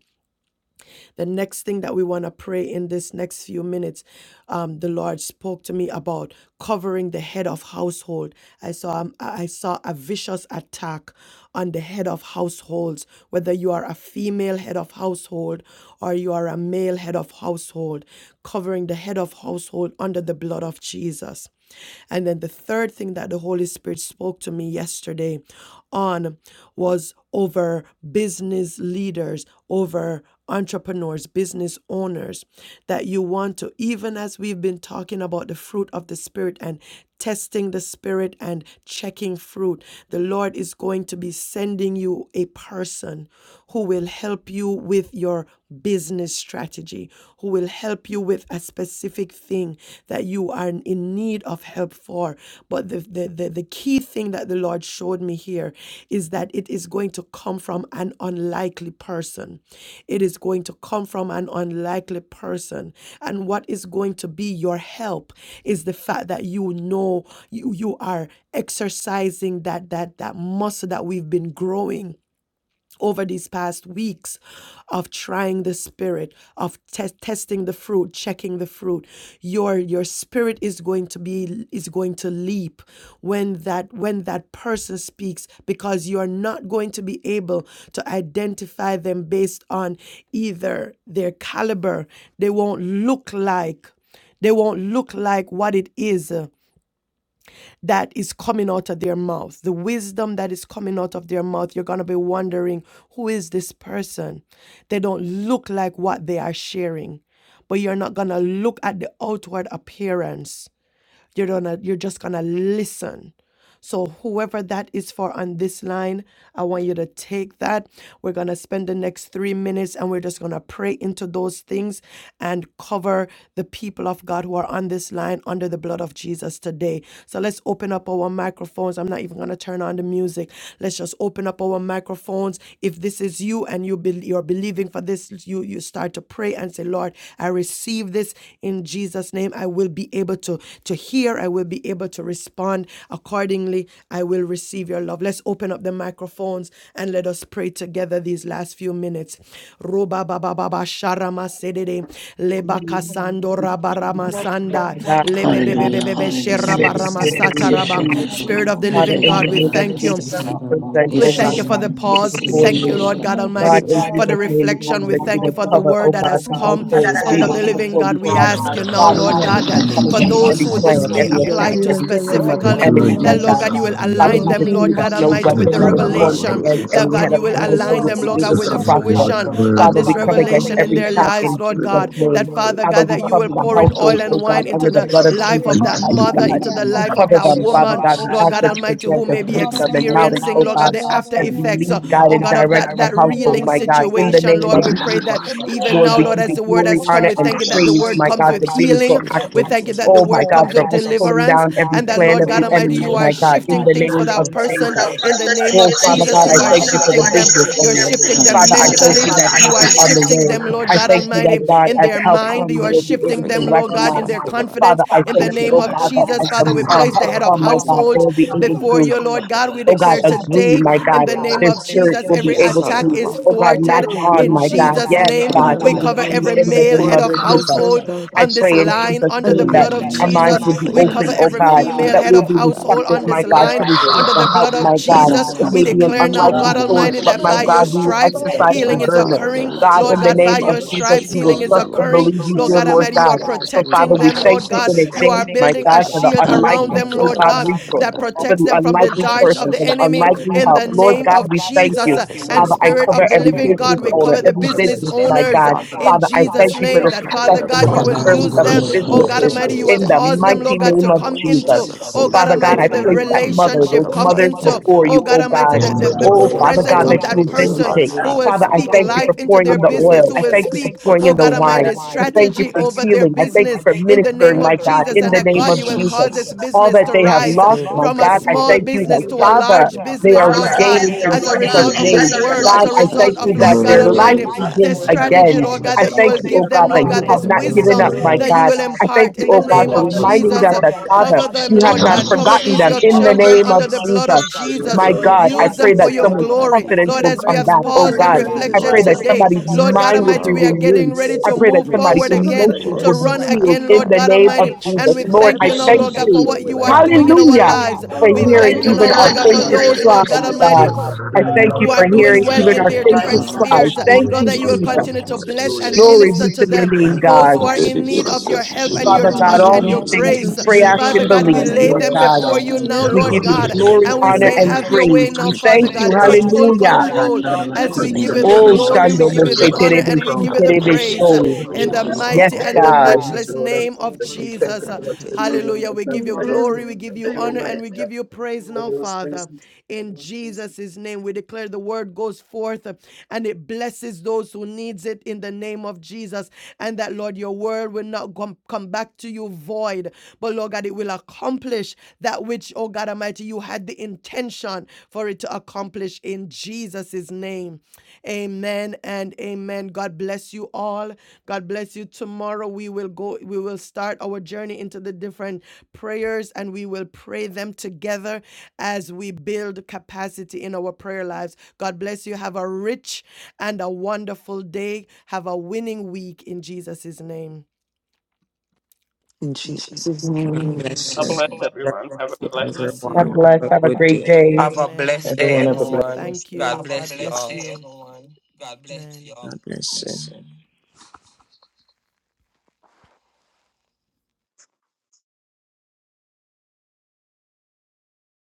Speaker 1: the next thing that we want to pray in this next few minutes, um, the Lord spoke to me about covering the head of household. I saw um, I I saw a vicious attack on the head of households. Whether you are a female head of household or you are a male head of household, covering the head of household under the blood of Jesus. And then the third thing that the Holy Spirit spoke to me yesterday on was over business leaders, over entrepreneurs, business owners, that you want to, even as we've been talking about the fruit of the Spirit and testing the Spirit and checking fruit, the Lord is going to be sending you a person who will help you with your business strategy energy who will help you with a specific thing that you are in need of help for. But the, the, the, the key thing that the Lord showed me here is that it is going to come from an unlikely person. It is going to come from an unlikely person. And what is going to be your help is the fact that you know you, you are exercising that that that muscle that we've been growing over these past weeks of trying the spirit of tes- testing the fruit checking the fruit your your spirit is going to be is going to leap when that when that person speaks because you're not going to be able to identify them based on either their caliber they won't look like they won't look like what it is uh, that is coming out of their mouth, the wisdom that is coming out of their mouth, you're going to be wondering, who is this person? They don't look like what they are sharing, but you're not going to look at the outward appearance you're gonna you're just gonna listen. So whoever that is for on this line, I want you to take that. We're gonna spend the next three minutes and we're just gonna pray into those things and cover the people of God who are on this line under the blood of Jesus today. So let's open up our microphones. I'm not even gonna turn on the music. Let's just open up our microphones. If this is you and you be, you're believing for this, you you start to pray and say, Lord, I receive this in Jesus' name. I will be able to, to hear. I will be able to respond accordingly. I will receive your love. Let's open up the microphones and let us pray together these last few minutes. Roba ba ba sharama sedede
Speaker 9: We
Speaker 1: leba
Speaker 9: can
Speaker 1: kasando raba
Speaker 9: be
Speaker 1: sanda
Speaker 2: God,
Speaker 1: lebe be be
Speaker 12: Hallelujah.
Speaker 13: Hallelujah,
Speaker 2: in the name of
Speaker 13: Jesus, hear
Speaker 2: Jesus, we
Speaker 13: the
Speaker 9: Jesus,
Speaker 2: pray.
Speaker 12: Yeshenda
Speaker 9: my
Speaker 13: love
Speaker 1: Spirit of the
Speaker 2: Father,
Speaker 1: living
Speaker 2: in
Speaker 12: Robokusheya
Speaker 2: the
Speaker 1: God, we
Speaker 2: name of
Speaker 1: thank
Speaker 12: Babai.
Speaker 2: Jesus,
Speaker 1: you
Speaker 2: we present,
Speaker 1: we
Speaker 2: oh
Speaker 1: thank
Speaker 2: God,
Speaker 1: you
Speaker 12: Yeshenda
Speaker 1: for
Speaker 2: the
Speaker 1: the pause.
Speaker 2: house
Speaker 12: Rekitete
Speaker 1: We
Speaker 2: before
Speaker 1: thank you,
Speaker 2: you.
Speaker 12: Kisheya
Speaker 1: Lord
Speaker 12: Ba.
Speaker 1: God Almighty,
Speaker 9: God,
Speaker 2: God, in
Speaker 9: but I
Speaker 1: for the
Speaker 2: Jesus'
Speaker 9: might
Speaker 2: name, we
Speaker 9: be,
Speaker 2: ask
Speaker 1: reflection.
Speaker 9: but
Speaker 1: We
Speaker 2: that you
Speaker 1: thank you
Speaker 9: not
Speaker 2: would
Speaker 1: for the
Speaker 2: cover,
Speaker 9: alone.
Speaker 1: word
Speaker 2: oh
Speaker 1: that
Speaker 2: God,
Speaker 1: has
Speaker 9: I have
Speaker 2: the
Speaker 12: Lord, we
Speaker 1: come.
Speaker 9: been
Speaker 14: without
Speaker 9: this
Speaker 2: household
Speaker 12: thank
Speaker 1: Spirit of
Speaker 12: you.
Speaker 1: the
Speaker 2: leaders
Speaker 9: opportunity
Speaker 1: living
Speaker 2: before
Speaker 9: to
Speaker 1: God,
Speaker 2: you,
Speaker 1: we
Speaker 2: God.
Speaker 1: ask
Speaker 9: feel of
Speaker 1: you now,
Speaker 9: so
Speaker 2: Father
Speaker 12: Father
Speaker 2: in
Speaker 1: Lord
Speaker 9: mighty
Speaker 1: God,
Speaker 12: God,
Speaker 2: heaven,
Speaker 12: in
Speaker 1: that
Speaker 12: the
Speaker 2: we
Speaker 9: God in
Speaker 12: name
Speaker 2: come
Speaker 12: of
Speaker 9: the
Speaker 1: for
Speaker 9: name
Speaker 2: against
Speaker 9: of
Speaker 5: Jesus.
Speaker 1: those
Speaker 2: every
Speaker 1: who
Speaker 12: Jesus.
Speaker 5: Thank you,
Speaker 1: this
Speaker 2: plan,
Speaker 5: Lord
Speaker 1: may
Speaker 2: every
Speaker 9: Jesus.
Speaker 1: apply
Speaker 5: Jesus.
Speaker 2: attack,
Speaker 1: to
Speaker 2: every scheme of
Speaker 9: Lord
Speaker 2: the
Speaker 5: Thank
Speaker 13: of
Speaker 1: specifically,
Speaker 5: you,
Speaker 9: God,
Speaker 2: enemy,
Speaker 5: Lord
Speaker 2: my
Speaker 1: that
Speaker 13: the
Speaker 1: Lord
Speaker 5: Jesus.
Speaker 2: God.
Speaker 1: God,
Speaker 9: I
Speaker 1: you will
Speaker 5: Hallelujah.
Speaker 2: Father,
Speaker 9: serve
Speaker 1: align
Speaker 2: we
Speaker 9: in
Speaker 13: Lord,
Speaker 9: the
Speaker 1: them,
Speaker 5: sis.
Speaker 13: may
Speaker 9: name
Speaker 2: decree
Speaker 1: Lord
Speaker 5: We're
Speaker 13: your
Speaker 2: that
Speaker 1: God
Speaker 9: of
Speaker 2: no
Speaker 1: Almighty,
Speaker 5: speaking
Speaker 13: kingdom
Speaker 1: with
Speaker 5: that
Speaker 9: Jesus
Speaker 2: weapon
Speaker 1: the
Speaker 5: you
Speaker 2: that
Speaker 5: in
Speaker 2: is
Speaker 13: come,
Speaker 5: the
Speaker 9: because
Speaker 13: may
Speaker 9: I
Speaker 13: your
Speaker 2: formed
Speaker 5: line and
Speaker 1: revelation.
Speaker 13: will be
Speaker 2: against
Speaker 5: send
Speaker 9: fear,
Speaker 1: That
Speaker 13: done
Speaker 2: any
Speaker 1: God,
Speaker 2: head
Speaker 5: someone,
Speaker 13: on
Speaker 1: you
Speaker 2: of
Speaker 5: Lord,
Speaker 1: will
Speaker 2: the
Speaker 5: in the
Speaker 13: earth
Speaker 2: household
Speaker 1: align
Speaker 5: name
Speaker 2: will
Speaker 5: of
Speaker 9: worry,
Speaker 1: them,
Speaker 13: as
Speaker 2: be
Speaker 1: Lord
Speaker 13: it
Speaker 1: God,
Speaker 2: able
Speaker 9: mighty
Speaker 13: is
Speaker 5: Jesus.
Speaker 1: with
Speaker 2: to
Speaker 1: the
Speaker 13: in
Speaker 9: God, and
Speaker 13: heaven.
Speaker 5: Hallelujah.
Speaker 2: prosper.
Speaker 5: With
Speaker 9: fathers
Speaker 1: fruition
Speaker 5: the
Speaker 9: that you
Speaker 5: word,
Speaker 1: of
Speaker 2: Father,
Speaker 1: this
Speaker 9: just
Speaker 2: we
Speaker 5: Lord, in
Speaker 2: come
Speaker 5: the
Speaker 9: can't
Speaker 2: against
Speaker 5: name
Speaker 13: Amen.
Speaker 5: of
Speaker 1: revelation
Speaker 9: break
Speaker 1: in
Speaker 2: every
Speaker 1: their
Speaker 5: Jesus.
Speaker 9: from
Speaker 2: attack
Speaker 1: lives,
Speaker 9: break
Speaker 2: in
Speaker 1: Lord
Speaker 5: Hallelujah.
Speaker 2: Jesus'
Speaker 1: God.
Speaker 9: into
Speaker 1: That
Speaker 2: name.
Speaker 1: Father
Speaker 2: Father,
Speaker 9: of
Speaker 1: God,
Speaker 2: we
Speaker 1: that
Speaker 9: your hands,
Speaker 1: you will
Speaker 2: cover the
Speaker 1: pour in oil
Speaker 2: household,
Speaker 9: it
Speaker 1: and
Speaker 2: oh
Speaker 9: was
Speaker 2: God,
Speaker 1: wine
Speaker 9: over
Speaker 1: into
Speaker 2: under
Speaker 9: to
Speaker 2: the
Speaker 9: you
Speaker 1: the
Speaker 2: blood
Speaker 9: in
Speaker 2: of
Speaker 9: the
Speaker 1: life
Speaker 2: Jesus
Speaker 9: name
Speaker 1: of that
Speaker 5: Thank
Speaker 9: of
Speaker 1: that
Speaker 2: Christ,
Speaker 1: mother,
Speaker 2: God.
Speaker 5: you
Speaker 1: into the
Speaker 9: Jesus
Speaker 5: for
Speaker 9: for
Speaker 2: We
Speaker 1: life
Speaker 9: my
Speaker 1: of
Speaker 2: cover
Speaker 9: life,
Speaker 1: that
Speaker 2: them,
Speaker 13: Show
Speaker 5: the
Speaker 9: oh
Speaker 2: Father
Speaker 1: woman,
Speaker 13: me,
Speaker 9: Lord,
Speaker 2: God.
Speaker 1: Lord
Speaker 2: We
Speaker 9: oh
Speaker 1: God
Speaker 2: ask
Speaker 9: God.
Speaker 2: that you
Speaker 12: Lord,
Speaker 2: would
Speaker 1: Almighty,
Speaker 12: we
Speaker 1: who
Speaker 2: grant
Speaker 1: may
Speaker 2: us
Speaker 13: Lord,
Speaker 1: be
Speaker 13: I
Speaker 12: thank
Speaker 9: Lord,
Speaker 2: wisdom
Speaker 13: pray,
Speaker 2: and knowledge,
Speaker 1: experiencing,
Speaker 9: thank you,
Speaker 2: oh
Speaker 1: Lord
Speaker 9: Lord,
Speaker 2: God
Speaker 1: God, oh
Speaker 9: as
Speaker 1: the
Speaker 13: Jesus,
Speaker 9: I ask
Speaker 1: after
Speaker 9: for
Speaker 2: as we
Speaker 12: you.
Speaker 9: help,
Speaker 1: effects, uh,
Speaker 9: oh
Speaker 2: lead, God,
Speaker 1: oh God,
Speaker 2: and
Speaker 9: God.
Speaker 1: of
Speaker 13: in
Speaker 2: direct
Speaker 13: the
Speaker 1: that,
Speaker 2: our
Speaker 1: that reeling oh
Speaker 2: household, my
Speaker 9: Deliver
Speaker 2: God,
Speaker 9: us,
Speaker 2: in the
Speaker 9: Lord,
Speaker 1: situation,
Speaker 2: name
Speaker 1: Lord. We
Speaker 2: of
Speaker 5: word.
Speaker 1: pray
Speaker 2: Jesus.
Speaker 1: that
Speaker 9: deliver me,
Speaker 1: even
Speaker 12: Touch.
Speaker 9: Lord,
Speaker 1: now,
Speaker 2: Lord,
Speaker 9: that
Speaker 1: Lord,
Speaker 2: we
Speaker 9: I
Speaker 2: give
Speaker 1: as the
Speaker 2: you
Speaker 9: might
Speaker 1: word
Speaker 2: glory,
Speaker 1: has
Speaker 9: for
Speaker 1: come,
Speaker 9: the
Speaker 2: honor,
Speaker 1: we thank
Speaker 13: spiritual
Speaker 2: and
Speaker 1: you
Speaker 9: truth,
Speaker 1: that the
Speaker 9: Lord.
Speaker 2: praise,
Speaker 1: word
Speaker 13: identity,
Speaker 2: my
Speaker 13: Lord,
Speaker 1: comes
Speaker 2: God,
Speaker 13: your
Speaker 1: with
Speaker 2: for being
Speaker 1: healing.
Speaker 13: spiritual
Speaker 1: so We
Speaker 2: proactive.
Speaker 1: thank you awesome.
Speaker 13: identity
Speaker 1: that
Speaker 13: in
Speaker 1: the
Speaker 2: Oh,
Speaker 13: you,
Speaker 1: word
Speaker 2: my
Speaker 1: Oh
Speaker 13: Lord
Speaker 2: God,
Speaker 1: comes with
Speaker 2: for us
Speaker 13: Jesus,
Speaker 2: pulling
Speaker 1: deliverance,
Speaker 2: down every
Speaker 1: and that,
Speaker 13: and that
Speaker 2: plan
Speaker 1: Lord God
Speaker 2: of
Speaker 13: Lord,
Speaker 2: the
Speaker 9: Lord,
Speaker 12: Thank
Speaker 1: Almighty,
Speaker 9: we
Speaker 12: you,
Speaker 2: enemy,
Speaker 1: you
Speaker 12: Lord
Speaker 1: are
Speaker 15: Thank
Speaker 2: my
Speaker 9: thank
Speaker 12: God.
Speaker 2: God,
Speaker 9: you
Speaker 12: for you.
Speaker 1: shifting
Speaker 2: in
Speaker 9: for
Speaker 2: the
Speaker 13: the
Speaker 1: things
Speaker 9: the
Speaker 1: for
Speaker 2: name
Speaker 1: that
Speaker 2: of
Speaker 13: past,
Speaker 9: deliverance.
Speaker 1: person in
Speaker 2: Jesus.
Speaker 14: person in
Speaker 1: the
Speaker 14: the
Speaker 1: name of
Speaker 2: Oh,
Speaker 1: Oh
Speaker 2: Father
Speaker 12: Thank
Speaker 1: Jesus.
Speaker 14: name
Speaker 2: God,
Speaker 12: you,
Speaker 14: of
Speaker 13: still
Speaker 14: Jesus
Speaker 2: I
Speaker 1: You are
Speaker 12: Lord.
Speaker 2: thank you
Speaker 14: Christ.
Speaker 2: for
Speaker 1: shifting
Speaker 2: the
Speaker 1: them.
Speaker 2: business
Speaker 1: You're
Speaker 14: Them
Speaker 2: owner.
Speaker 14: with
Speaker 1: shifting
Speaker 13: have
Speaker 1: them
Speaker 13: a
Speaker 2: Father, I
Speaker 12: Halekenda
Speaker 13: problem.
Speaker 2: thank
Speaker 14: shifting
Speaker 1: mentally.
Speaker 14: their
Speaker 2: you that
Speaker 1: you
Speaker 2: help
Speaker 1: are
Speaker 2: is
Speaker 12: Robokusheya
Speaker 14: minds,
Speaker 2: on the
Speaker 13: Jesus, I
Speaker 1: shifting
Speaker 2: way.
Speaker 1: them, Lord God.
Speaker 2: I
Speaker 1: God
Speaker 13: my
Speaker 2: thank you
Speaker 1: Almighty.
Speaker 2: that, God,
Speaker 1: In
Speaker 2: as
Speaker 1: their
Speaker 2: help
Speaker 13: holy
Speaker 1: mind,
Speaker 2: comes,
Speaker 1: you are
Speaker 2: they will
Speaker 13: thing.
Speaker 2: be
Speaker 1: shifting
Speaker 2: able
Speaker 1: them,
Speaker 2: to
Speaker 13: Forgive
Speaker 1: Lord God,
Speaker 13: us,
Speaker 1: in
Speaker 2: recognize.
Speaker 1: their
Speaker 13: Father God.
Speaker 1: confidence.
Speaker 2: Father, I
Speaker 1: In
Speaker 2: thank
Speaker 1: the
Speaker 12: Thank
Speaker 2: you,
Speaker 12: you,
Speaker 1: name
Speaker 2: oh
Speaker 1: of
Speaker 13: that
Speaker 12: Lord.
Speaker 2: God, that
Speaker 1: Jesus,
Speaker 13: we
Speaker 2: as
Speaker 1: Father,
Speaker 13: say
Speaker 2: the
Speaker 1: we
Speaker 2: uh,
Speaker 1: place
Speaker 13: it.
Speaker 1: the
Speaker 2: help
Speaker 1: head of
Speaker 2: come, my
Speaker 13: That-
Speaker 2: God, they
Speaker 13: that-
Speaker 1: households
Speaker 2: will be able
Speaker 9: Lord,
Speaker 1: before
Speaker 2: to
Speaker 1: you,
Speaker 12: Pray,
Speaker 13: that
Speaker 1: Lord
Speaker 12: Father,
Speaker 13: I'm
Speaker 1: God. We
Speaker 13: not
Speaker 12: that
Speaker 2: oh God,
Speaker 1: declare
Speaker 12: also.
Speaker 1: oh
Speaker 13: saying it, i
Speaker 1: today,
Speaker 2: agree, my
Speaker 1: in
Speaker 2: God.
Speaker 1: the name
Speaker 2: Their
Speaker 1: of
Speaker 13: just-
Speaker 1: Jesus,
Speaker 2: spirit
Speaker 12: Thank
Speaker 13: You
Speaker 2: will
Speaker 12: you,
Speaker 13: are
Speaker 2: be
Speaker 1: every
Speaker 13: the
Speaker 12: Jesus.
Speaker 2: able
Speaker 1: attack
Speaker 12: Cover.
Speaker 13: solid
Speaker 2: to,
Speaker 1: is Oh
Speaker 2: oh
Speaker 13: rock.
Speaker 2: God,
Speaker 1: thwarted
Speaker 2: latch
Speaker 13: On
Speaker 9: you
Speaker 1: in
Speaker 2: on,
Speaker 13: which
Speaker 2: my
Speaker 9: must
Speaker 13: they
Speaker 2: God.
Speaker 1: Jesus'
Speaker 2: Yes,
Speaker 13: stand,
Speaker 1: name.
Speaker 12: Cover them
Speaker 1: Yes,
Speaker 2: God,
Speaker 12: with the
Speaker 13: Father
Speaker 1: We
Speaker 2: and
Speaker 12: blood
Speaker 13: God,
Speaker 12: of
Speaker 1: cover
Speaker 13: no
Speaker 2: receive
Speaker 1: every
Speaker 2: in the
Speaker 13: weapon
Speaker 12: Jesus.
Speaker 1: male
Speaker 2: name
Speaker 1: head
Speaker 2: of
Speaker 13: formed
Speaker 1: of
Speaker 13: against
Speaker 2: Jesus.
Speaker 13: them
Speaker 1: household
Speaker 13: shall
Speaker 2: I
Speaker 1: on this
Speaker 2: pray in
Speaker 13: prosper.
Speaker 1: line
Speaker 2: Jesus'
Speaker 15: you.
Speaker 1: under
Speaker 13: And
Speaker 2: name
Speaker 1: the
Speaker 12: In
Speaker 13: then
Speaker 12: the
Speaker 2: that
Speaker 1: blood of
Speaker 13: return
Speaker 12: name of
Speaker 2: our
Speaker 13: that
Speaker 1: Jesus.
Speaker 2: minds
Speaker 13: rise
Speaker 2: would
Speaker 12: Jesus,
Speaker 13: up
Speaker 2: be
Speaker 12: the
Speaker 1: We
Speaker 12: blood.
Speaker 1: cover
Speaker 13: against
Speaker 2: open,
Speaker 13: them
Speaker 2: oh
Speaker 1: every oh
Speaker 13: in
Speaker 9: you
Speaker 2: God,
Speaker 9: are
Speaker 1: female
Speaker 13: judgment,
Speaker 2: that
Speaker 12: Cover.
Speaker 1: head of
Speaker 2: we'll
Speaker 15: Thank
Speaker 9: just
Speaker 2: be
Speaker 13: Father
Speaker 9: for
Speaker 13: God,
Speaker 1: household
Speaker 13: and
Speaker 9: goodness,
Speaker 2: receptive,
Speaker 1: on this
Speaker 2: my
Speaker 9: you
Speaker 13: condemn
Speaker 2: God,
Speaker 1: line
Speaker 2: to
Speaker 9: Lord, we don't
Speaker 2: receive
Speaker 1: under
Speaker 9: want to
Speaker 1: the
Speaker 2: the
Speaker 13: them.
Speaker 9: go
Speaker 1: blood
Speaker 2: help,
Speaker 1: of
Speaker 9: back.
Speaker 2: my
Speaker 12: Let
Speaker 1: Jesus.
Speaker 2: God.
Speaker 12: no
Speaker 13: Jesus
Speaker 2: It
Speaker 12: harm
Speaker 1: We
Speaker 2: may
Speaker 13: Christ.
Speaker 1: declare
Speaker 12: come
Speaker 2: be
Speaker 12: near
Speaker 2: an
Speaker 12: their
Speaker 1: declare now,
Speaker 12: dwelling
Speaker 2: unlikely
Speaker 9: Lord,
Speaker 12: in
Speaker 1: God
Speaker 12: the name
Speaker 2: source,
Speaker 13: Father,
Speaker 9: because
Speaker 1: Almighty,
Speaker 12: of
Speaker 13: we
Speaker 2: but
Speaker 9: my
Speaker 1: that
Speaker 2: my
Speaker 1: by
Speaker 13: thank
Speaker 1: your
Speaker 9: life,
Speaker 13: you.
Speaker 2: God,
Speaker 12: Jesus.
Speaker 2: we
Speaker 9: my
Speaker 2: will
Speaker 1: stripes,
Speaker 9: mind,
Speaker 13: that
Speaker 2: exercise
Speaker 9: my
Speaker 1: healing
Speaker 13: you
Speaker 1: is
Speaker 2: discernment.
Speaker 13: are
Speaker 9: child.
Speaker 13: the
Speaker 1: occurring.
Speaker 12: Father
Speaker 2: God,
Speaker 1: Lord
Speaker 2: in
Speaker 12: God,
Speaker 2: the
Speaker 13: Redeemer,
Speaker 12: in
Speaker 1: God,
Speaker 12: the
Speaker 1: by
Speaker 2: name
Speaker 13: Father.
Speaker 12: name
Speaker 2: of
Speaker 1: your
Speaker 12: of
Speaker 2: Jesus,
Speaker 13: We
Speaker 1: stripes,
Speaker 9: Of
Speaker 2: we will
Speaker 1: healing
Speaker 12: Jesus.
Speaker 13: thank
Speaker 1: is
Speaker 13: you,
Speaker 2: trust
Speaker 13: Lord
Speaker 2: and
Speaker 1: occurring.
Speaker 2: believe you,
Speaker 1: Lord
Speaker 13: Jesus,
Speaker 2: dear
Speaker 1: God
Speaker 2: Lord
Speaker 1: Almighty, you are
Speaker 2: God.
Speaker 13: that
Speaker 2: So,
Speaker 13: you,
Speaker 2: Father,
Speaker 1: protecting
Speaker 9: course,
Speaker 13: Lord
Speaker 2: we
Speaker 1: them,
Speaker 9: Lord,
Speaker 2: thank
Speaker 1: Lord
Speaker 2: you
Speaker 1: God.
Speaker 2: in
Speaker 13: Jesus,
Speaker 1: You are
Speaker 2: advance, my
Speaker 1: building a
Speaker 2: God,
Speaker 13: are
Speaker 2: for the
Speaker 1: shield
Speaker 13: our
Speaker 1: around
Speaker 2: unlikely,
Speaker 1: them,
Speaker 12: Hallelujah.
Speaker 2: oh
Speaker 1: Lord
Speaker 2: God,
Speaker 13: provider,
Speaker 1: God,
Speaker 13: Father
Speaker 2: resource,
Speaker 1: that
Speaker 13: God, in
Speaker 2: for
Speaker 13: the
Speaker 1: protects
Speaker 2: the
Speaker 13: name
Speaker 1: them from the
Speaker 12: We
Speaker 2: unlikely
Speaker 13: of
Speaker 1: darts
Speaker 12: thank
Speaker 13: Jesus.
Speaker 1: of
Speaker 12: you.
Speaker 2: person,
Speaker 1: the
Speaker 2: for the
Speaker 1: enemy
Speaker 2: unlikely
Speaker 1: in
Speaker 13: Help
Speaker 2: help.
Speaker 1: the
Speaker 13: us,
Speaker 2: Lord
Speaker 13: Father,
Speaker 1: name
Speaker 2: God,
Speaker 1: of
Speaker 2: we
Speaker 13: to
Speaker 2: thank
Speaker 1: Jesus.
Speaker 2: you.
Speaker 9: Lord, you
Speaker 13: focus
Speaker 1: And
Speaker 13: on
Speaker 2: Father,
Speaker 13: you,
Speaker 2: I
Speaker 1: Spirit
Speaker 13: Father
Speaker 2: cover
Speaker 1: of the
Speaker 13: God,
Speaker 2: every
Speaker 9: don't
Speaker 13: to
Speaker 1: living
Speaker 2: business
Speaker 13: look
Speaker 1: God, we
Speaker 13: unto
Speaker 2: owner,
Speaker 1: cover
Speaker 13: you,
Speaker 1: the
Speaker 2: every
Speaker 1: business
Speaker 2: business,
Speaker 13: Jesus,
Speaker 2: my
Speaker 1: owners
Speaker 2: God.
Speaker 13: author
Speaker 1: in
Speaker 2: Father,
Speaker 13: and
Speaker 2: I
Speaker 1: Jesus'
Speaker 2: thank
Speaker 13: finisher
Speaker 2: you for
Speaker 1: name
Speaker 2: the
Speaker 1: that,
Speaker 13: of
Speaker 2: success
Speaker 1: Father
Speaker 13: our
Speaker 2: and
Speaker 1: God,
Speaker 2: the
Speaker 1: you
Speaker 13: faith
Speaker 5: Thank
Speaker 1: will
Speaker 2: prosperity
Speaker 1: use
Speaker 2: of the
Speaker 1: them.
Speaker 12: Yes,
Speaker 1: Oh
Speaker 12: Lord.
Speaker 13: of
Speaker 1: God
Speaker 2: businesses
Speaker 1: Almighty, you
Speaker 13: Jesus.
Speaker 1: will
Speaker 2: in
Speaker 13: Thank
Speaker 2: the
Speaker 13: you
Speaker 1: cause
Speaker 13: for
Speaker 1: them,
Speaker 13: your
Speaker 2: mighty
Speaker 1: Lord God, to
Speaker 13: love,
Speaker 2: name
Speaker 1: to
Speaker 2: of
Speaker 13: Lord
Speaker 1: come
Speaker 2: Jesus.
Speaker 15: you.
Speaker 1: into,
Speaker 13: Jesus.
Speaker 1: oh God
Speaker 2: Father
Speaker 15: So
Speaker 13: When
Speaker 2: God,
Speaker 1: Almighty,
Speaker 13: the
Speaker 2: I
Speaker 15: Father
Speaker 1: the
Speaker 15: God,
Speaker 2: place
Speaker 13: enemy
Speaker 15: in the
Speaker 2: that
Speaker 13: comes in
Speaker 15: mighty
Speaker 2: mother,
Speaker 13: like
Speaker 1: relationship,
Speaker 2: those
Speaker 13: a
Speaker 15: name of
Speaker 1: come
Speaker 13: flood,
Speaker 2: mothers
Speaker 1: into,
Speaker 15: Jesus,
Speaker 1: oh
Speaker 13: Father
Speaker 1: God
Speaker 15: we
Speaker 2: before
Speaker 13: God,
Speaker 15: pray
Speaker 2: you,
Speaker 15: that
Speaker 1: oh
Speaker 2: oh
Speaker 1: Almighty, the,
Speaker 15: you
Speaker 2: God.
Speaker 15: can
Speaker 1: the,
Speaker 13: wanting
Speaker 1: the
Speaker 13: to
Speaker 15: find
Speaker 2: Oh,
Speaker 1: Oh,
Speaker 15: them,
Speaker 13: flood
Speaker 2: Father
Speaker 1: presence
Speaker 2: God,
Speaker 13: your
Speaker 15: Father.
Speaker 1: of
Speaker 2: that
Speaker 1: that
Speaker 2: you will
Speaker 15: Pray
Speaker 13: people's
Speaker 1: person
Speaker 15: in the
Speaker 13: thoughts,
Speaker 2: vindicate.
Speaker 1: who
Speaker 15: name of
Speaker 13: Father
Speaker 1: will
Speaker 2: Father,
Speaker 13: God.
Speaker 2: I
Speaker 1: speak
Speaker 15: Jesus,
Speaker 2: thank
Speaker 1: life
Speaker 15: and
Speaker 2: you
Speaker 15: the
Speaker 2: for
Speaker 1: into
Speaker 15: mighty
Speaker 2: pouring
Speaker 1: their
Speaker 13: with
Speaker 2: in the
Speaker 15: name of Jesus,
Speaker 13: the
Speaker 1: business,
Speaker 15: that
Speaker 2: oil.
Speaker 1: who
Speaker 2: I
Speaker 1: will
Speaker 15: you
Speaker 2: thank
Speaker 1: speak,
Speaker 2: you
Speaker 15: can
Speaker 13: effects
Speaker 2: for
Speaker 13: for
Speaker 2: pouring
Speaker 1: oh
Speaker 2: in the
Speaker 1: God
Speaker 15: find them,
Speaker 13: Father God,
Speaker 2: wine.
Speaker 1: Almighty,
Speaker 2: I
Speaker 13: with the
Speaker 2: thank
Speaker 1: strategy
Speaker 2: you for
Speaker 1: over
Speaker 13: past,
Speaker 1: their
Speaker 2: healing.
Speaker 13: Father
Speaker 2: I
Speaker 13: God.
Speaker 2: thank
Speaker 1: business
Speaker 2: you for
Speaker 1: in the name
Speaker 13: Father,
Speaker 1: of
Speaker 2: ministering,
Speaker 13: I
Speaker 15: Father.
Speaker 2: my
Speaker 13: pray
Speaker 2: God,
Speaker 1: Jesus,
Speaker 13: in
Speaker 2: in
Speaker 13: the
Speaker 1: and that
Speaker 2: the
Speaker 13: name of
Speaker 2: name
Speaker 1: God,
Speaker 2: of
Speaker 12: Yes,
Speaker 1: you will
Speaker 12: Lord.
Speaker 1: cause
Speaker 2: Jesus.
Speaker 1: this
Speaker 13: Jesus.
Speaker 2: All
Speaker 1: business to
Speaker 2: that they have
Speaker 13: The
Speaker 1: rise
Speaker 2: lost,
Speaker 13: Spirit
Speaker 2: my
Speaker 1: from
Speaker 13: of
Speaker 1: a
Speaker 2: God,
Speaker 13: God
Speaker 2: I
Speaker 13: will
Speaker 1: small
Speaker 15: Every
Speaker 2: thank you
Speaker 13: indeed
Speaker 1: business
Speaker 2: that,
Speaker 15: person
Speaker 1: to a
Speaker 15: that is
Speaker 2: Father,
Speaker 1: large
Speaker 15: represented
Speaker 2: they
Speaker 15: by
Speaker 1: business,
Speaker 2: are
Speaker 13: come
Speaker 15: the
Speaker 1: Lord
Speaker 15: Son,
Speaker 1: God, as
Speaker 2: regaining
Speaker 15: and
Speaker 13: standard,
Speaker 2: in
Speaker 1: a
Speaker 15: the
Speaker 14: Lord
Speaker 13: Father,
Speaker 12: In
Speaker 15: Son
Speaker 2: Jesus'
Speaker 12: the
Speaker 1: result
Speaker 15: we
Speaker 1: of
Speaker 12: name
Speaker 1: this
Speaker 12: of
Speaker 14: as
Speaker 2: name.
Speaker 15: God,
Speaker 14: a
Speaker 1: word,
Speaker 14: result
Speaker 12: Jesus.
Speaker 1: as
Speaker 2: God,
Speaker 1: a
Speaker 14: of
Speaker 2: I
Speaker 12: Yes,
Speaker 15: listen to
Speaker 12: Lord.
Speaker 15: the
Speaker 1: result
Speaker 2: thank
Speaker 1: of
Speaker 2: you
Speaker 5: you.
Speaker 1: Lord
Speaker 15: word
Speaker 2: that
Speaker 13: against
Speaker 1: God
Speaker 13: the
Speaker 2: their
Speaker 15: of God.
Speaker 2: life
Speaker 1: Almighty,
Speaker 13: enemy,
Speaker 12: Receive it,
Speaker 1: life the
Speaker 13: Father
Speaker 12: God,
Speaker 2: begins
Speaker 15: because
Speaker 12: in
Speaker 15: of
Speaker 13: God,
Speaker 12: the name
Speaker 15: the
Speaker 12: of
Speaker 15: president's
Speaker 2: again.
Speaker 1: strategy, Lord
Speaker 13: oh
Speaker 15: contact
Speaker 1: God,
Speaker 2: I
Speaker 13: God.
Speaker 1: that
Speaker 15: that I
Speaker 12: Jesus.
Speaker 1: you
Speaker 2: thank
Speaker 1: will
Speaker 2: you,
Speaker 1: give
Speaker 2: oh
Speaker 15: couldn't
Speaker 1: them, oh
Speaker 2: God,
Speaker 15: see
Speaker 1: Lord
Speaker 2: that
Speaker 1: God,
Speaker 2: you have
Speaker 1: this
Speaker 13: Standard
Speaker 15: public
Speaker 2: not
Speaker 13: against the
Speaker 2: given
Speaker 1: wisdom
Speaker 2: up,
Speaker 15: administration
Speaker 2: my
Speaker 13: enemy,
Speaker 1: that
Speaker 15: that
Speaker 1: you
Speaker 15: in
Speaker 2: God.
Speaker 1: will
Speaker 13: Father
Speaker 12: Yes,
Speaker 15: my
Speaker 2: I
Speaker 12: Lord.
Speaker 1: impart in
Speaker 2: thank
Speaker 12: Thank
Speaker 2: you,
Speaker 1: the
Speaker 2: oh
Speaker 1: oh
Speaker 12: you.
Speaker 15: that is
Speaker 2: God,
Speaker 1: name of
Speaker 2: for
Speaker 15: the
Speaker 13: Jesus.
Speaker 1: Jesus.
Speaker 2: reminding them
Speaker 15: student
Speaker 2: that,
Speaker 1: Cover
Speaker 2: Father,
Speaker 13: Father
Speaker 1: them,
Speaker 2: you
Speaker 13: God,
Speaker 2: have
Speaker 1: Lord
Speaker 9: take
Speaker 2: not
Speaker 13: I
Speaker 1: God.
Speaker 9: it,
Speaker 1: Cover
Speaker 9: oh
Speaker 13: just
Speaker 12: Hallelujah.
Speaker 2: forgotten
Speaker 13: love
Speaker 9: God
Speaker 1: these
Speaker 2: them
Speaker 1: your
Speaker 13: you,
Speaker 2: in
Speaker 13: Lord
Speaker 9: Almighty.
Speaker 2: the
Speaker 1: children
Speaker 2: name
Speaker 1: under
Speaker 2: of
Speaker 1: the
Speaker 13: Jesus,
Speaker 1: blood of
Speaker 2: Jesus.
Speaker 1: Jesus.
Speaker 12: Thank
Speaker 15: there
Speaker 13: for
Speaker 15: is
Speaker 9: And
Speaker 2: My
Speaker 12: you,
Speaker 15: thing
Speaker 9: Lord,
Speaker 13: kingdom
Speaker 15: that
Speaker 2: God,
Speaker 1: Use
Speaker 12: Lord.
Speaker 2: I
Speaker 9: take it,
Speaker 1: them
Speaker 2: pray
Speaker 15: sometimes
Speaker 1: for
Speaker 9: oh
Speaker 13: business,
Speaker 2: that
Speaker 15: we
Speaker 1: your
Speaker 9: God.
Speaker 13: Father
Speaker 2: someone's
Speaker 15: see
Speaker 13: God.
Speaker 15: from
Speaker 1: glory. Lord,
Speaker 13: We
Speaker 2: confidence
Speaker 13: thank
Speaker 9: Heal
Speaker 2: will
Speaker 1: as
Speaker 9: my
Speaker 1: we
Speaker 13: you.
Speaker 15: teachers.
Speaker 2: come
Speaker 1: have
Speaker 2: back,
Speaker 9: heart,
Speaker 2: oh
Speaker 1: paused
Speaker 9: oh
Speaker 1: and
Speaker 13: And
Speaker 15: there
Speaker 2: God.
Speaker 1: oh
Speaker 9: God,
Speaker 13: from
Speaker 15: is
Speaker 9: in
Speaker 15: a
Speaker 12: Hallelujah,
Speaker 9: the
Speaker 2: I
Speaker 1: reflected
Speaker 13: you are
Speaker 9: name
Speaker 2: pray that
Speaker 9: of
Speaker 12: Jesus.
Speaker 13: all
Speaker 1: today,
Speaker 15: security
Speaker 1: Lord
Speaker 2: somebody's
Speaker 15: that
Speaker 13: things,
Speaker 15: is
Speaker 9: Jesus.
Speaker 15: that
Speaker 13: and
Speaker 9: Thank
Speaker 1: God
Speaker 9: you
Speaker 15: the
Speaker 13: to
Speaker 9: for
Speaker 2: mind
Speaker 9: the
Speaker 13: you
Speaker 2: will
Speaker 1: Almighty,
Speaker 13: are
Speaker 2: be
Speaker 15: number
Speaker 9: grace
Speaker 1: we
Speaker 15: of
Speaker 1: are
Speaker 9: to
Speaker 13: all
Speaker 9: let
Speaker 1: getting
Speaker 2: renewed.
Speaker 1: ready
Speaker 13: things.
Speaker 1: to
Speaker 2: I
Speaker 9: go,
Speaker 2: pray that
Speaker 1: move
Speaker 13: You
Speaker 9: to
Speaker 2: somebody's
Speaker 1: forward
Speaker 13: deserve
Speaker 9: trust
Speaker 13: the
Speaker 1: again, to
Speaker 2: emotions
Speaker 13: glory,
Speaker 2: will
Speaker 1: run
Speaker 9: again,
Speaker 2: be
Speaker 9: to
Speaker 13: so
Speaker 9: love
Speaker 2: healed
Speaker 1: again,
Speaker 13: Father
Speaker 2: in
Speaker 9: again,
Speaker 1: Lord
Speaker 13: God.
Speaker 2: the
Speaker 9: oh
Speaker 1: God
Speaker 2: name
Speaker 9: God,
Speaker 1: Almighty.
Speaker 2: of
Speaker 9: to
Speaker 15: the
Speaker 1: And
Speaker 2: Jesus.
Speaker 13: trust
Speaker 1: we
Speaker 9: speak
Speaker 13: and
Speaker 2: Lord,
Speaker 9: life
Speaker 1: thank
Speaker 13: rely
Speaker 1: you
Speaker 2: I
Speaker 1: now,
Speaker 12: Yes,
Speaker 13: on
Speaker 9: again,
Speaker 13: you
Speaker 2: thank
Speaker 1: Lord
Speaker 12: Lord.
Speaker 1: God,
Speaker 9: to do
Speaker 1: for
Speaker 2: you.
Speaker 9: your
Speaker 1: what you.
Speaker 13: completely,
Speaker 9: will
Speaker 1: are
Speaker 13: Father.
Speaker 9: again.
Speaker 15: product
Speaker 1: doing in our
Speaker 2: Hallelujah.
Speaker 1: lives.
Speaker 2: For
Speaker 1: We
Speaker 13: Father,
Speaker 9: Lord,
Speaker 13: I
Speaker 1: thank
Speaker 2: hearing
Speaker 1: you
Speaker 14: Hallelujah.
Speaker 1: now,
Speaker 13: thank
Speaker 2: even
Speaker 9: deliver
Speaker 13: you
Speaker 9: me
Speaker 2: our
Speaker 1: Lord
Speaker 12: Thank
Speaker 13: that
Speaker 1: God,
Speaker 9: from
Speaker 12: you,
Speaker 13: you
Speaker 1: for
Speaker 13: have
Speaker 9: me.
Speaker 15: is
Speaker 2: faintest
Speaker 12: Lord.
Speaker 14: We thank
Speaker 1: those,
Speaker 14: you
Speaker 15: there
Speaker 13: given
Speaker 2: cries,
Speaker 1: Lord God
Speaker 13: us
Speaker 15: thank you
Speaker 9: Deliver me
Speaker 1: Almighty,
Speaker 2: God.
Speaker 9: from
Speaker 13: everything
Speaker 9: my
Speaker 2: I
Speaker 15: in the
Speaker 9: sickness
Speaker 15: name
Speaker 13: that
Speaker 2: thank
Speaker 9: and
Speaker 2: you
Speaker 15: of
Speaker 1: who
Speaker 9: the
Speaker 1: are
Speaker 2: for
Speaker 15: the
Speaker 9: prayer this
Speaker 13: pertains
Speaker 1: doing
Speaker 2: hearing
Speaker 13: to
Speaker 1: well
Speaker 2: even
Speaker 1: in
Speaker 13: life
Speaker 2: our
Speaker 1: their
Speaker 13: and
Speaker 9: morning.
Speaker 1: different
Speaker 2: faintest
Speaker 12: Cover
Speaker 2: cries.
Speaker 13: godliness.
Speaker 1: spheres.
Speaker 12: the
Speaker 2: Thank
Speaker 1: Lord,
Speaker 2: you,
Speaker 13: In
Speaker 1: that you
Speaker 13: the
Speaker 1: will
Speaker 12: precious
Speaker 2: Jesus.
Speaker 12: blood of
Speaker 13: name
Speaker 1: continue to
Speaker 13: of
Speaker 12: Jesus.
Speaker 1: bless
Speaker 9: Hallelujah,
Speaker 1: and
Speaker 2: Glory
Speaker 1: minister
Speaker 13: Jesus.
Speaker 2: be
Speaker 9: Jesus,
Speaker 1: to
Speaker 2: to your
Speaker 9: this
Speaker 1: them.
Speaker 2: name,
Speaker 12: Cover
Speaker 13: Thank
Speaker 9: morning.
Speaker 13: you,
Speaker 1: Those
Speaker 12: every
Speaker 1: who
Speaker 2: God.
Speaker 13: Lord
Speaker 1: are in
Speaker 12: person.
Speaker 1: need of
Speaker 13: Jesus, that
Speaker 1: your help
Speaker 13: you
Speaker 12: Cover
Speaker 1: and your
Speaker 12: every
Speaker 2: Father
Speaker 13: are
Speaker 2: God,
Speaker 1: touch
Speaker 13: our
Speaker 2: all
Speaker 12: household
Speaker 1: and
Speaker 2: these
Speaker 9: Hallelujah,
Speaker 1: your
Speaker 13: redeemer.
Speaker 2: things
Speaker 12: represented
Speaker 2: we
Speaker 12: on
Speaker 1: grace.
Speaker 9: Jesus,
Speaker 2: pray,
Speaker 12: this
Speaker 9: help
Speaker 13: Thank
Speaker 2: ask,
Speaker 12: land.
Speaker 9: us,
Speaker 13: you,
Speaker 1: Father
Speaker 2: and
Speaker 13: you are
Speaker 1: God,
Speaker 9: God,
Speaker 1: we
Speaker 15: yes
Speaker 2: believe,
Speaker 13: our
Speaker 1: lay
Speaker 9: help,
Speaker 2: Lord
Speaker 13: help,
Speaker 1: them
Speaker 15: Lord
Speaker 13: Father.
Speaker 2: God.
Speaker 12: Cover
Speaker 1: before
Speaker 15: God
Speaker 12: with
Speaker 1: you
Speaker 12: the
Speaker 13: And
Speaker 1: now,
Speaker 13: I
Speaker 12: blood
Speaker 9: help
Speaker 2: We
Speaker 12: of
Speaker 15: kind
Speaker 9: us,
Speaker 2: give
Speaker 1: Lord
Speaker 13: thank
Speaker 2: you
Speaker 13: you,
Speaker 1: God.
Speaker 2: the
Speaker 13: Lord.
Speaker 12: Jesus.
Speaker 9: Jesus.
Speaker 2: glory,
Speaker 1: And we
Speaker 2: honor,
Speaker 1: say,
Speaker 2: and
Speaker 12: Put a
Speaker 1: Have your
Speaker 12: hedge of
Speaker 2: praise.
Speaker 1: way
Speaker 13: We
Speaker 15: of
Speaker 1: now,
Speaker 2: We
Speaker 13: need to
Speaker 12: protection
Speaker 1: Father
Speaker 2: thank
Speaker 13: worry
Speaker 1: God.
Speaker 2: you.
Speaker 12: around
Speaker 15: God,
Speaker 1: Take
Speaker 13: about
Speaker 15: we
Speaker 13: it.
Speaker 12: every
Speaker 1: full
Speaker 15: thank
Speaker 12: person.
Speaker 2: Hallelujah.
Speaker 9: Lord,
Speaker 15: you
Speaker 9: I
Speaker 15: that
Speaker 1: control
Speaker 9: even
Speaker 15: none
Speaker 13: God,
Speaker 15: of
Speaker 13: we
Speaker 15: my
Speaker 9: check
Speaker 1: as
Speaker 12: In the
Speaker 15: touch
Speaker 9: the
Speaker 1: we
Speaker 13: just need
Speaker 1: give
Speaker 12: name
Speaker 13: to
Speaker 9: cup
Speaker 1: you
Speaker 12: of
Speaker 15: sin
Speaker 9: in
Speaker 1: the
Speaker 15: and I
Speaker 2: Oh,
Speaker 12: Jesus
Speaker 15: might
Speaker 13: trust
Speaker 9: God.
Speaker 13: you.
Speaker 1: glory,
Speaker 15: be
Speaker 9: It's
Speaker 1: we
Speaker 2: Shando
Speaker 9: like,
Speaker 1: give
Speaker 2: Mose
Speaker 12: Christ,
Speaker 1: you
Speaker 15: carried
Speaker 1: the
Speaker 15: over
Speaker 13: Rely on
Speaker 1: honor,
Speaker 15: from the
Speaker 2: Terebe,
Speaker 1: and
Speaker 13: you,
Speaker 1: we
Speaker 2: Si
Speaker 15: throne
Speaker 1: give
Speaker 15: of
Speaker 1: you
Speaker 13: Father,
Speaker 1: the
Speaker 15: the faith
Speaker 2: Terebe,
Speaker 15: of
Speaker 12: bless
Speaker 15: the
Speaker 1: praise.
Speaker 12: you,
Speaker 2: So.
Speaker 15: soul of
Speaker 13: for
Speaker 1: In
Speaker 15: your
Speaker 13: you
Speaker 1: the
Speaker 13: are
Speaker 12: Jesus.
Speaker 13: our
Speaker 2: Yes,
Speaker 1: mighty Yes, and
Speaker 13: all.
Speaker 1: the
Speaker 15: Oh,
Speaker 2: God.
Speaker 15: gracious
Speaker 1: matchless
Speaker 15: Lord of
Speaker 1: name of
Speaker 13: Give
Speaker 15: Jesus,
Speaker 13: the
Speaker 15: we thank you
Speaker 1: Jesus.
Speaker 13: captain
Speaker 15: for what
Speaker 13: of
Speaker 15: you're
Speaker 13: it.
Speaker 9: man,
Speaker 15: doing.
Speaker 1: Hallelujah.
Speaker 15: We
Speaker 1: We
Speaker 15: thank
Speaker 1: give
Speaker 15: you
Speaker 1: you
Speaker 15: for what you're
Speaker 9: man,
Speaker 1: glory, we give
Speaker 15: Thank
Speaker 1: you
Speaker 15: you,
Speaker 1: honor,
Speaker 15: man.
Speaker 9: amen.
Speaker 1: and we give you praise
Speaker 15: For
Speaker 1: now,
Speaker 15: those
Speaker 1: Father.
Speaker 15: reasons.
Speaker 1: In Jesus' name, we declare the word goes forth uh, and it blesses those who needs it in the name of Jesus. And that, Lord, your word will not come, come back to you void, but Lord God, it will accomplish that which, oh God Almighty, you had the intention for it to accomplish in Jesus' name. Amen and amen. God bless you all. God bless you. Tomorrow we will go, we will start our journey into the different prayers and we will pray them together as we build capacity in our prayer lives. God bless you. Have a rich and a wonderful day. Have a winning week in Jesus' name.
Speaker 13: In Jesus'
Speaker 16: God
Speaker 13: name.
Speaker 16: bless you. Bless you,
Speaker 1: God bless
Speaker 2: God
Speaker 16: everyone.
Speaker 1: you.
Speaker 16: Have
Speaker 1: God
Speaker 2: bless.
Speaker 16: a
Speaker 1: bless.
Speaker 2: Have a
Speaker 16: good
Speaker 1: Have a
Speaker 2: great
Speaker 16: day.
Speaker 1: great
Speaker 2: day.
Speaker 1: day.
Speaker 6: Have a
Speaker 1: Amen.
Speaker 6: blessed day,
Speaker 1: God
Speaker 15: Everyone have a
Speaker 1: bless
Speaker 15: blessed
Speaker 1: you.
Speaker 6: everyone.
Speaker 1: Thank you.
Speaker 6: God
Speaker 1: God
Speaker 6: bless
Speaker 1: bless you.
Speaker 6: y'all.
Speaker 1: God bless you. all.
Speaker 16: God bless you.